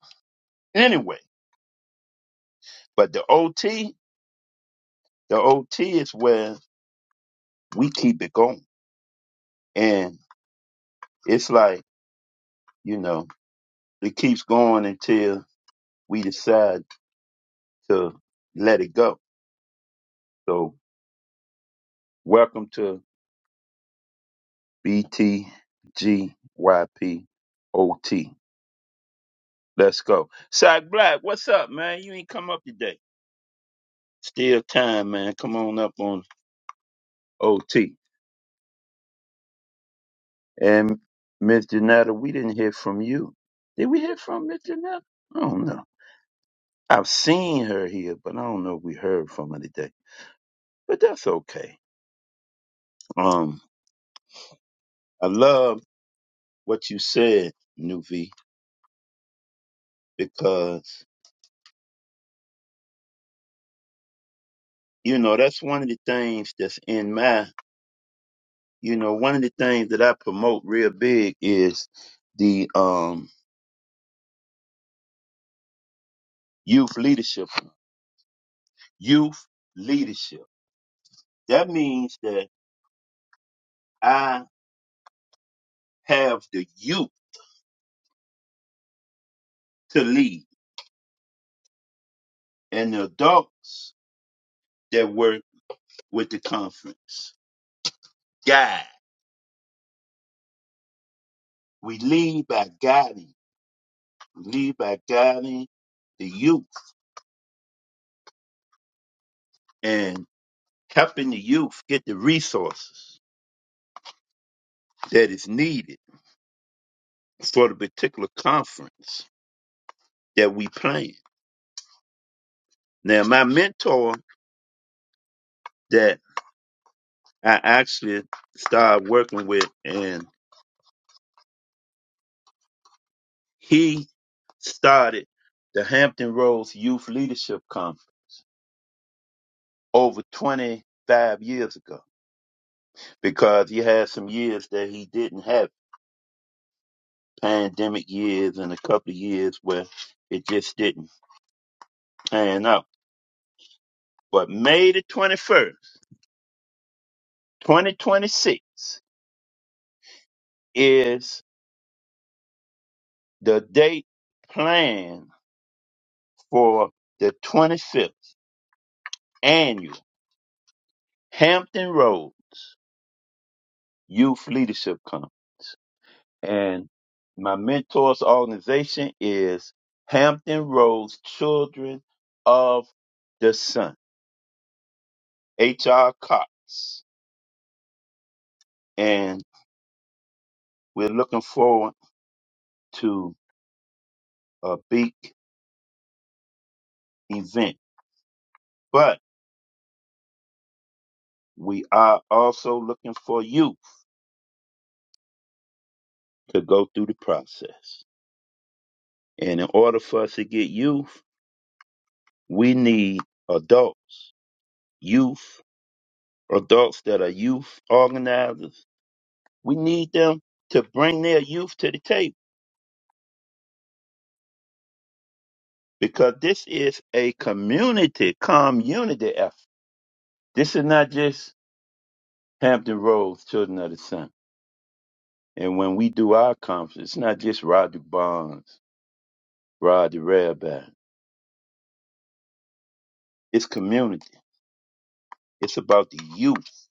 anyway. But the OT, the OT is where we keep it going. And it's like, you know, it keeps going until we decide to let it go. So welcome to. B-T-G-Y-P-O-T. Let's go. Sack Black, what's up, man? You ain't come up today. Still time, man. Come on up on OT. And Miss Janetta, we didn't hear from you. Did we hear from Miss Janetta? I don't know. I've seen her here, but I don't know if we heard from her today. But that's okay. Um, I love what you said, Nuvi, because you know that's one of the things that's in my you know, one of the things that I promote real big is the um, youth leadership. Youth leadership. That means that I have the youth to lead and the adults that work with the conference. Guide. We lead by guiding. We lead by guiding the youth and helping the youth get the resources that is needed for the particular conference that we plan. Now, my mentor that I actually started working with, and he started the Hampton Roads Youth Leadership Conference over 25 years ago because he had some years that he didn't have pandemic years and a couple of years where it just didn't pan out. But May the 21st, 2026 is the date planned for the 25th annual Hampton Roads. Youth Leadership Conference. And my mentor's organization is Hampton Roads Children of the Sun, H.R. Cox. And we're looking forward to a big event, but we are also looking for youth to go through the process. And in order for us to get youth, we need adults, youth, adults that are youth organizers We need them to bring their youth to the table because this is a community, community effort. This is not just Hampton Roads, Children of the Sun. And when we do our conference, it's not just Roger Bonds, Roger Rabbi. It's community. It's about the youth.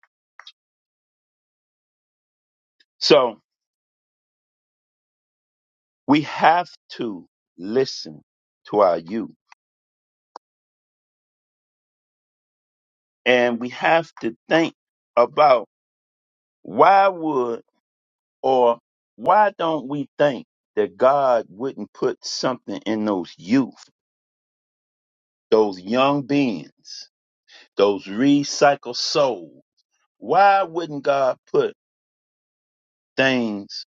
So we have to listen to our youth. And we have to think about why would Or why don't we think that God wouldn't put something in those youth, those young beings, those recycled souls? Why wouldn't God put things,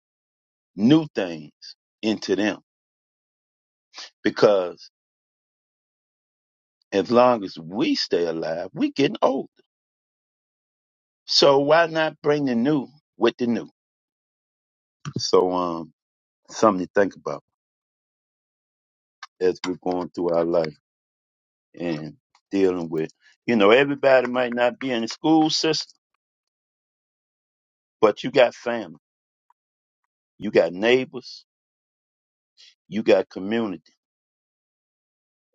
new things, into them? Because as long as we stay alive, we getting older. So why not bring the new with the new? So um, something to think about as we're going through our life and dealing with. You know, everybody might not be in the school system But you got family, you got neighbors, you got community,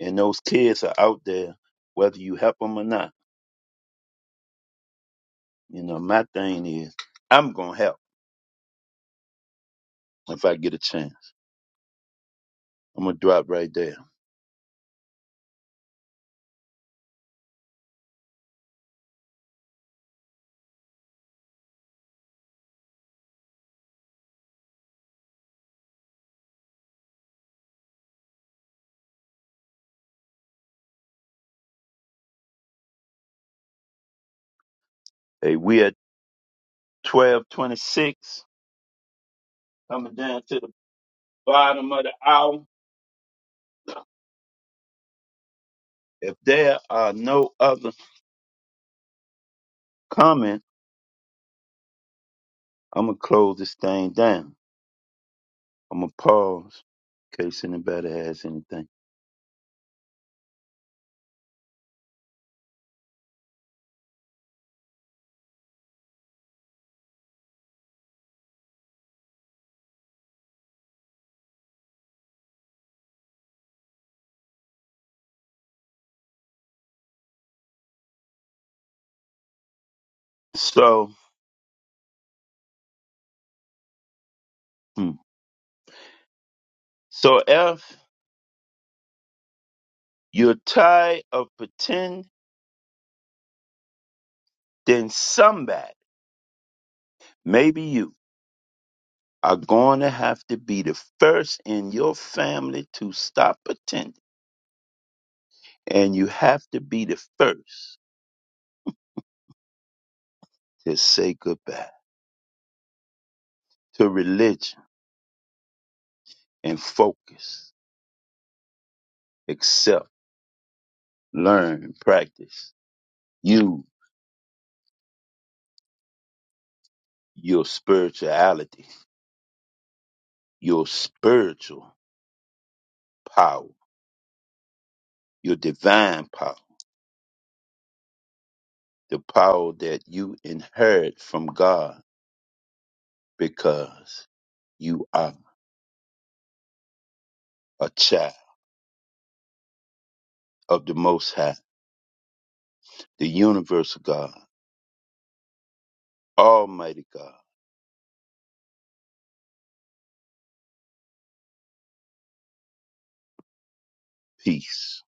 and those kids are out there, whether you help them or not. You know, my thing is, I'm gonna help if I get a chance. I'm gonna drop right there. Hey, we at twelve twenty six, coming down to the bottom of the hour. If there are no other comments, I'm gonna close this thing down. I'm gonna pause in case anybody has anything. So, hmm. so if you're tired of pretending then somebody, maybe you, are going to have to be the first in your family to stop pretending. And you have to be the first to say goodbye to religion and focus, accept, learn, practice. You, your spirituality, your spiritual power, your divine power, the power that you inherit from God because you are a child of the Most High the universal God, Almighty God, peace.